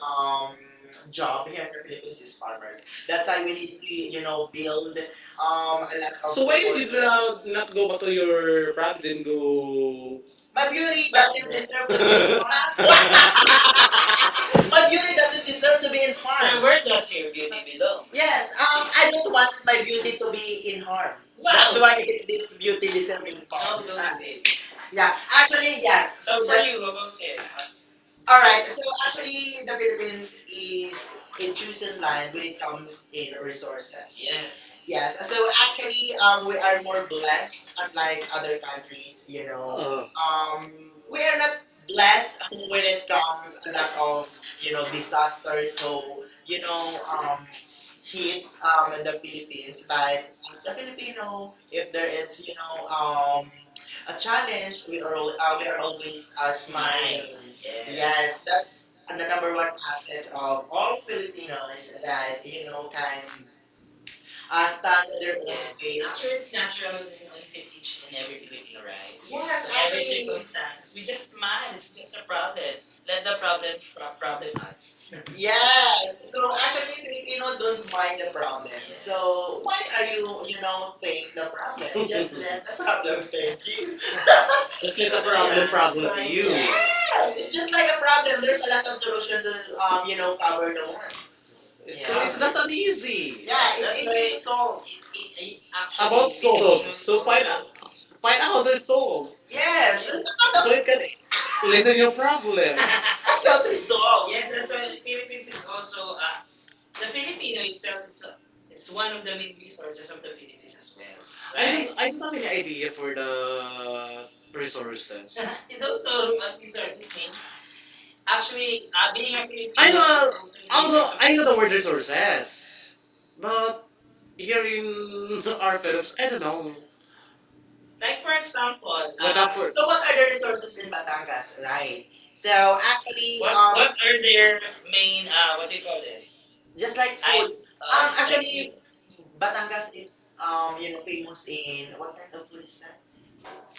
Speaker 2: job
Speaker 1: we
Speaker 2: here in
Speaker 1: have
Speaker 2: the
Speaker 1: to
Speaker 2: Philippines
Speaker 1: really
Speaker 2: is farmers. That's why we need to you know build
Speaker 1: build um,
Speaker 2: a lot of
Speaker 1: so
Speaker 2: So
Speaker 1: why
Speaker 2: support.
Speaker 1: did you not go back to your province? Didn't go.
Speaker 2: My beauty doesn't deserve to be in farm.
Speaker 1: Deserve.
Speaker 2: Why? My beauty doesn't deserve to be in farm.
Speaker 1: So where does your beauty belong?
Speaker 2: Yes,
Speaker 1: Yes,
Speaker 2: I
Speaker 1: I
Speaker 2: don't want my beauty to
Speaker 1: will
Speaker 2: be
Speaker 1: be
Speaker 2: in
Speaker 1: in
Speaker 2: harm.
Speaker 1: harm.
Speaker 2: That's why
Speaker 1: Wow!
Speaker 2: it this beauty deserving No, part, don't do this.
Speaker 1: Yeah,
Speaker 2: Yeah,
Speaker 1: actually,
Speaker 2: actually, yes.
Speaker 1: yes.
Speaker 2: So
Speaker 1: So so for
Speaker 2: that
Speaker 1: that's- you, about it. All
Speaker 2: alright,
Speaker 1: right.
Speaker 2: so
Speaker 1: So actually,
Speaker 2: actually, the
Speaker 1: the
Speaker 2: Philippines
Speaker 1: Philippines is
Speaker 2: is a choosing
Speaker 1: in
Speaker 2: line
Speaker 1: line
Speaker 2: when
Speaker 1: with
Speaker 2: it comes in
Speaker 1: resources.
Speaker 2: resources. Yes. Yes,
Speaker 1: Yes.
Speaker 2: so
Speaker 1: So
Speaker 2: actually, we are more blessed, unlike
Speaker 1: like
Speaker 2: other
Speaker 1: other
Speaker 2: countries,
Speaker 1: countries,
Speaker 2: you know. We
Speaker 1: We
Speaker 2: are not blessed when it comes
Speaker 1: comes
Speaker 2: a
Speaker 1: a
Speaker 2: lot
Speaker 1: lot
Speaker 2: of,
Speaker 1: of
Speaker 2: you know, disasters.
Speaker 1: youngsters,
Speaker 2: So,
Speaker 1: so
Speaker 2: you
Speaker 1: you know,
Speaker 2: know,
Speaker 1: um,
Speaker 2: hit the Philippines. But
Speaker 1: but
Speaker 2: as the
Speaker 1: you
Speaker 2: Filipino,
Speaker 1: know,
Speaker 2: if there
Speaker 1: there
Speaker 2: is,
Speaker 1: is
Speaker 2: you know,
Speaker 1: um
Speaker 2: a
Speaker 1: a
Speaker 2: challenge,
Speaker 1: challenge.
Speaker 2: we
Speaker 1: We
Speaker 2: are
Speaker 1: are
Speaker 2: always
Speaker 1: always smiling.
Speaker 2: smiling.
Speaker 1: Yeah.
Speaker 2: Yes,
Speaker 1: Yes,
Speaker 2: that's
Speaker 1: that's
Speaker 2: the number
Speaker 1: number
Speaker 2: one
Speaker 1: one
Speaker 2: asset
Speaker 1: asset
Speaker 2: of
Speaker 1: of
Speaker 2: all
Speaker 1: all
Speaker 2: Filipinos
Speaker 1: Filipinos
Speaker 2: that
Speaker 1: that
Speaker 2: you
Speaker 1: you
Speaker 2: know
Speaker 1: know can
Speaker 2: can stand on their
Speaker 1: their own,
Speaker 2: own
Speaker 1: yes,
Speaker 2: feet.
Speaker 1: page. After
Speaker 2: Yes,
Speaker 1: it's natural
Speaker 2: actually,
Speaker 1: and in every Filipino, right? Yes, every actually circumstance. We just smile. It's just a problem. Let the problem from problem. So
Speaker 2: yes. So actually,
Speaker 1: actually, Filipino
Speaker 2: Filipinos don't
Speaker 1: don't
Speaker 2: mind
Speaker 1: mind
Speaker 2: the
Speaker 1: the problem.
Speaker 2: problem.
Speaker 1: Yeah. So
Speaker 2: So why
Speaker 1: why
Speaker 2: are
Speaker 1: are you,
Speaker 2: you you
Speaker 1: you
Speaker 2: know
Speaker 1: know,
Speaker 2: think
Speaker 1: the
Speaker 2: the problem?
Speaker 1: problem? Just
Speaker 2: Just let
Speaker 1: let
Speaker 2: the
Speaker 1: the problem
Speaker 2: problem thank
Speaker 1: fake.
Speaker 2: you.
Speaker 1: Just let the problem, yeah, problem sorry you.
Speaker 2: Yes,
Speaker 1: Yes,
Speaker 2: it's
Speaker 1: it's
Speaker 2: just
Speaker 1: just
Speaker 2: like a problem. There's a lot of
Speaker 1: a
Speaker 2: solution
Speaker 1: solution
Speaker 2: to
Speaker 1: to uh,
Speaker 2: you know,
Speaker 1: no
Speaker 2: cover
Speaker 1: power,
Speaker 2: the
Speaker 1: no one.
Speaker 2: ones. Yeah,
Speaker 1: It's, yeah, so it's
Speaker 2: that's
Speaker 1: not uneasy. Yeah, it's
Speaker 2: it's
Speaker 1: easy,
Speaker 2: easy
Speaker 1: right,
Speaker 2: to
Speaker 1: to
Speaker 2: solve.
Speaker 1: solve.
Speaker 2: It actually
Speaker 1: About soul.
Speaker 2: about
Speaker 1: So
Speaker 2: solve. Find
Speaker 1: find
Speaker 2: out how
Speaker 1: out
Speaker 2: to
Speaker 1: their soul.
Speaker 2: yes,
Speaker 1: Yes, let's
Speaker 2: there's a
Speaker 1: so
Speaker 2: lot of
Speaker 1: another. It can
Speaker 2: I
Speaker 1: listen your problem. I
Speaker 2: can't
Speaker 1: felt
Speaker 2: resolve.
Speaker 1: resolved.
Speaker 2: Yes,
Speaker 1: Yes, that's
Speaker 2: that's why
Speaker 1: the
Speaker 2: Philippines
Speaker 1: Philippines
Speaker 2: is
Speaker 1: is
Speaker 2: also,
Speaker 1: also
Speaker 2: the Filipino itself is a, it's
Speaker 1: it's
Speaker 2: one
Speaker 1: one of
Speaker 2: of
Speaker 1: the
Speaker 2: main
Speaker 1: main
Speaker 2: resources
Speaker 1: resources of the
Speaker 2: resources,
Speaker 1: Philippines
Speaker 2: as
Speaker 1: as well.
Speaker 2: well.
Speaker 1: I, right? don't I don't have any idea for the resources.
Speaker 2: You
Speaker 1: You don't
Speaker 2: don't know
Speaker 1: know
Speaker 2: what
Speaker 1: what resources
Speaker 2: resources
Speaker 1: mean.
Speaker 2: means. Actually, being a
Speaker 1: I
Speaker 2: Filipino is
Speaker 1: know- although
Speaker 2: is a
Speaker 1: I know the word resources, but here in our Philippines, I don't
Speaker 2: Oh,
Speaker 1: know.
Speaker 2: like
Speaker 1: Like
Speaker 2: for
Speaker 1: for example,
Speaker 2: example,
Speaker 1: what up for-
Speaker 2: so
Speaker 1: so
Speaker 2: what
Speaker 1: what
Speaker 2: are
Speaker 1: are
Speaker 2: the
Speaker 1: the
Speaker 2: resources
Speaker 1: resources
Speaker 2: in
Speaker 1: in
Speaker 2: Batangas, right?
Speaker 1: Batangas?
Speaker 2: So actually,
Speaker 1: The,
Speaker 2: what
Speaker 1: what
Speaker 2: are
Speaker 1: are
Speaker 2: their
Speaker 1: their main
Speaker 2: main, what
Speaker 1: what
Speaker 2: do
Speaker 1: do
Speaker 2: you
Speaker 1: you
Speaker 2: call
Speaker 1: call
Speaker 2: this?
Speaker 1: this?
Speaker 2: Just like
Speaker 1: Like I-
Speaker 2: food,
Speaker 1: foods.
Speaker 2: items.
Speaker 1: It's like-
Speaker 2: Actually,
Speaker 1: actually,
Speaker 2: Batangas is you
Speaker 1: yun,
Speaker 2: know, famous in what kind of food is
Speaker 1: is
Speaker 2: that?
Speaker 1: na-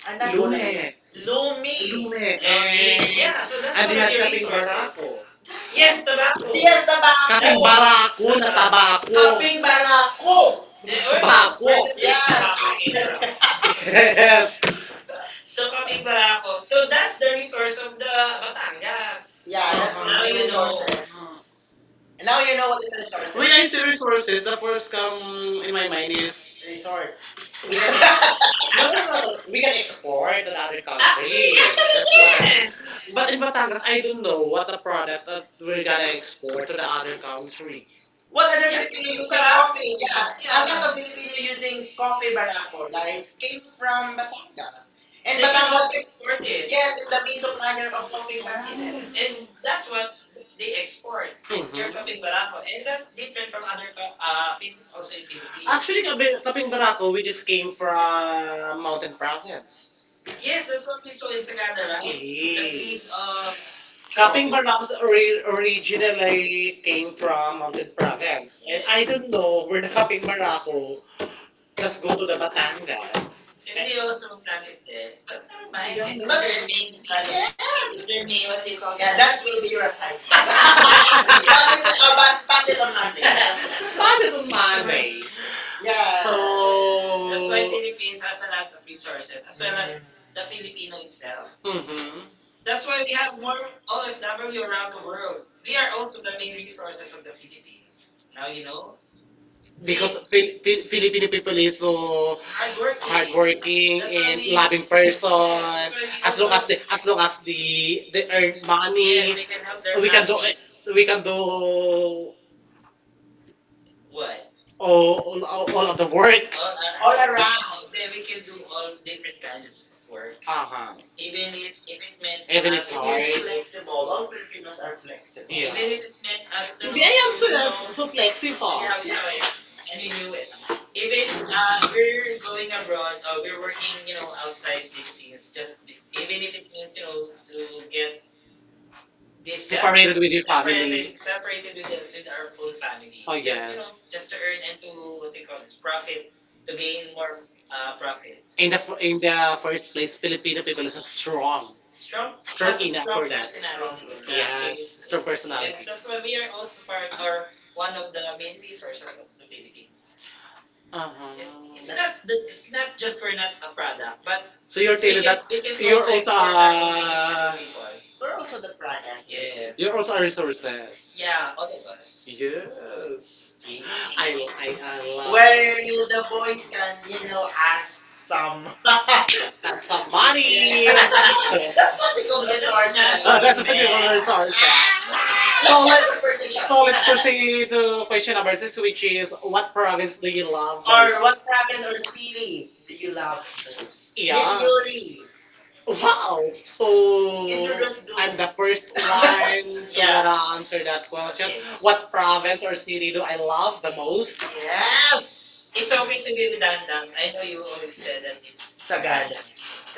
Speaker 2: Ah,
Speaker 1: ah,
Speaker 2: not
Speaker 1: not food.
Speaker 2: gulay.
Speaker 1: Lume.
Speaker 2: Lumi.
Speaker 1: Lume. And, yeah, so that's one of had their kaping resources. Barako. Yes,
Speaker 2: Yes, tobacco.
Speaker 1: tobacco.
Speaker 2: Yes,
Speaker 1: Yes,
Speaker 2: tabako.
Speaker 1: kaping that's barako na
Speaker 2: Tobacco.
Speaker 1: tabako. Kaping
Speaker 2: Paprika.
Speaker 1: barako.
Speaker 2: Or
Speaker 1: Eh, wait, tobacco.
Speaker 2: tobacco.
Speaker 1: Wait, tabako. Wait, that's, yes, just tobacco, eh,
Speaker 2: Yes.
Speaker 1: bro. yes. So, kaming
Speaker 2: Shopping
Speaker 1: Barakot.
Speaker 2: so
Speaker 1: So, that's
Speaker 2: that's
Speaker 1: the
Speaker 2: the
Speaker 1: resource
Speaker 2: resource
Speaker 1: of
Speaker 2: of the
Speaker 1: the
Speaker 2: uh, yes.
Speaker 1: Batangas. Yeah,
Speaker 2: Yeah,
Speaker 1: that's,
Speaker 2: that's
Speaker 1: uh-huh, now
Speaker 2: the
Speaker 1: you know
Speaker 2: resource.
Speaker 1: resources.
Speaker 2: And now
Speaker 1: Now
Speaker 2: you
Speaker 1: you
Speaker 2: know
Speaker 1: know
Speaker 2: what
Speaker 1: what is
Speaker 2: is a
Speaker 1: resources.
Speaker 2: resource.
Speaker 1: When I
Speaker 2: Is.
Speaker 1: say resources, the first come in my mind is
Speaker 2: Resort.
Speaker 1: resort. We can ex-
Speaker 2: Yes.
Speaker 1: we can export to the other, actually, countries. Actually, that's, yes, what I-, yes. But in Batangas, I don't know what the product that we're gonna export to the other country. But
Speaker 2: What are the
Speaker 1: then,
Speaker 2: yeah, Filipino using
Speaker 1: yeah,
Speaker 2: coffee? Yeah. Yeah, a lot of Filipino using coffee barako, right? Came from Batangas. And they Batangas is, export
Speaker 1: exported.
Speaker 2: yes, it's the main supplier of coffee barako. Yes. And
Speaker 1: And
Speaker 2: that's
Speaker 1: that's what
Speaker 2: what they
Speaker 1: they
Speaker 2: export.
Speaker 1: export. Your, mhm,
Speaker 2: Kapay
Speaker 1: kaping
Speaker 2: Maraco,
Speaker 1: barako.
Speaker 2: and
Speaker 1: And that's
Speaker 2: there's different
Speaker 1: different
Speaker 2: from
Speaker 1: from
Speaker 2: other
Speaker 1: other places
Speaker 2: places also
Speaker 1: also in
Speaker 2: in
Speaker 1: Philippines.
Speaker 2: Philippines.
Speaker 1: Actually,
Speaker 2: Actually, Kapil, Kapil
Speaker 1: Kaping
Speaker 2: Marato,
Speaker 1: Barako, we
Speaker 2: which
Speaker 1: just
Speaker 2: came
Speaker 1: came
Speaker 2: from,
Speaker 1: from Mountain Province. Yes,
Speaker 2: yes, that's
Speaker 1: that's
Speaker 2: what
Speaker 1: what
Speaker 2: we
Speaker 1: we
Speaker 2: saw
Speaker 1: saw
Speaker 2: in
Speaker 1: in Sagada,
Speaker 2: Sagana,
Speaker 1: right? The,
Speaker 2: right? That
Speaker 1: yes, feeds
Speaker 2: is,
Speaker 1: of...
Speaker 2: Kapil
Speaker 1: Kaping coffee. Barako
Speaker 2: Marato original, like,
Speaker 1: originally came from Mountain
Speaker 2: I
Speaker 1: Province. And I,
Speaker 2: I
Speaker 1: yes,
Speaker 2: think
Speaker 1: don't know where the Kaping
Speaker 2: Marato.
Speaker 1: Barako, let go to the Batangas.
Speaker 2: Maybe they
Speaker 1: Hindi
Speaker 2: also
Speaker 1: also
Speaker 2: native
Speaker 1: planted there.
Speaker 2: there. But
Speaker 1: But
Speaker 2: never
Speaker 1: never mind.
Speaker 2: mind,
Speaker 1: Yeah,
Speaker 2: it's
Speaker 1: it's
Speaker 2: But- their main
Speaker 1: maybe
Speaker 2: kind
Speaker 1: there. Yes.
Speaker 2: it's their
Speaker 1: Then may
Speaker 2: name,
Speaker 1: what
Speaker 2: what
Speaker 1: you
Speaker 2: they
Speaker 1: call,
Speaker 2: call it.
Speaker 1: yeah,
Speaker 2: Yeah,
Speaker 1: that?
Speaker 2: that
Speaker 1: Will
Speaker 2: will
Speaker 1: be
Speaker 2: be
Speaker 1: your
Speaker 2: your
Speaker 1: assignment.
Speaker 2: assignment. Pass, it, pass,
Speaker 1: Pass, pass
Speaker 2: pass
Speaker 1: it
Speaker 2: it
Speaker 1: on
Speaker 2: on
Speaker 1: Monday.
Speaker 2: Monday. It's
Speaker 1: Pass
Speaker 2: part of
Speaker 1: it
Speaker 2: the
Speaker 1: on Monday. Yeah. So
Speaker 2: yeah. That's
Speaker 1: that's
Speaker 2: why
Speaker 1: why so,
Speaker 2: Philippines
Speaker 1: Philippines
Speaker 2: has
Speaker 1: has
Speaker 2: a
Speaker 1: a
Speaker 2: lot
Speaker 1: lot
Speaker 2: of
Speaker 1: of
Speaker 2: resources,
Speaker 1: resources
Speaker 2: as
Speaker 1: as well
Speaker 2: well as
Speaker 1: as
Speaker 2: the
Speaker 1: the
Speaker 2: Filipino
Speaker 1: Filipino itself.
Speaker 2: itself. Mm-hmm.
Speaker 1: Mhm. That's
Speaker 2: That's why
Speaker 1: why
Speaker 2: we
Speaker 1: we
Speaker 2: have
Speaker 1: have
Speaker 2: more
Speaker 1: more
Speaker 2: OFW
Speaker 1: OFW
Speaker 2: around
Speaker 1: around
Speaker 2: the
Speaker 1: the
Speaker 2: world.
Speaker 1: world. We
Speaker 2: We are
Speaker 1: are
Speaker 2: also
Speaker 1: also
Speaker 2: the
Speaker 1: the main
Speaker 2: main resources
Speaker 1: resources
Speaker 2: of
Speaker 1: of
Speaker 2: the
Speaker 1: the
Speaker 2: Philippines.
Speaker 1: Philippines.
Speaker 2: Now
Speaker 1: Now
Speaker 2: you
Speaker 1: you
Speaker 2: know.
Speaker 1: know.
Speaker 2: We are
Speaker 1: Because Filipino people is so
Speaker 2: working. That's why
Speaker 1: hardworking
Speaker 2: we that's
Speaker 1: and
Speaker 2: why we
Speaker 1: loving person.
Speaker 2: also
Speaker 1: Yes,
Speaker 2: as long as have they-
Speaker 1: as long as the they earn money,
Speaker 2: ideas,
Speaker 1: yes,
Speaker 2: help them we
Speaker 1: we can
Speaker 2: can-
Speaker 1: do
Speaker 2: we
Speaker 1: we
Speaker 2: can
Speaker 1: can
Speaker 2: go
Speaker 1: do
Speaker 2: what?
Speaker 1: what?
Speaker 2: Oh,
Speaker 1: Oh, all, all of the work. All,
Speaker 2: all
Speaker 1: all
Speaker 2: around.
Speaker 1: around. Then
Speaker 2: Yeah, we
Speaker 1: we
Speaker 2: can
Speaker 1: can
Speaker 2: do
Speaker 1: do all
Speaker 2: all different
Speaker 1: different
Speaker 2: kinds
Speaker 1: kinds
Speaker 2: of
Speaker 1: of work.
Speaker 2: work.
Speaker 1: Uh
Speaker 2: Are
Speaker 1: huh. Even
Speaker 2: Even if,
Speaker 1: if,
Speaker 2: if
Speaker 1: if
Speaker 2: it
Speaker 1: it meant,
Speaker 2: meant
Speaker 1: even
Speaker 2: and are
Speaker 1: it's
Speaker 2: us,
Speaker 1: us-
Speaker 2: is
Speaker 1: it hard. It's
Speaker 2: flexible.
Speaker 1: flexible.
Speaker 2: All
Speaker 1: All
Speaker 2: Filipinos
Speaker 1: Filipinos
Speaker 2: are
Speaker 1: are
Speaker 2: flexible.
Speaker 1: flexible.
Speaker 2: Even
Speaker 1: Yeah.
Speaker 2: if
Speaker 1: Even if
Speaker 2: it
Speaker 1: it meant
Speaker 2: meant us
Speaker 1: us to
Speaker 2: to
Speaker 1: Hindi, I
Speaker 2: yeah.
Speaker 1: am so, so flexible. Yeah, we
Speaker 2: Move,
Speaker 1: saw it. And
Speaker 2: we
Speaker 1: we
Speaker 2: knew
Speaker 1: knew
Speaker 2: it.
Speaker 1: it.
Speaker 2: Even
Speaker 1: Even
Speaker 2: if we're
Speaker 1: we're
Speaker 2: going
Speaker 1: going
Speaker 2: abroad
Speaker 1: abroad,
Speaker 2: or we
Speaker 1: we're
Speaker 2: we're
Speaker 1: working,
Speaker 2: working, you know, outside
Speaker 1: outside.
Speaker 2: these
Speaker 1: It's
Speaker 2: things,
Speaker 1: just
Speaker 2: just even if
Speaker 1: it
Speaker 2: it means,
Speaker 1: means,
Speaker 2: you know, to
Speaker 1: to
Speaker 2: get
Speaker 1: get this
Speaker 2: this
Speaker 1: just
Speaker 2: separated,
Speaker 1: separated with your family. Separated
Speaker 2: separated
Speaker 1: with,
Speaker 2: with,
Speaker 1: us,
Speaker 2: us, with
Speaker 1: with
Speaker 2: our
Speaker 1: our
Speaker 2: own
Speaker 1: whole family. Oh,
Speaker 2: family.
Speaker 1: just, you know, yes, just
Speaker 2: Just
Speaker 1: to
Speaker 2: to earn
Speaker 1: earn
Speaker 2: and
Speaker 1: and to,
Speaker 2: to what
Speaker 1: what
Speaker 2: do
Speaker 1: they
Speaker 2: you
Speaker 1: call
Speaker 2: call
Speaker 1: this,
Speaker 2: this, profit,
Speaker 1: profit,
Speaker 2: to
Speaker 1: to
Speaker 2: gain
Speaker 1: gain
Speaker 2: more
Speaker 1: more
Speaker 2: profit.
Speaker 1: profit. In
Speaker 2: And
Speaker 1: the
Speaker 2: that's what yeah,
Speaker 1: first place, Filipino people is so strong. Strong,
Speaker 2: strong
Speaker 1: strong has a
Speaker 2: versus
Speaker 1: enough strong for that personality. Yeah, it, yes, strong. It's, yes,
Speaker 2: yes,
Speaker 1: personality. That's
Speaker 2: that's
Speaker 1: why
Speaker 2: why we
Speaker 1: we
Speaker 2: are
Speaker 1: are
Speaker 2: also
Speaker 1: also part
Speaker 2: part or
Speaker 1: or one
Speaker 2: one
Speaker 1: of
Speaker 2: of the
Speaker 1: the
Speaker 2: main
Speaker 1: main resources
Speaker 2: resources of
Speaker 1: of
Speaker 2: the
Speaker 1: the Philippines.
Speaker 2: Philippines.
Speaker 1: Uh,
Speaker 2: Uh-huh.
Speaker 1: It's,
Speaker 2: It's
Speaker 1: it's uh-huh,
Speaker 2: not
Speaker 1: not
Speaker 2: it's
Speaker 1: it's
Speaker 2: not
Speaker 1: not just
Speaker 2: just
Speaker 1: we're
Speaker 2: we're not
Speaker 1: not
Speaker 2: a
Speaker 1: a
Speaker 2: product.
Speaker 1: product, but so you're
Speaker 2: We're,
Speaker 1: we
Speaker 2: we're
Speaker 1: telling can, that we can you're also also our a Filipino people.
Speaker 2: we're
Speaker 1: We're,
Speaker 2: also the product.
Speaker 1: yes.
Speaker 2: Yes.
Speaker 1: You're also a resources.
Speaker 2: Yeah.
Speaker 1: Yeah,
Speaker 2: All
Speaker 1: all of
Speaker 2: the
Speaker 1: us. Yes.
Speaker 2: I-
Speaker 1: Really. I Well, love. Where
Speaker 2: Where
Speaker 1: the
Speaker 2: the
Speaker 1: boys
Speaker 2: boys
Speaker 1: can,
Speaker 2: can, you know,
Speaker 1: add
Speaker 2: ask
Speaker 1: some.
Speaker 2: some
Speaker 1: Some money.
Speaker 2: Yeah,
Speaker 1: That's what we
Speaker 2: practical
Speaker 1: call
Speaker 2: resources.
Speaker 1: resources. That's what we call resources. So let- conversation. So let's proceed to question number six, which is what province do you love or
Speaker 2: Or
Speaker 1: most?
Speaker 2: what
Speaker 1: What
Speaker 2: province
Speaker 1: province
Speaker 2: or
Speaker 1: or city
Speaker 2: city
Speaker 1: do
Speaker 2: do you
Speaker 1: you love?
Speaker 2: love most?
Speaker 1: Miss,
Speaker 2: Yeah.
Speaker 1: yeah,
Speaker 2: Miss
Speaker 1: Yuri.
Speaker 2: Yuri, wow,
Speaker 1: Wow! So
Speaker 2: introduce.
Speaker 1: interest group. I'm the us first
Speaker 2: I,
Speaker 1: one to, yeah,
Speaker 2: yeah.
Speaker 1: gonna answer that
Speaker 2: So,
Speaker 1: question. Okay.
Speaker 2: what
Speaker 1: What
Speaker 2: province
Speaker 1: province or city do
Speaker 2: do I
Speaker 1: I
Speaker 2: love?
Speaker 1: love the most? Yeah.
Speaker 2: Yes! It's
Speaker 1: It's
Speaker 2: okay
Speaker 1: okay to
Speaker 2: to
Speaker 1: be
Speaker 2: do that na.
Speaker 1: redundant.
Speaker 2: I
Speaker 1: I
Speaker 2: know
Speaker 1: know
Speaker 2: you
Speaker 1: you
Speaker 2: would
Speaker 1: always said that
Speaker 2: that it's
Speaker 1: it's
Speaker 2: Sagada.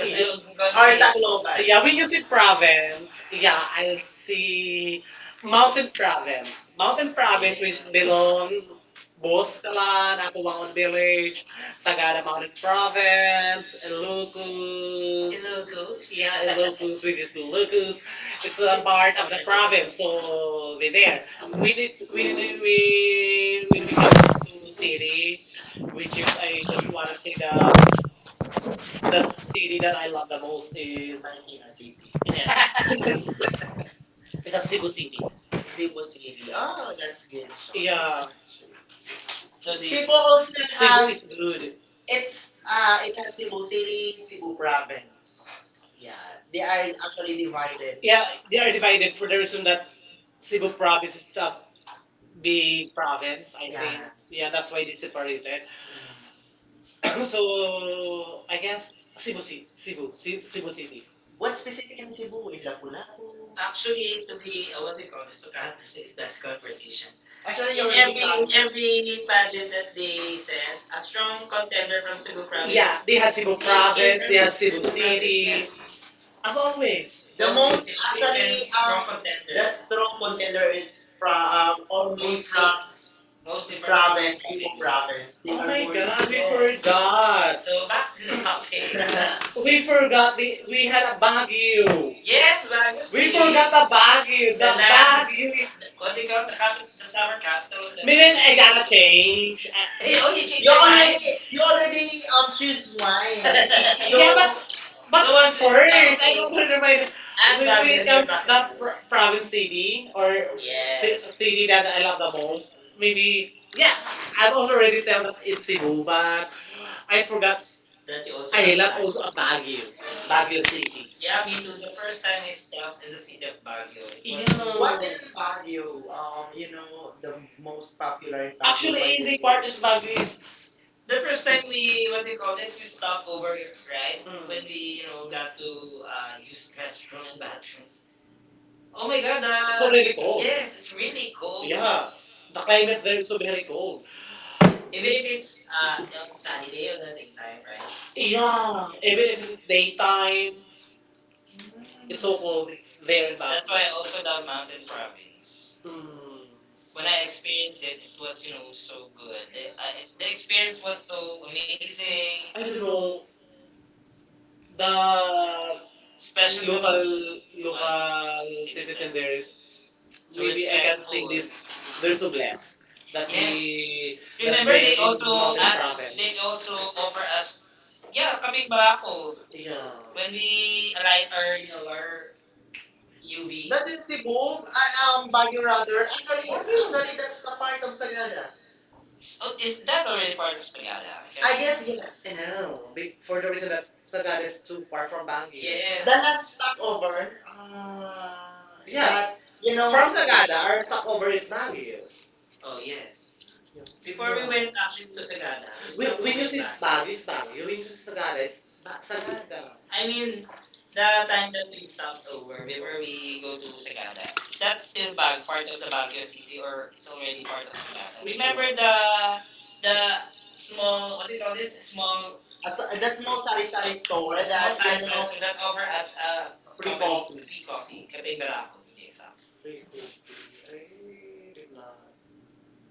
Speaker 1: because, yeah,
Speaker 2: yung, or
Speaker 1: I'm
Speaker 2: Tacloban.
Speaker 1: gonna,
Speaker 2: Yeah,
Speaker 1: yeah, we
Speaker 2: we
Speaker 1: use
Speaker 2: use
Speaker 1: it
Speaker 2: province.
Speaker 1: province.
Speaker 2: Yeah,
Speaker 1: Yeah,
Speaker 2: I
Speaker 1: I'll
Speaker 2: see
Speaker 1: see
Speaker 2: mountain
Speaker 1: mountain
Speaker 2: province.
Speaker 1: province. Mountain
Speaker 2: Mountain
Speaker 1: province
Speaker 2: province,
Speaker 1: which
Speaker 2: you know,
Speaker 1: belong
Speaker 2: both sa
Speaker 1: Boscalan, Apuangon
Speaker 2: may
Speaker 1: Village,
Speaker 2: Tagalog
Speaker 1: Sagada Mountain
Speaker 2: province,
Speaker 1: Province,
Speaker 2: little, little goose.
Speaker 1: Ilocos. Yeah,
Speaker 2: Yeah,
Speaker 1: Ilocos, which is Ilocos. It's a
Speaker 2: little bar
Speaker 1: part
Speaker 2: of
Speaker 1: of
Speaker 2: the
Speaker 1: the province,
Speaker 2: province.
Speaker 1: so we
Speaker 2: There,
Speaker 1: there.
Speaker 2: we live
Speaker 1: We need
Speaker 2: in the city.
Speaker 1: city.
Speaker 2: We just always
Speaker 1: I just
Speaker 2: just want to
Speaker 1: wanna say
Speaker 2: think
Speaker 1: the
Speaker 2: about the city
Speaker 1: city
Speaker 2: that
Speaker 1: that
Speaker 2: I
Speaker 1: I
Speaker 2: want
Speaker 1: love the most
Speaker 2: to live in,
Speaker 1: is,
Speaker 2: Marikina City.
Speaker 1: yeah,
Speaker 2: Yeah,
Speaker 1: it's a
Speaker 2: it's a Cebu
Speaker 1: Cebu
Speaker 2: City.
Speaker 1: City.
Speaker 2: Cebu city Oh, that's good. Sean.
Speaker 1: Yeah,
Speaker 2: So
Speaker 1: so the
Speaker 2: Cebu
Speaker 1: Cebu
Speaker 2: also
Speaker 1: is
Speaker 2: has
Speaker 1: has good.
Speaker 2: it's it
Speaker 1: It
Speaker 2: has
Speaker 1: has
Speaker 2: Cebu
Speaker 1: Cebu
Speaker 2: City,
Speaker 1: City
Speaker 2: Cebu Province. Yeah, they are actually divided.
Speaker 1: divided.
Speaker 2: Yeah,
Speaker 1: Yeah, they are
Speaker 2: they're divided.
Speaker 1: divided for the reason that
Speaker 2: Cebu
Speaker 1: Cebu province
Speaker 2: province is
Speaker 1: is
Speaker 2: a
Speaker 1: a
Speaker 2: main
Speaker 1: big province,
Speaker 2: province.
Speaker 1: I think.
Speaker 2: Yeah. Yeah,
Speaker 1: Yeah,
Speaker 2: that's
Speaker 1: that's
Speaker 2: why
Speaker 1: why they
Speaker 2: it's separated.
Speaker 1: separated.
Speaker 2: So
Speaker 1: So
Speaker 2: I
Speaker 1: I
Speaker 2: guess
Speaker 1: guess
Speaker 2: it's
Speaker 1: Cebu City, Cebu City.
Speaker 2: what's specific in Cebu?
Speaker 1: Cebu,
Speaker 2: In Lapu-Lapu?
Speaker 1: Lapu-Lapu.
Speaker 2: Actually
Speaker 1: Actually, to
Speaker 2: the
Speaker 1: be,
Speaker 2: what
Speaker 1: what
Speaker 2: do
Speaker 1: they
Speaker 2: you call
Speaker 1: call
Speaker 2: it?
Speaker 1: this,
Speaker 2: So
Speaker 1: to
Speaker 2: I have this
Speaker 1: characterize
Speaker 2: this
Speaker 1: this
Speaker 2: conversation.
Speaker 1: conversation,
Speaker 2: Actually,
Speaker 1: actually,
Speaker 2: you in
Speaker 1: in
Speaker 2: every
Speaker 1: every
Speaker 2: pageant
Speaker 1: pageant
Speaker 2: that
Speaker 1: that
Speaker 2: they
Speaker 1: they sent,
Speaker 2: send, a
Speaker 1: a
Speaker 2: strong
Speaker 1: strong
Speaker 2: contender
Speaker 1: contender
Speaker 2: from
Speaker 1: from
Speaker 2: Cebu
Speaker 1: Cebu
Speaker 2: province.
Speaker 1: province.
Speaker 2: Yeah.
Speaker 1: Yeah, they had Cebu province, they had Cebu province, City. Yes.
Speaker 2: As
Speaker 1: As
Speaker 2: always.
Speaker 1: always.
Speaker 2: The most actually um,
Speaker 1: Strong contender.
Speaker 2: the strong
Speaker 1: Strong
Speaker 2: contender is
Speaker 1: from
Speaker 2: from only
Speaker 1: almost
Speaker 2: from most
Speaker 1: mostly from
Speaker 2: different
Speaker 1: Province,
Speaker 2: province to
Speaker 1: Philippines province.
Speaker 2: province. They
Speaker 1: They, oh,
Speaker 2: Oh
Speaker 1: are
Speaker 2: are
Speaker 1: my
Speaker 2: more.
Speaker 1: full God, we forgot. So back to the topic.
Speaker 2: We
Speaker 1: We
Speaker 2: forgot
Speaker 1: forgot the
Speaker 2: we
Speaker 1: we
Speaker 2: had
Speaker 1: had
Speaker 2: a
Speaker 1: a
Speaker 2: Baguio.
Speaker 1: Baguio.
Speaker 2: Yes,
Speaker 1: Yes,
Speaker 2: man.
Speaker 1: Baguio
Speaker 2: We
Speaker 1: City. We
Speaker 2: forgot
Speaker 1: forgot
Speaker 2: the
Speaker 1: the
Speaker 2: Baguio.
Speaker 1: Baguio. The
Speaker 2: The
Speaker 1: The land.
Speaker 2: Baguio.
Speaker 1: Baguio is.
Speaker 2: What
Speaker 1: What
Speaker 2: do
Speaker 1: do
Speaker 2: you
Speaker 1: you
Speaker 2: call
Speaker 1: call
Speaker 2: it?
Speaker 1: the capital,
Speaker 2: The
Speaker 1: the summer
Speaker 2: summer cat.
Speaker 1: capital? Of the Minin, I gotta change. Hey,
Speaker 2: Hey, oh,
Speaker 1: oh, you changed your
Speaker 2: already
Speaker 1: mind.
Speaker 2: you already choose wine. So
Speaker 1: Yeah,
Speaker 2: But
Speaker 1: but the
Speaker 2: the
Speaker 1: one
Speaker 2: one
Speaker 1: with
Speaker 2: who
Speaker 1: first, thing- I don't Taofi remember. The- I'm
Speaker 2: I'm
Speaker 1: when
Speaker 2: bad
Speaker 1: back it in
Speaker 2: with
Speaker 1: comes back
Speaker 2: not
Speaker 1: that here.
Speaker 2: from
Speaker 1: Province
Speaker 2: CD
Speaker 1: city
Speaker 2: or
Speaker 1: or ci- yes,
Speaker 2: CD
Speaker 1: city
Speaker 2: that
Speaker 1: that
Speaker 2: I
Speaker 1: I love
Speaker 2: like.
Speaker 1: the most,
Speaker 2: Maybe
Speaker 1: maybe,
Speaker 2: yeah,
Speaker 1: yeah.
Speaker 2: I
Speaker 1: I've
Speaker 2: don't
Speaker 1: also
Speaker 2: know
Speaker 1: already tell that it's Cebu,
Speaker 2: but
Speaker 1: but I
Speaker 2: I forgot
Speaker 1: forgot.
Speaker 2: that
Speaker 1: That
Speaker 2: you
Speaker 1: you also
Speaker 2: also
Speaker 1: I
Speaker 2: I
Speaker 1: have
Speaker 2: got
Speaker 1: love
Speaker 2: love
Speaker 1: back also Baguio, a
Speaker 2: Baguio?
Speaker 1: Baguio
Speaker 2: City.
Speaker 1: City.
Speaker 2: Yeah,
Speaker 1: Yeah, me
Speaker 2: me
Speaker 1: too.
Speaker 2: too. The
Speaker 1: The first
Speaker 2: first
Speaker 1: time
Speaker 2: time I
Speaker 1: I
Speaker 2: stopped
Speaker 1: stopped
Speaker 2: in
Speaker 1: in
Speaker 2: the
Speaker 1: the city
Speaker 2: city
Speaker 1: of
Speaker 2: of
Speaker 1: Baguio.
Speaker 2: Baguio.
Speaker 1: It was,
Speaker 2: Yeah.
Speaker 1: yeah,
Speaker 2: What
Speaker 1: what, yeah,
Speaker 2: in
Speaker 1: in
Speaker 2: Baguio?
Speaker 1: Baguio?
Speaker 2: You
Speaker 1: You know,
Speaker 2: know, the
Speaker 1: the
Speaker 2: most
Speaker 1: most
Speaker 2: popular in Baguio
Speaker 1: actually, every
Speaker 2: actually,
Speaker 1: part is Baguio.
Speaker 2: the
Speaker 1: The
Speaker 2: first
Speaker 1: first
Speaker 2: time
Speaker 1: time
Speaker 2: we,
Speaker 1: we,
Speaker 2: what
Speaker 1: what do
Speaker 2: they
Speaker 1: you
Speaker 2: call
Speaker 1: call
Speaker 2: this,
Speaker 1: this, we
Speaker 2: we stopped
Speaker 1: stopped
Speaker 2: over
Speaker 1: over,
Speaker 2: in Korea,
Speaker 1: right?
Speaker 2: when
Speaker 1: When, mm, we,
Speaker 2: we,
Speaker 1: you
Speaker 2: you know,
Speaker 1: know,
Speaker 2: got
Speaker 1: got
Speaker 2: to
Speaker 1: to use
Speaker 2: use restroom
Speaker 1: restroom and
Speaker 2: bathrooms.
Speaker 1: bathrooms. Oh
Speaker 2: Oh my
Speaker 1: my
Speaker 2: God,
Speaker 1: God,
Speaker 2: the
Speaker 1: so the, really
Speaker 2: absolute
Speaker 1: cold.
Speaker 2: place
Speaker 1: Yes, it's
Speaker 2: is really
Speaker 1: really cold.
Speaker 2: cool.
Speaker 1: Yeah, the climate there is so very cold.
Speaker 2: Even
Speaker 1: Even
Speaker 2: if
Speaker 1: if
Speaker 2: it's
Speaker 1: it's
Speaker 2: on
Speaker 1: on Saturday
Speaker 2: Saturday
Speaker 1: or
Speaker 2: or the
Speaker 1: the daytime,
Speaker 2: daytime,
Speaker 1: right? Yeah, even if it's daytime,
Speaker 2: right? Mm. It's
Speaker 1: it's so
Speaker 2: so cold
Speaker 1: cold
Speaker 2: there
Speaker 1: there in
Speaker 2: and back.
Speaker 1: Baguio. That's why I
Speaker 2: That's
Speaker 1: also love mountain
Speaker 2: why
Speaker 1: province.
Speaker 2: I,
Speaker 1: Mm.
Speaker 2: mm, when
Speaker 1: When
Speaker 2: I
Speaker 1: I experienced
Speaker 2: experienced it
Speaker 1: it, it was,
Speaker 2: was,
Speaker 1: you
Speaker 2: you know,
Speaker 1: know,
Speaker 2: so
Speaker 1: so
Speaker 2: good.
Speaker 1: good. The, I,
Speaker 2: I, the
Speaker 1: the
Speaker 2: experience
Speaker 1: experience was
Speaker 2: was so
Speaker 1: so
Speaker 2: amazing.
Speaker 1: amazing, I
Speaker 2: I
Speaker 1: don't
Speaker 2: don't know,
Speaker 1: know.
Speaker 2: the
Speaker 1: The especially
Speaker 2: special local uh,
Speaker 1: local citizen
Speaker 2: system.
Speaker 1: citizens there is. So
Speaker 2: So
Speaker 1: maybe
Speaker 2: maybe I,
Speaker 1: respectful. I can
Speaker 2: respect,
Speaker 1: think this they're so blessed
Speaker 2: that
Speaker 1: that, yes,
Speaker 2: yes.
Speaker 1: we remember
Speaker 2: Whenever
Speaker 1: that
Speaker 2: you go to an,
Speaker 1: uh,
Speaker 2: they
Speaker 1: they also
Speaker 2: also
Speaker 1: offer
Speaker 2: offer us,
Speaker 1: us, yeah,
Speaker 2: yeah, kami
Speaker 1: kapig
Speaker 2: nga,
Speaker 1: barako. Yeah,
Speaker 2: when
Speaker 1: when
Speaker 2: we
Speaker 1: we alight
Speaker 2: align our,
Speaker 1: our, you know,
Speaker 2: our
Speaker 1: our you
Speaker 2: UV. That's in Cebu, Baguio
Speaker 1: your
Speaker 2: rather.
Speaker 1: other. Actually,
Speaker 2: Actually,
Speaker 1: that's
Speaker 2: that's the
Speaker 1: the
Speaker 2: part
Speaker 1: part of
Speaker 2: of Sagada.
Speaker 1: Sagada. Is,
Speaker 2: is,
Speaker 1: oh,
Speaker 2: is
Speaker 1: is
Speaker 2: that
Speaker 1: that already
Speaker 2: already
Speaker 1: part of Sagada?
Speaker 2: I
Speaker 1: I
Speaker 2: guess
Speaker 1: guess yes.
Speaker 2: yes. Mm.
Speaker 1: No, be-
Speaker 2: For
Speaker 1: for
Speaker 2: the
Speaker 1: the
Speaker 2: reason
Speaker 1: reason
Speaker 2: that
Speaker 1: that Sagada
Speaker 2: Sagada
Speaker 1: is
Speaker 2: is too
Speaker 1: too far
Speaker 2: far from
Speaker 1: from
Speaker 2: Bangui?
Speaker 1: Baguio. The,
Speaker 2: Yes.
Speaker 1: yes,
Speaker 2: The
Speaker 1: the last
Speaker 2: last stopover,
Speaker 1: stopover,
Speaker 2: uh,
Speaker 1: Uh,
Speaker 2: yeah,
Speaker 1: yeah,
Speaker 2: that,
Speaker 1: that, you know,
Speaker 2: from
Speaker 1: from Sagada,
Speaker 2: Sagada,
Speaker 1: our stopover is Baguio. Oh,
Speaker 2: oh,
Speaker 1: yes.
Speaker 2: yes. Yeah.
Speaker 1: Before
Speaker 2: Before we
Speaker 1: we
Speaker 2: went
Speaker 1: went
Speaker 2: actually
Speaker 1: actually to
Speaker 2: to Sagada,
Speaker 1: Sagada,
Speaker 2: we
Speaker 1: when, stopped when
Speaker 2: when
Speaker 1: you
Speaker 2: you
Speaker 1: over see
Speaker 2: say
Speaker 1: Baguio, is
Speaker 2: studies na,
Speaker 1: Baguio. When
Speaker 2: when
Speaker 1: you
Speaker 2: you
Speaker 1: see
Speaker 2: say
Speaker 1: Sagada, it's
Speaker 2: studies,
Speaker 1: Ba- Sagada.
Speaker 2: I mean, the
Speaker 1: The
Speaker 2: time
Speaker 1: time that
Speaker 2: that
Speaker 1: we
Speaker 2: we stopped
Speaker 1: stopped
Speaker 2: over
Speaker 1: over before
Speaker 2: before we
Speaker 1: we
Speaker 2: go
Speaker 1: go to
Speaker 2: to
Speaker 1: Sagada
Speaker 2: Sagada, that's still part of
Speaker 1: part of the
Speaker 2: the
Speaker 1: Baguio
Speaker 2: Baguio
Speaker 1: City
Speaker 2: City or
Speaker 1: or it's
Speaker 2: it's
Speaker 1: already
Speaker 2: already part
Speaker 1: part of
Speaker 2: of Sagada.
Speaker 1: Sagada. Which Remember
Speaker 2: Remember
Speaker 1: one?
Speaker 2: the
Speaker 1: The small,
Speaker 2: small,
Speaker 1: what
Speaker 2: what do
Speaker 1: do you
Speaker 2: you
Speaker 1: call
Speaker 2: call this?
Speaker 1: this? Small.
Speaker 2: Small, as, the small sari-sari store
Speaker 1: Yes, yes, yes. That
Speaker 2: over
Speaker 1: offer us
Speaker 2: as
Speaker 1: a
Speaker 2: a
Speaker 1: Free
Speaker 2: free
Speaker 1: company-
Speaker 2: coffee.
Speaker 1: coffee.
Speaker 2: Free
Speaker 1: Free
Speaker 2: coffee.
Speaker 1: coffee, Kapeng
Speaker 2: Kapeng Barako.
Speaker 1: Barako to be exact. Free coffee. I did not.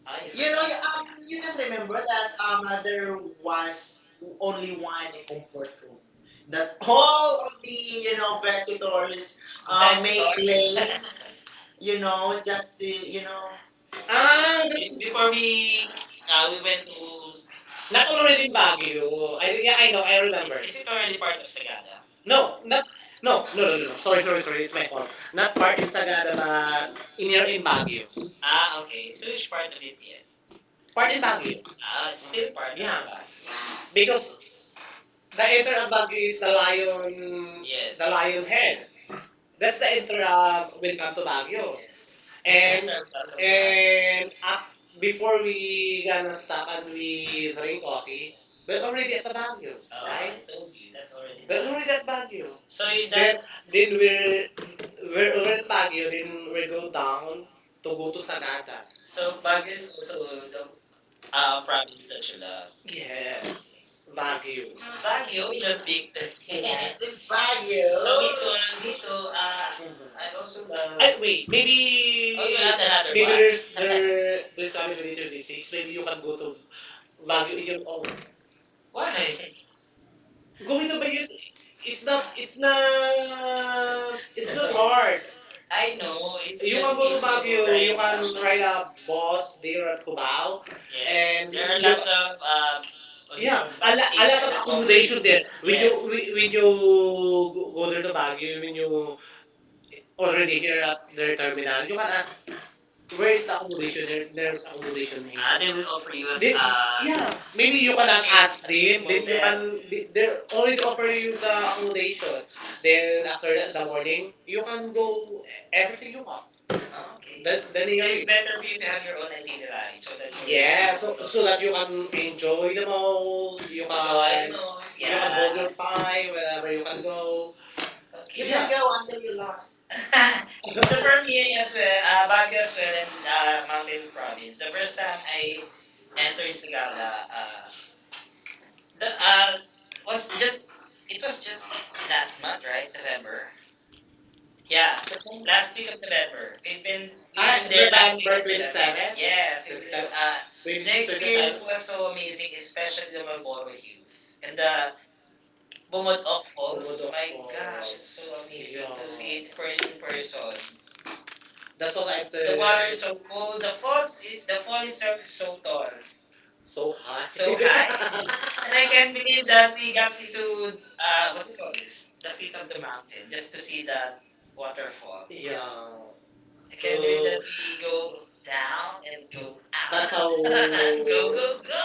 Speaker 2: I
Speaker 1: You know, you forgot.
Speaker 2: You
Speaker 1: You
Speaker 2: can
Speaker 1: can,
Speaker 2: remember
Speaker 1: that
Speaker 2: that there
Speaker 1: there
Speaker 2: was
Speaker 1: was
Speaker 2: only one
Speaker 1: one
Speaker 2: comfort room that
Speaker 1: that
Speaker 2: all
Speaker 1: all
Speaker 2: of
Speaker 1: the,
Speaker 2: the,
Speaker 1: you know,
Speaker 2: visitors Best-
Speaker 1: Best make
Speaker 2: made
Speaker 1: stores. Lane,
Speaker 2: lane, you
Speaker 1: you
Speaker 2: know,
Speaker 1: know,
Speaker 2: just
Speaker 1: just to,
Speaker 2: to, you
Speaker 1: you
Speaker 2: know.
Speaker 1: know,
Speaker 2: Ah,
Speaker 1: Ah, that's, before
Speaker 2: for me,
Speaker 1: we,
Speaker 2: we
Speaker 1: we
Speaker 2: went
Speaker 1: went to,
Speaker 2: to, not
Speaker 1: not
Speaker 2: already
Speaker 1: already in
Speaker 2: bad. Is it
Speaker 1: Baguio. I, yeah, I know, I is, remember. Is it already
Speaker 2: already part
Speaker 1: part of
Speaker 2: of
Speaker 1: Sagada?
Speaker 2: Sagada?
Speaker 1: No,
Speaker 2: No,
Speaker 1: not,
Speaker 2: no,
Speaker 1: no,
Speaker 2: no. no.
Speaker 1: no, no, no, no. Sorry,
Speaker 2: Not
Speaker 1: sorry, sorry. It's my fault. Not part
Speaker 2: part
Speaker 1: in
Speaker 2: of Sagada.
Speaker 1: Sagada, but in here
Speaker 2: Near
Speaker 1: in
Speaker 2: impact.
Speaker 1: Baguio.
Speaker 2: Ah,
Speaker 1: Ah,
Speaker 2: okay.
Speaker 1: okay. So
Speaker 2: So it's
Speaker 1: which
Speaker 2: part
Speaker 1: part of
Speaker 2: of
Speaker 1: it
Speaker 2: it.
Speaker 1: yet? Part
Speaker 2: Part
Speaker 1: in
Speaker 2: in back.
Speaker 1: Baguio. Ah, it's
Speaker 2: It's
Speaker 1: still
Speaker 2: still part
Speaker 1: part of. Yeah,
Speaker 2: of
Speaker 1: the back.
Speaker 2: it.
Speaker 1: Because
Speaker 2: Because the
Speaker 1: the enter
Speaker 2: inner
Speaker 1: of
Speaker 2: ang
Speaker 1: Baguio is the
Speaker 2: malayo,
Speaker 1: lion, yes,
Speaker 2: yes,
Speaker 1: the,
Speaker 2: the
Speaker 1: yes, lion
Speaker 2: lion
Speaker 1: head.
Speaker 2: head. That's
Speaker 1: That's
Speaker 2: the
Speaker 1: the intro
Speaker 2: inner ang
Speaker 1: of Welcome to Baguio. Yes. And
Speaker 2: and,
Speaker 1: Enter Welcome to
Speaker 2: and before
Speaker 1: before
Speaker 2: we,
Speaker 1: we gonna stop and
Speaker 2: we
Speaker 1: we drink
Speaker 2: ring off,
Speaker 1: coffee, we're
Speaker 2: we're
Speaker 1: already
Speaker 2: already
Speaker 1: at the Baguio, oh, right?
Speaker 2: I
Speaker 1: I
Speaker 2: told
Speaker 1: told
Speaker 2: you,
Speaker 1: you,
Speaker 2: that's
Speaker 1: that's
Speaker 2: already
Speaker 1: already. We're
Speaker 2: we're
Speaker 1: done.
Speaker 2: already
Speaker 1: Already
Speaker 2: at
Speaker 1: at
Speaker 2: Baguio.
Speaker 1: Baguio.
Speaker 2: So
Speaker 1: So you.
Speaker 2: you then, that
Speaker 1: Then done?
Speaker 2: then
Speaker 1: Then
Speaker 2: we're,
Speaker 1: we're
Speaker 2: we're
Speaker 1: we're already
Speaker 2: already at
Speaker 1: at
Speaker 2: Baguio.
Speaker 1: Baguio. Then
Speaker 2: We
Speaker 1: we go
Speaker 2: down
Speaker 1: down
Speaker 2: to
Speaker 1: to
Speaker 2: go
Speaker 1: go to
Speaker 2: to
Speaker 1: Sagada.
Speaker 2: so
Speaker 1: So Baguio
Speaker 2: Baguio is
Speaker 1: is also
Speaker 2: also
Speaker 1: the,
Speaker 2: from
Speaker 1: province that you
Speaker 2: Amsterdam.
Speaker 1: love.
Speaker 2: Yeah.
Speaker 1: Yes, Baguio.
Speaker 2: Baguio. Baguio,
Speaker 1: Baguio,
Speaker 2: the
Speaker 1: the
Speaker 2: big
Speaker 1: big thing.
Speaker 2: yes, the Baguio.
Speaker 1: So
Speaker 2: Oh,
Speaker 1: which one
Speaker 2: so,
Speaker 1: dito, ah,
Speaker 2: I
Speaker 1: I
Speaker 2: also
Speaker 1: also love...
Speaker 2: love ay,
Speaker 1: I, wait,
Speaker 2: wait.
Speaker 1: maybe, oh, you want another maybe one?
Speaker 2: Here's,
Speaker 1: There's
Speaker 2: here's,
Speaker 1: there this coming 2026. Maybe you can go to Baguio
Speaker 2: Baguio
Speaker 1: in your own. Why?
Speaker 2: why?
Speaker 1: Going
Speaker 2: Gumito
Speaker 1: to
Speaker 2: ba.
Speaker 1: Baguio,
Speaker 2: It's
Speaker 1: it's not
Speaker 2: not,
Speaker 1: it's not it's
Speaker 2: it's
Speaker 1: not
Speaker 2: not hard.
Speaker 1: hard. I
Speaker 2: I know
Speaker 1: know, it's.
Speaker 2: it's
Speaker 1: You
Speaker 2: you
Speaker 1: just
Speaker 2: can
Speaker 1: can
Speaker 2: go
Speaker 1: go to Baguio, right? You can ride
Speaker 2: up,
Speaker 1: a
Speaker 2: boss,
Speaker 1: bus
Speaker 2: hindi
Speaker 1: there
Speaker 2: ko alam
Speaker 1: at
Speaker 2: kung
Speaker 1: Cubao. Yes.
Speaker 2: yes. And,
Speaker 1: And there are you lots
Speaker 2: that's,
Speaker 1: you, of...
Speaker 2: on yeah,
Speaker 1: Yeah,
Speaker 2: public
Speaker 1: call it a bus, a lot of accommodation there. When, yes, you, when you go there to Baguio, when you already
Speaker 2: already,
Speaker 1: here at their terminal, you can ask, where
Speaker 2: where
Speaker 1: is
Speaker 2: is
Speaker 1: the
Speaker 2: the
Speaker 1: accommodation? There, there's accommodation here. Ah, they
Speaker 2: They will
Speaker 1: will offer you as.
Speaker 2: address, they-
Speaker 1: Yeah, maybe
Speaker 2: even you
Speaker 1: you
Speaker 2: can
Speaker 1: cannot ask
Speaker 2: ask
Speaker 1: a
Speaker 2: them,
Speaker 1: cheap them.
Speaker 2: they
Speaker 1: Then you hotel. Can
Speaker 2: they're
Speaker 1: they're already
Speaker 2: only
Speaker 1: offering
Speaker 2: offering
Speaker 1: you the
Speaker 2: you
Speaker 1: accommodation.
Speaker 2: one. Then,
Speaker 1: Then after that, in the morning,
Speaker 2: you
Speaker 1: you
Speaker 2: can
Speaker 1: can
Speaker 2: do
Speaker 1: go everything
Speaker 2: everything.
Speaker 1: you want.
Speaker 2: Huh?
Speaker 1: Ah, okay. The So
Speaker 2: Then
Speaker 1: nearest.
Speaker 2: they
Speaker 1: It's nearest.
Speaker 2: spend
Speaker 1: Better
Speaker 2: on
Speaker 1: for
Speaker 2: you
Speaker 1: you to have
Speaker 2: have your
Speaker 1: your
Speaker 2: own
Speaker 1: own
Speaker 2: itinerary.
Speaker 1: itinerary so that
Speaker 2: So
Speaker 1: you.
Speaker 2: yeah.
Speaker 1: Yeah, so close so
Speaker 2: So
Speaker 1: that
Speaker 2: that
Speaker 1: you
Speaker 2: you can
Speaker 1: can enjoy the
Speaker 2: enjoy
Speaker 1: most. You
Speaker 2: you can,
Speaker 1: enjoy can the can most. Yeah. You
Speaker 2: you
Speaker 1: can
Speaker 2: can
Speaker 1: hold. Yeah. Your
Speaker 2: yeah.
Speaker 1: time wherever you can go.
Speaker 2: You
Speaker 1: Okay.
Speaker 2: yeah. Can
Speaker 1: Yeah, go
Speaker 2: go
Speaker 1: until
Speaker 2: until you
Speaker 1: you lost.
Speaker 2: lost.
Speaker 1: So
Speaker 2: So for
Speaker 1: for
Speaker 2: me,
Speaker 1: me as
Speaker 2: is Baguio's when
Speaker 1: well,
Speaker 2: I'm
Speaker 1: Baguio as well and
Speaker 2: mountain
Speaker 1: Mountain Province.
Speaker 2: province.
Speaker 1: The
Speaker 2: The
Speaker 1: first
Speaker 2: first
Speaker 1: time
Speaker 2: time I
Speaker 1: I entered
Speaker 2: entered Sagada,
Speaker 1: Sagada, the
Speaker 2: the, uh,
Speaker 1: was
Speaker 2: was
Speaker 1: just,
Speaker 2: just
Speaker 1: it
Speaker 2: it
Speaker 1: was
Speaker 2: was
Speaker 1: just
Speaker 2: just last
Speaker 1: last
Speaker 2: month,
Speaker 1: month,
Speaker 2: right?
Speaker 1: right?
Speaker 2: November.
Speaker 1: November. Yeah,
Speaker 2: Yeah,
Speaker 1: last
Speaker 2: last week
Speaker 1: week
Speaker 2: of
Speaker 1: of
Speaker 2: November.
Speaker 1: November. We've
Speaker 2: We've
Speaker 1: been,
Speaker 2: been
Speaker 1: we've. Ah,
Speaker 2: in
Speaker 1: been
Speaker 2: there.
Speaker 1: there the last time
Speaker 2: Last
Speaker 1: week for of
Speaker 2: one the
Speaker 1: November.
Speaker 2: second.
Speaker 1: November 27? Yes,
Speaker 2: Yes.
Speaker 1: we've been 27? The
Speaker 2: The
Speaker 1: 26, experience
Speaker 2: experience
Speaker 1: 27?
Speaker 2: was
Speaker 1: Was so
Speaker 2: so
Speaker 1: amazing,
Speaker 2: amazing,
Speaker 1: especially
Speaker 2: especially the
Speaker 1: the Marlboro Hills
Speaker 2: barbecues
Speaker 1: and
Speaker 2: and
Speaker 1: the
Speaker 2: the bumod
Speaker 1: Bumodok
Speaker 2: also
Speaker 1: Falls.
Speaker 2: was
Speaker 1: Bumudok My Falls. Gosh, it's so
Speaker 2: so
Speaker 1: amazing.
Speaker 2: amazing
Speaker 1: Yeah, to
Speaker 2: to
Speaker 1: see
Speaker 2: see
Speaker 1: it
Speaker 2: it
Speaker 1: in
Speaker 2: in person.
Speaker 1: person. That's
Speaker 2: That's
Speaker 1: what
Speaker 2: all I
Speaker 1: I'm saying.
Speaker 2: the
Speaker 1: The
Speaker 2: bar
Speaker 1: water is
Speaker 2: is so
Speaker 1: so
Speaker 2: cool.
Speaker 1: cold. The falls, the
Speaker 2: The
Speaker 1: fall
Speaker 2: fall itself
Speaker 1: itself is
Speaker 2: is so
Speaker 1: so
Speaker 2: tall.
Speaker 1: tall. So high.
Speaker 2: So
Speaker 1: So high.
Speaker 2: flat.
Speaker 1: And
Speaker 2: And
Speaker 1: I
Speaker 2: I can't
Speaker 1: can't believe
Speaker 2: believe that
Speaker 1: that we
Speaker 2: we
Speaker 1: got into,
Speaker 2: went to, what
Speaker 1: what do
Speaker 2: do
Speaker 1: you
Speaker 2: you
Speaker 1: call
Speaker 2: call this?
Speaker 1: this? The
Speaker 2: The
Speaker 1: feet
Speaker 2: feet
Speaker 1: of
Speaker 2: of
Speaker 1: the
Speaker 2: the
Speaker 1: mountain
Speaker 2: mountain, just
Speaker 1: just to
Speaker 2: to see
Speaker 1: see
Speaker 2: the
Speaker 1: that
Speaker 2: waterfall.
Speaker 1: waterfall. Yeah.
Speaker 2: Yeah.
Speaker 1: I
Speaker 2: I
Speaker 1: can't.
Speaker 2: can't believe
Speaker 1: Believe So
Speaker 2: that
Speaker 1: that we
Speaker 2: we
Speaker 1: go
Speaker 2: go
Speaker 1: down
Speaker 2: down
Speaker 1: and go
Speaker 2: and
Speaker 1: out.
Speaker 2: up.
Speaker 1: That's how.
Speaker 2: Oh,
Speaker 1: Go, go, go.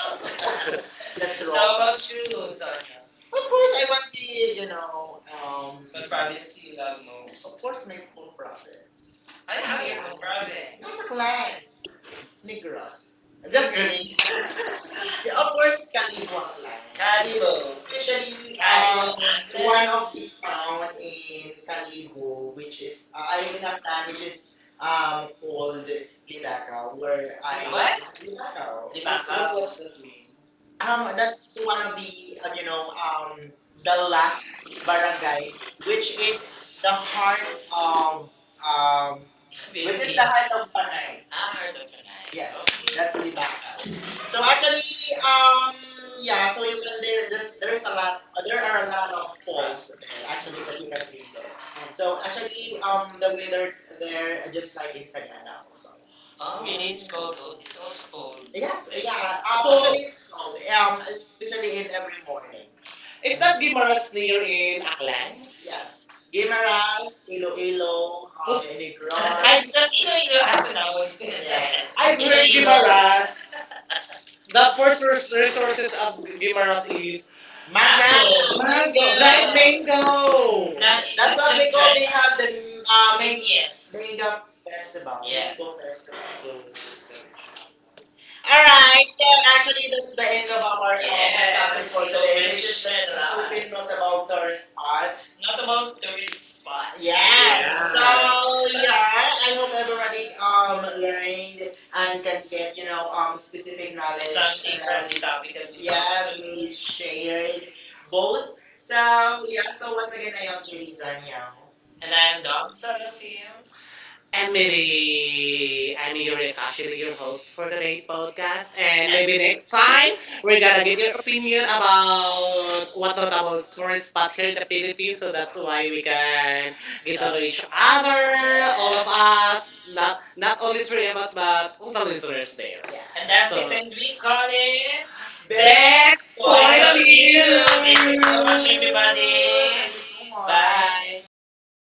Speaker 2: that's
Speaker 1: That's
Speaker 2: so
Speaker 1: wrong.
Speaker 2: wrong.
Speaker 1: So
Speaker 2: So
Speaker 1: how
Speaker 2: how
Speaker 1: wrong.
Speaker 2: about
Speaker 1: About you,
Speaker 2: you, Sonia?
Speaker 1: Sonia?
Speaker 2: Of
Speaker 1: Of
Speaker 2: course,
Speaker 1: course,
Speaker 2: I
Speaker 1: I
Speaker 2: want
Speaker 1: want
Speaker 2: to,
Speaker 1: to, you know,
Speaker 2: what
Speaker 1: what province
Speaker 2: province do
Speaker 1: do
Speaker 2: you
Speaker 1: you love
Speaker 2: love most?
Speaker 1: most?
Speaker 2: Of
Speaker 1: Of
Speaker 2: course,
Speaker 1: course,
Speaker 2: my
Speaker 1: my
Speaker 2: own
Speaker 1: own profit.
Speaker 2: province. I
Speaker 1: I have.
Speaker 2: have
Speaker 1: Okay.
Speaker 2: your
Speaker 1: Your own
Speaker 2: province.
Speaker 1: province.
Speaker 2: What
Speaker 1: Not
Speaker 2: a
Speaker 1: a plan.
Speaker 2: client. Negros.
Speaker 1: Negros.
Speaker 2: Just
Speaker 1: Just
Speaker 2: kidding.
Speaker 1: kidding.
Speaker 2: Of
Speaker 1: Of
Speaker 2: course,
Speaker 1: course,
Speaker 2: Kaliwa
Speaker 1: Calibwa applies. Calibo.
Speaker 2: especially,
Speaker 1: Especially
Speaker 2: one
Speaker 1: one
Speaker 2: of
Speaker 1: of
Speaker 2: the
Speaker 1: the town
Speaker 2: town
Speaker 1: in
Speaker 2: in
Speaker 1: Calibo,
Speaker 2: Kalibo, which
Speaker 1: which is.
Speaker 2: is,
Speaker 1: I
Speaker 2: I mean,
Speaker 1: in a
Speaker 2: Afnan,
Speaker 1: clan,
Speaker 2: which
Speaker 1: which is
Speaker 2: is
Speaker 1: called
Speaker 2: called Libaka,
Speaker 1: Libacao, where
Speaker 2: where I...
Speaker 1: I. What?
Speaker 2: What?
Speaker 1: Libacao.
Speaker 2: Libakaw.
Speaker 1: Libacao. What does
Speaker 2: Libakaw.
Speaker 1: that mean? That's
Speaker 2: That's
Speaker 1: one
Speaker 2: one
Speaker 1: of
Speaker 2: of the,
Speaker 1: the, you know,
Speaker 2: the
Speaker 1: the
Speaker 2: last
Speaker 1: last
Speaker 2: barangay,
Speaker 1: barangay, which
Speaker 2: which
Speaker 1: is
Speaker 2: is the
Speaker 1: the
Speaker 2: heart
Speaker 1: heart of,
Speaker 2: of,
Speaker 1: um
Speaker 2: um, which is
Speaker 1: Wait,
Speaker 2: the heart of Panay.
Speaker 1: I heard of Lanai. Yeah,
Speaker 2: Yes, that's
Speaker 1: that's
Speaker 2: Olibacao. So
Speaker 1: so,
Speaker 2: actually, um,
Speaker 1: um, yeah,
Speaker 2: yeah, so you
Speaker 1: you
Speaker 2: can
Speaker 1: can
Speaker 2: there,
Speaker 1: there. There's
Speaker 2: there's
Speaker 1: there's a
Speaker 2: a lot,
Speaker 1: lot.
Speaker 2: there
Speaker 1: There
Speaker 2: are
Speaker 1: are
Speaker 2: a
Speaker 1: a
Speaker 2: lot
Speaker 1: lot
Speaker 2: of
Speaker 1: of
Speaker 2: falls
Speaker 1: folks there
Speaker 2: there, actually
Speaker 1: actually
Speaker 2: that
Speaker 1: that
Speaker 2: you
Speaker 1: you
Speaker 2: can
Speaker 1: can
Speaker 2: visit.
Speaker 1: visit. So
Speaker 2: So actually,
Speaker 1: actually,
Speaker 2: the weather there,
Speaker 1: they're
Speaker 2: just
Speaker 1: just
Speaker 2: like
Speaker 1: like
Speaker 2: in
Speaker 1: in
Speaker 2: Sagada
Speaker 1: Sagada
Speaker 2: also.
Speaker 1: also. In it's cold. It's also cold. Yes.
Speaker 2: Yes,
Speaker 1: Like, yeah.
Speaker 2: yeah,
Speaker 1: Actually
Speaker 2: actually
Speaker 1: it's
Speaker 2: it's cold,
Speaker 1: cold,
Speaker 2: especially
Speaker 1: especially in.
Speaker 2: in every morning.
Speaker 1: Is
Speaker 2: Is
Speaker 1: that
Speaker 2: that Guimaras
Speaker 1: Guimaras near
Speaker 2: again?
Speaker 1: in Aklan?
Speaker 2: Yes,
Speaker 1: Guimaras,
Speaker 2: Guimaras,
Speaker 1: Iloilo,
Speaker 2: Iloilo,
Speaker 1: um, Negros.
Speaker 2: Inigros.
Speaker 1: I just Iloilo
Speaker 2: Thinking
Speaker 1: has a novel.
Speaker 2: of
Speaker 1: Yes.
Speaker 2: yes. I'm
Speaker 1: I've heard
Speaker 2: learning a
Speaker 1: Iloilo.
Speaker 2: lot.
Speaker 1: Guimaras. The
Speaker 2: The first
Speaker 1: resources of
Speaker 2: Guimaras.
Speaker 1: Guimaras is
Speaker 2: Manga, like,
Speaker 1: mango. Mango, dried mango.
Speaker 2: manga.
Speaker 1: Now, it- That's
Speaker 2: That's
Speaker 1: it's what
Speaker 2: what just
Speaker 1: just they
Speaker 2: we
Speaker 1: just
Speaker 2: call. Like- they have
Speaker 1: call
Speaker 2: the
Speaker 1: dread. The,
Speaker 2: yes.
Speaker 1: yes, mango
Speaker 2: Mango
Speaker 1: festival.
Speaker 2: Festival. Yeah.
Speaker 1: Yeah.
Speaker 2: Mango
Speaker 1: Mango festival.
Speaker 2: Festival.
Speaker 1: So,
Speaker 2: All right, so actually, that's the end
Speaker 1: end
Speaker 2: of
Speaker 1: of
Speaker 2: our
Speaker 1: our. Yes, our topic
Speaker 2: topic
Speaker 1: for
Speaker 2: for
Speaker 1: you
Speaker 2: today,
Speaker 1: today,
Speaker 2: which
Speaker 1: which is
Speaker 2: is the
Speaker 1: that a lot.
Speaker 2: Philippine
Speaker 1: Philippine not
Speaker 2: notable
Speaker 1: about
Speaker 2: tourist
Speaker 1: tourists.
Speaker 2: spots.
Speaker 1: Not
Speaker 2: Notable
Speaker 1: about tourist
Speaker 2: tourist
Speaker 1: spot.
Speaker 2: spots.
Speaker 1: Yeah.
Speaker 2: Yes. So
Speaker 1: How
Speaker 2: yeah, I hope everybody
Speaker 1: we,
Speaker 2: learned
Speaker 1: learned
Speaker 2: and
Speaker 1: and
Speaker 2: can
Speaker 1: can
Speaker 2: get
Speaker 1: get, you know,
Speaker 2: specific
Speaker 1: knowledge.
Speaker 2: knowledge.
Speaker 1: Something
Speaker 2: Something
Speaker 1: from
Speaker 2: on-
Speaker 1: that, the topic that we.
Speaker 2: yes,
Speaker 1: Yes,
Speaker 2: covered
Speaker 1: talked
Speaker 2: we today.
Speaker 1: we
Speaker 2: Shared both.
Speaker 1: both.
Speaker 2: So
Speaker 1: So
Speaker 2: yeah.
Speaker 1: yeah,
Speaker 2: So
Speaker 1: so
Speaker 2: once
Speaker 1: once
Speaker 2: again,
Speaker 1: again,
Speaker 2: I
Speaker 1: I
Speaker 2: am
Speaker 1: am
Speaker 2: Julie
Speaker 1: Jenny
Speaker 2: Zaniao.
Speaker 1: Zania.
Speaker 2: And
Speaker 1: And
Speaker 2: I
Speaker 1: I
Speaker 2: am
Speaker 1: am
Speaker 2: Dom.
Speaker 1: Dom Sarafim.
Speaker 2: And
Speaker 1: And
Speaker 2: maybe.
Speaker 1: maybe I'm your Akashina, your host
Speaker 2: For
Speaker 1: for
Speaker 2: today's
Speaker 1: today's
Speaker 2: podcast.
Speaker 1: podcast. And
Speaker 2: And
Speaker 1: maybe next time
Speaker 2: bye.
Speaker 1: we're
Speaker 2: We're gonna
Speaker 1: gonna
Speaker 2: be
Speaker 1: get your opinion
Speaker 2: yun about
Speaker 1: about what notable tourist spot here in the
Speaker 2: the
Speaker 1: Philippines. So that's why we can get to know
Speaker 2: pictures,
Speaker 1: each
Speaker 2: our
Speaker 1: other, all of us, not only
Speaker 2: comment
Speaker 1: three of us, but all the
Speaker 2: is
Speaker 1: listeners
Speaker 2: interesting.
Speaker 1: there.
Speaker 2: Yeah.
Speaker 1: And that's. So it. So and we call it best.
Speaker 2: Best!
Speaker 1: Best Point point of
Speaker 2: Finally!
Speaker 1: View. Thank you so much,
Speaker 2: Thank
Speaker 1: view,
Speaker 2: you thank you
Speaker 1: everybody.
Speaker 2: so much. Bye.
Speaker 1: Bye.
Speaker 2: Bye.
Speaker 1: Bye.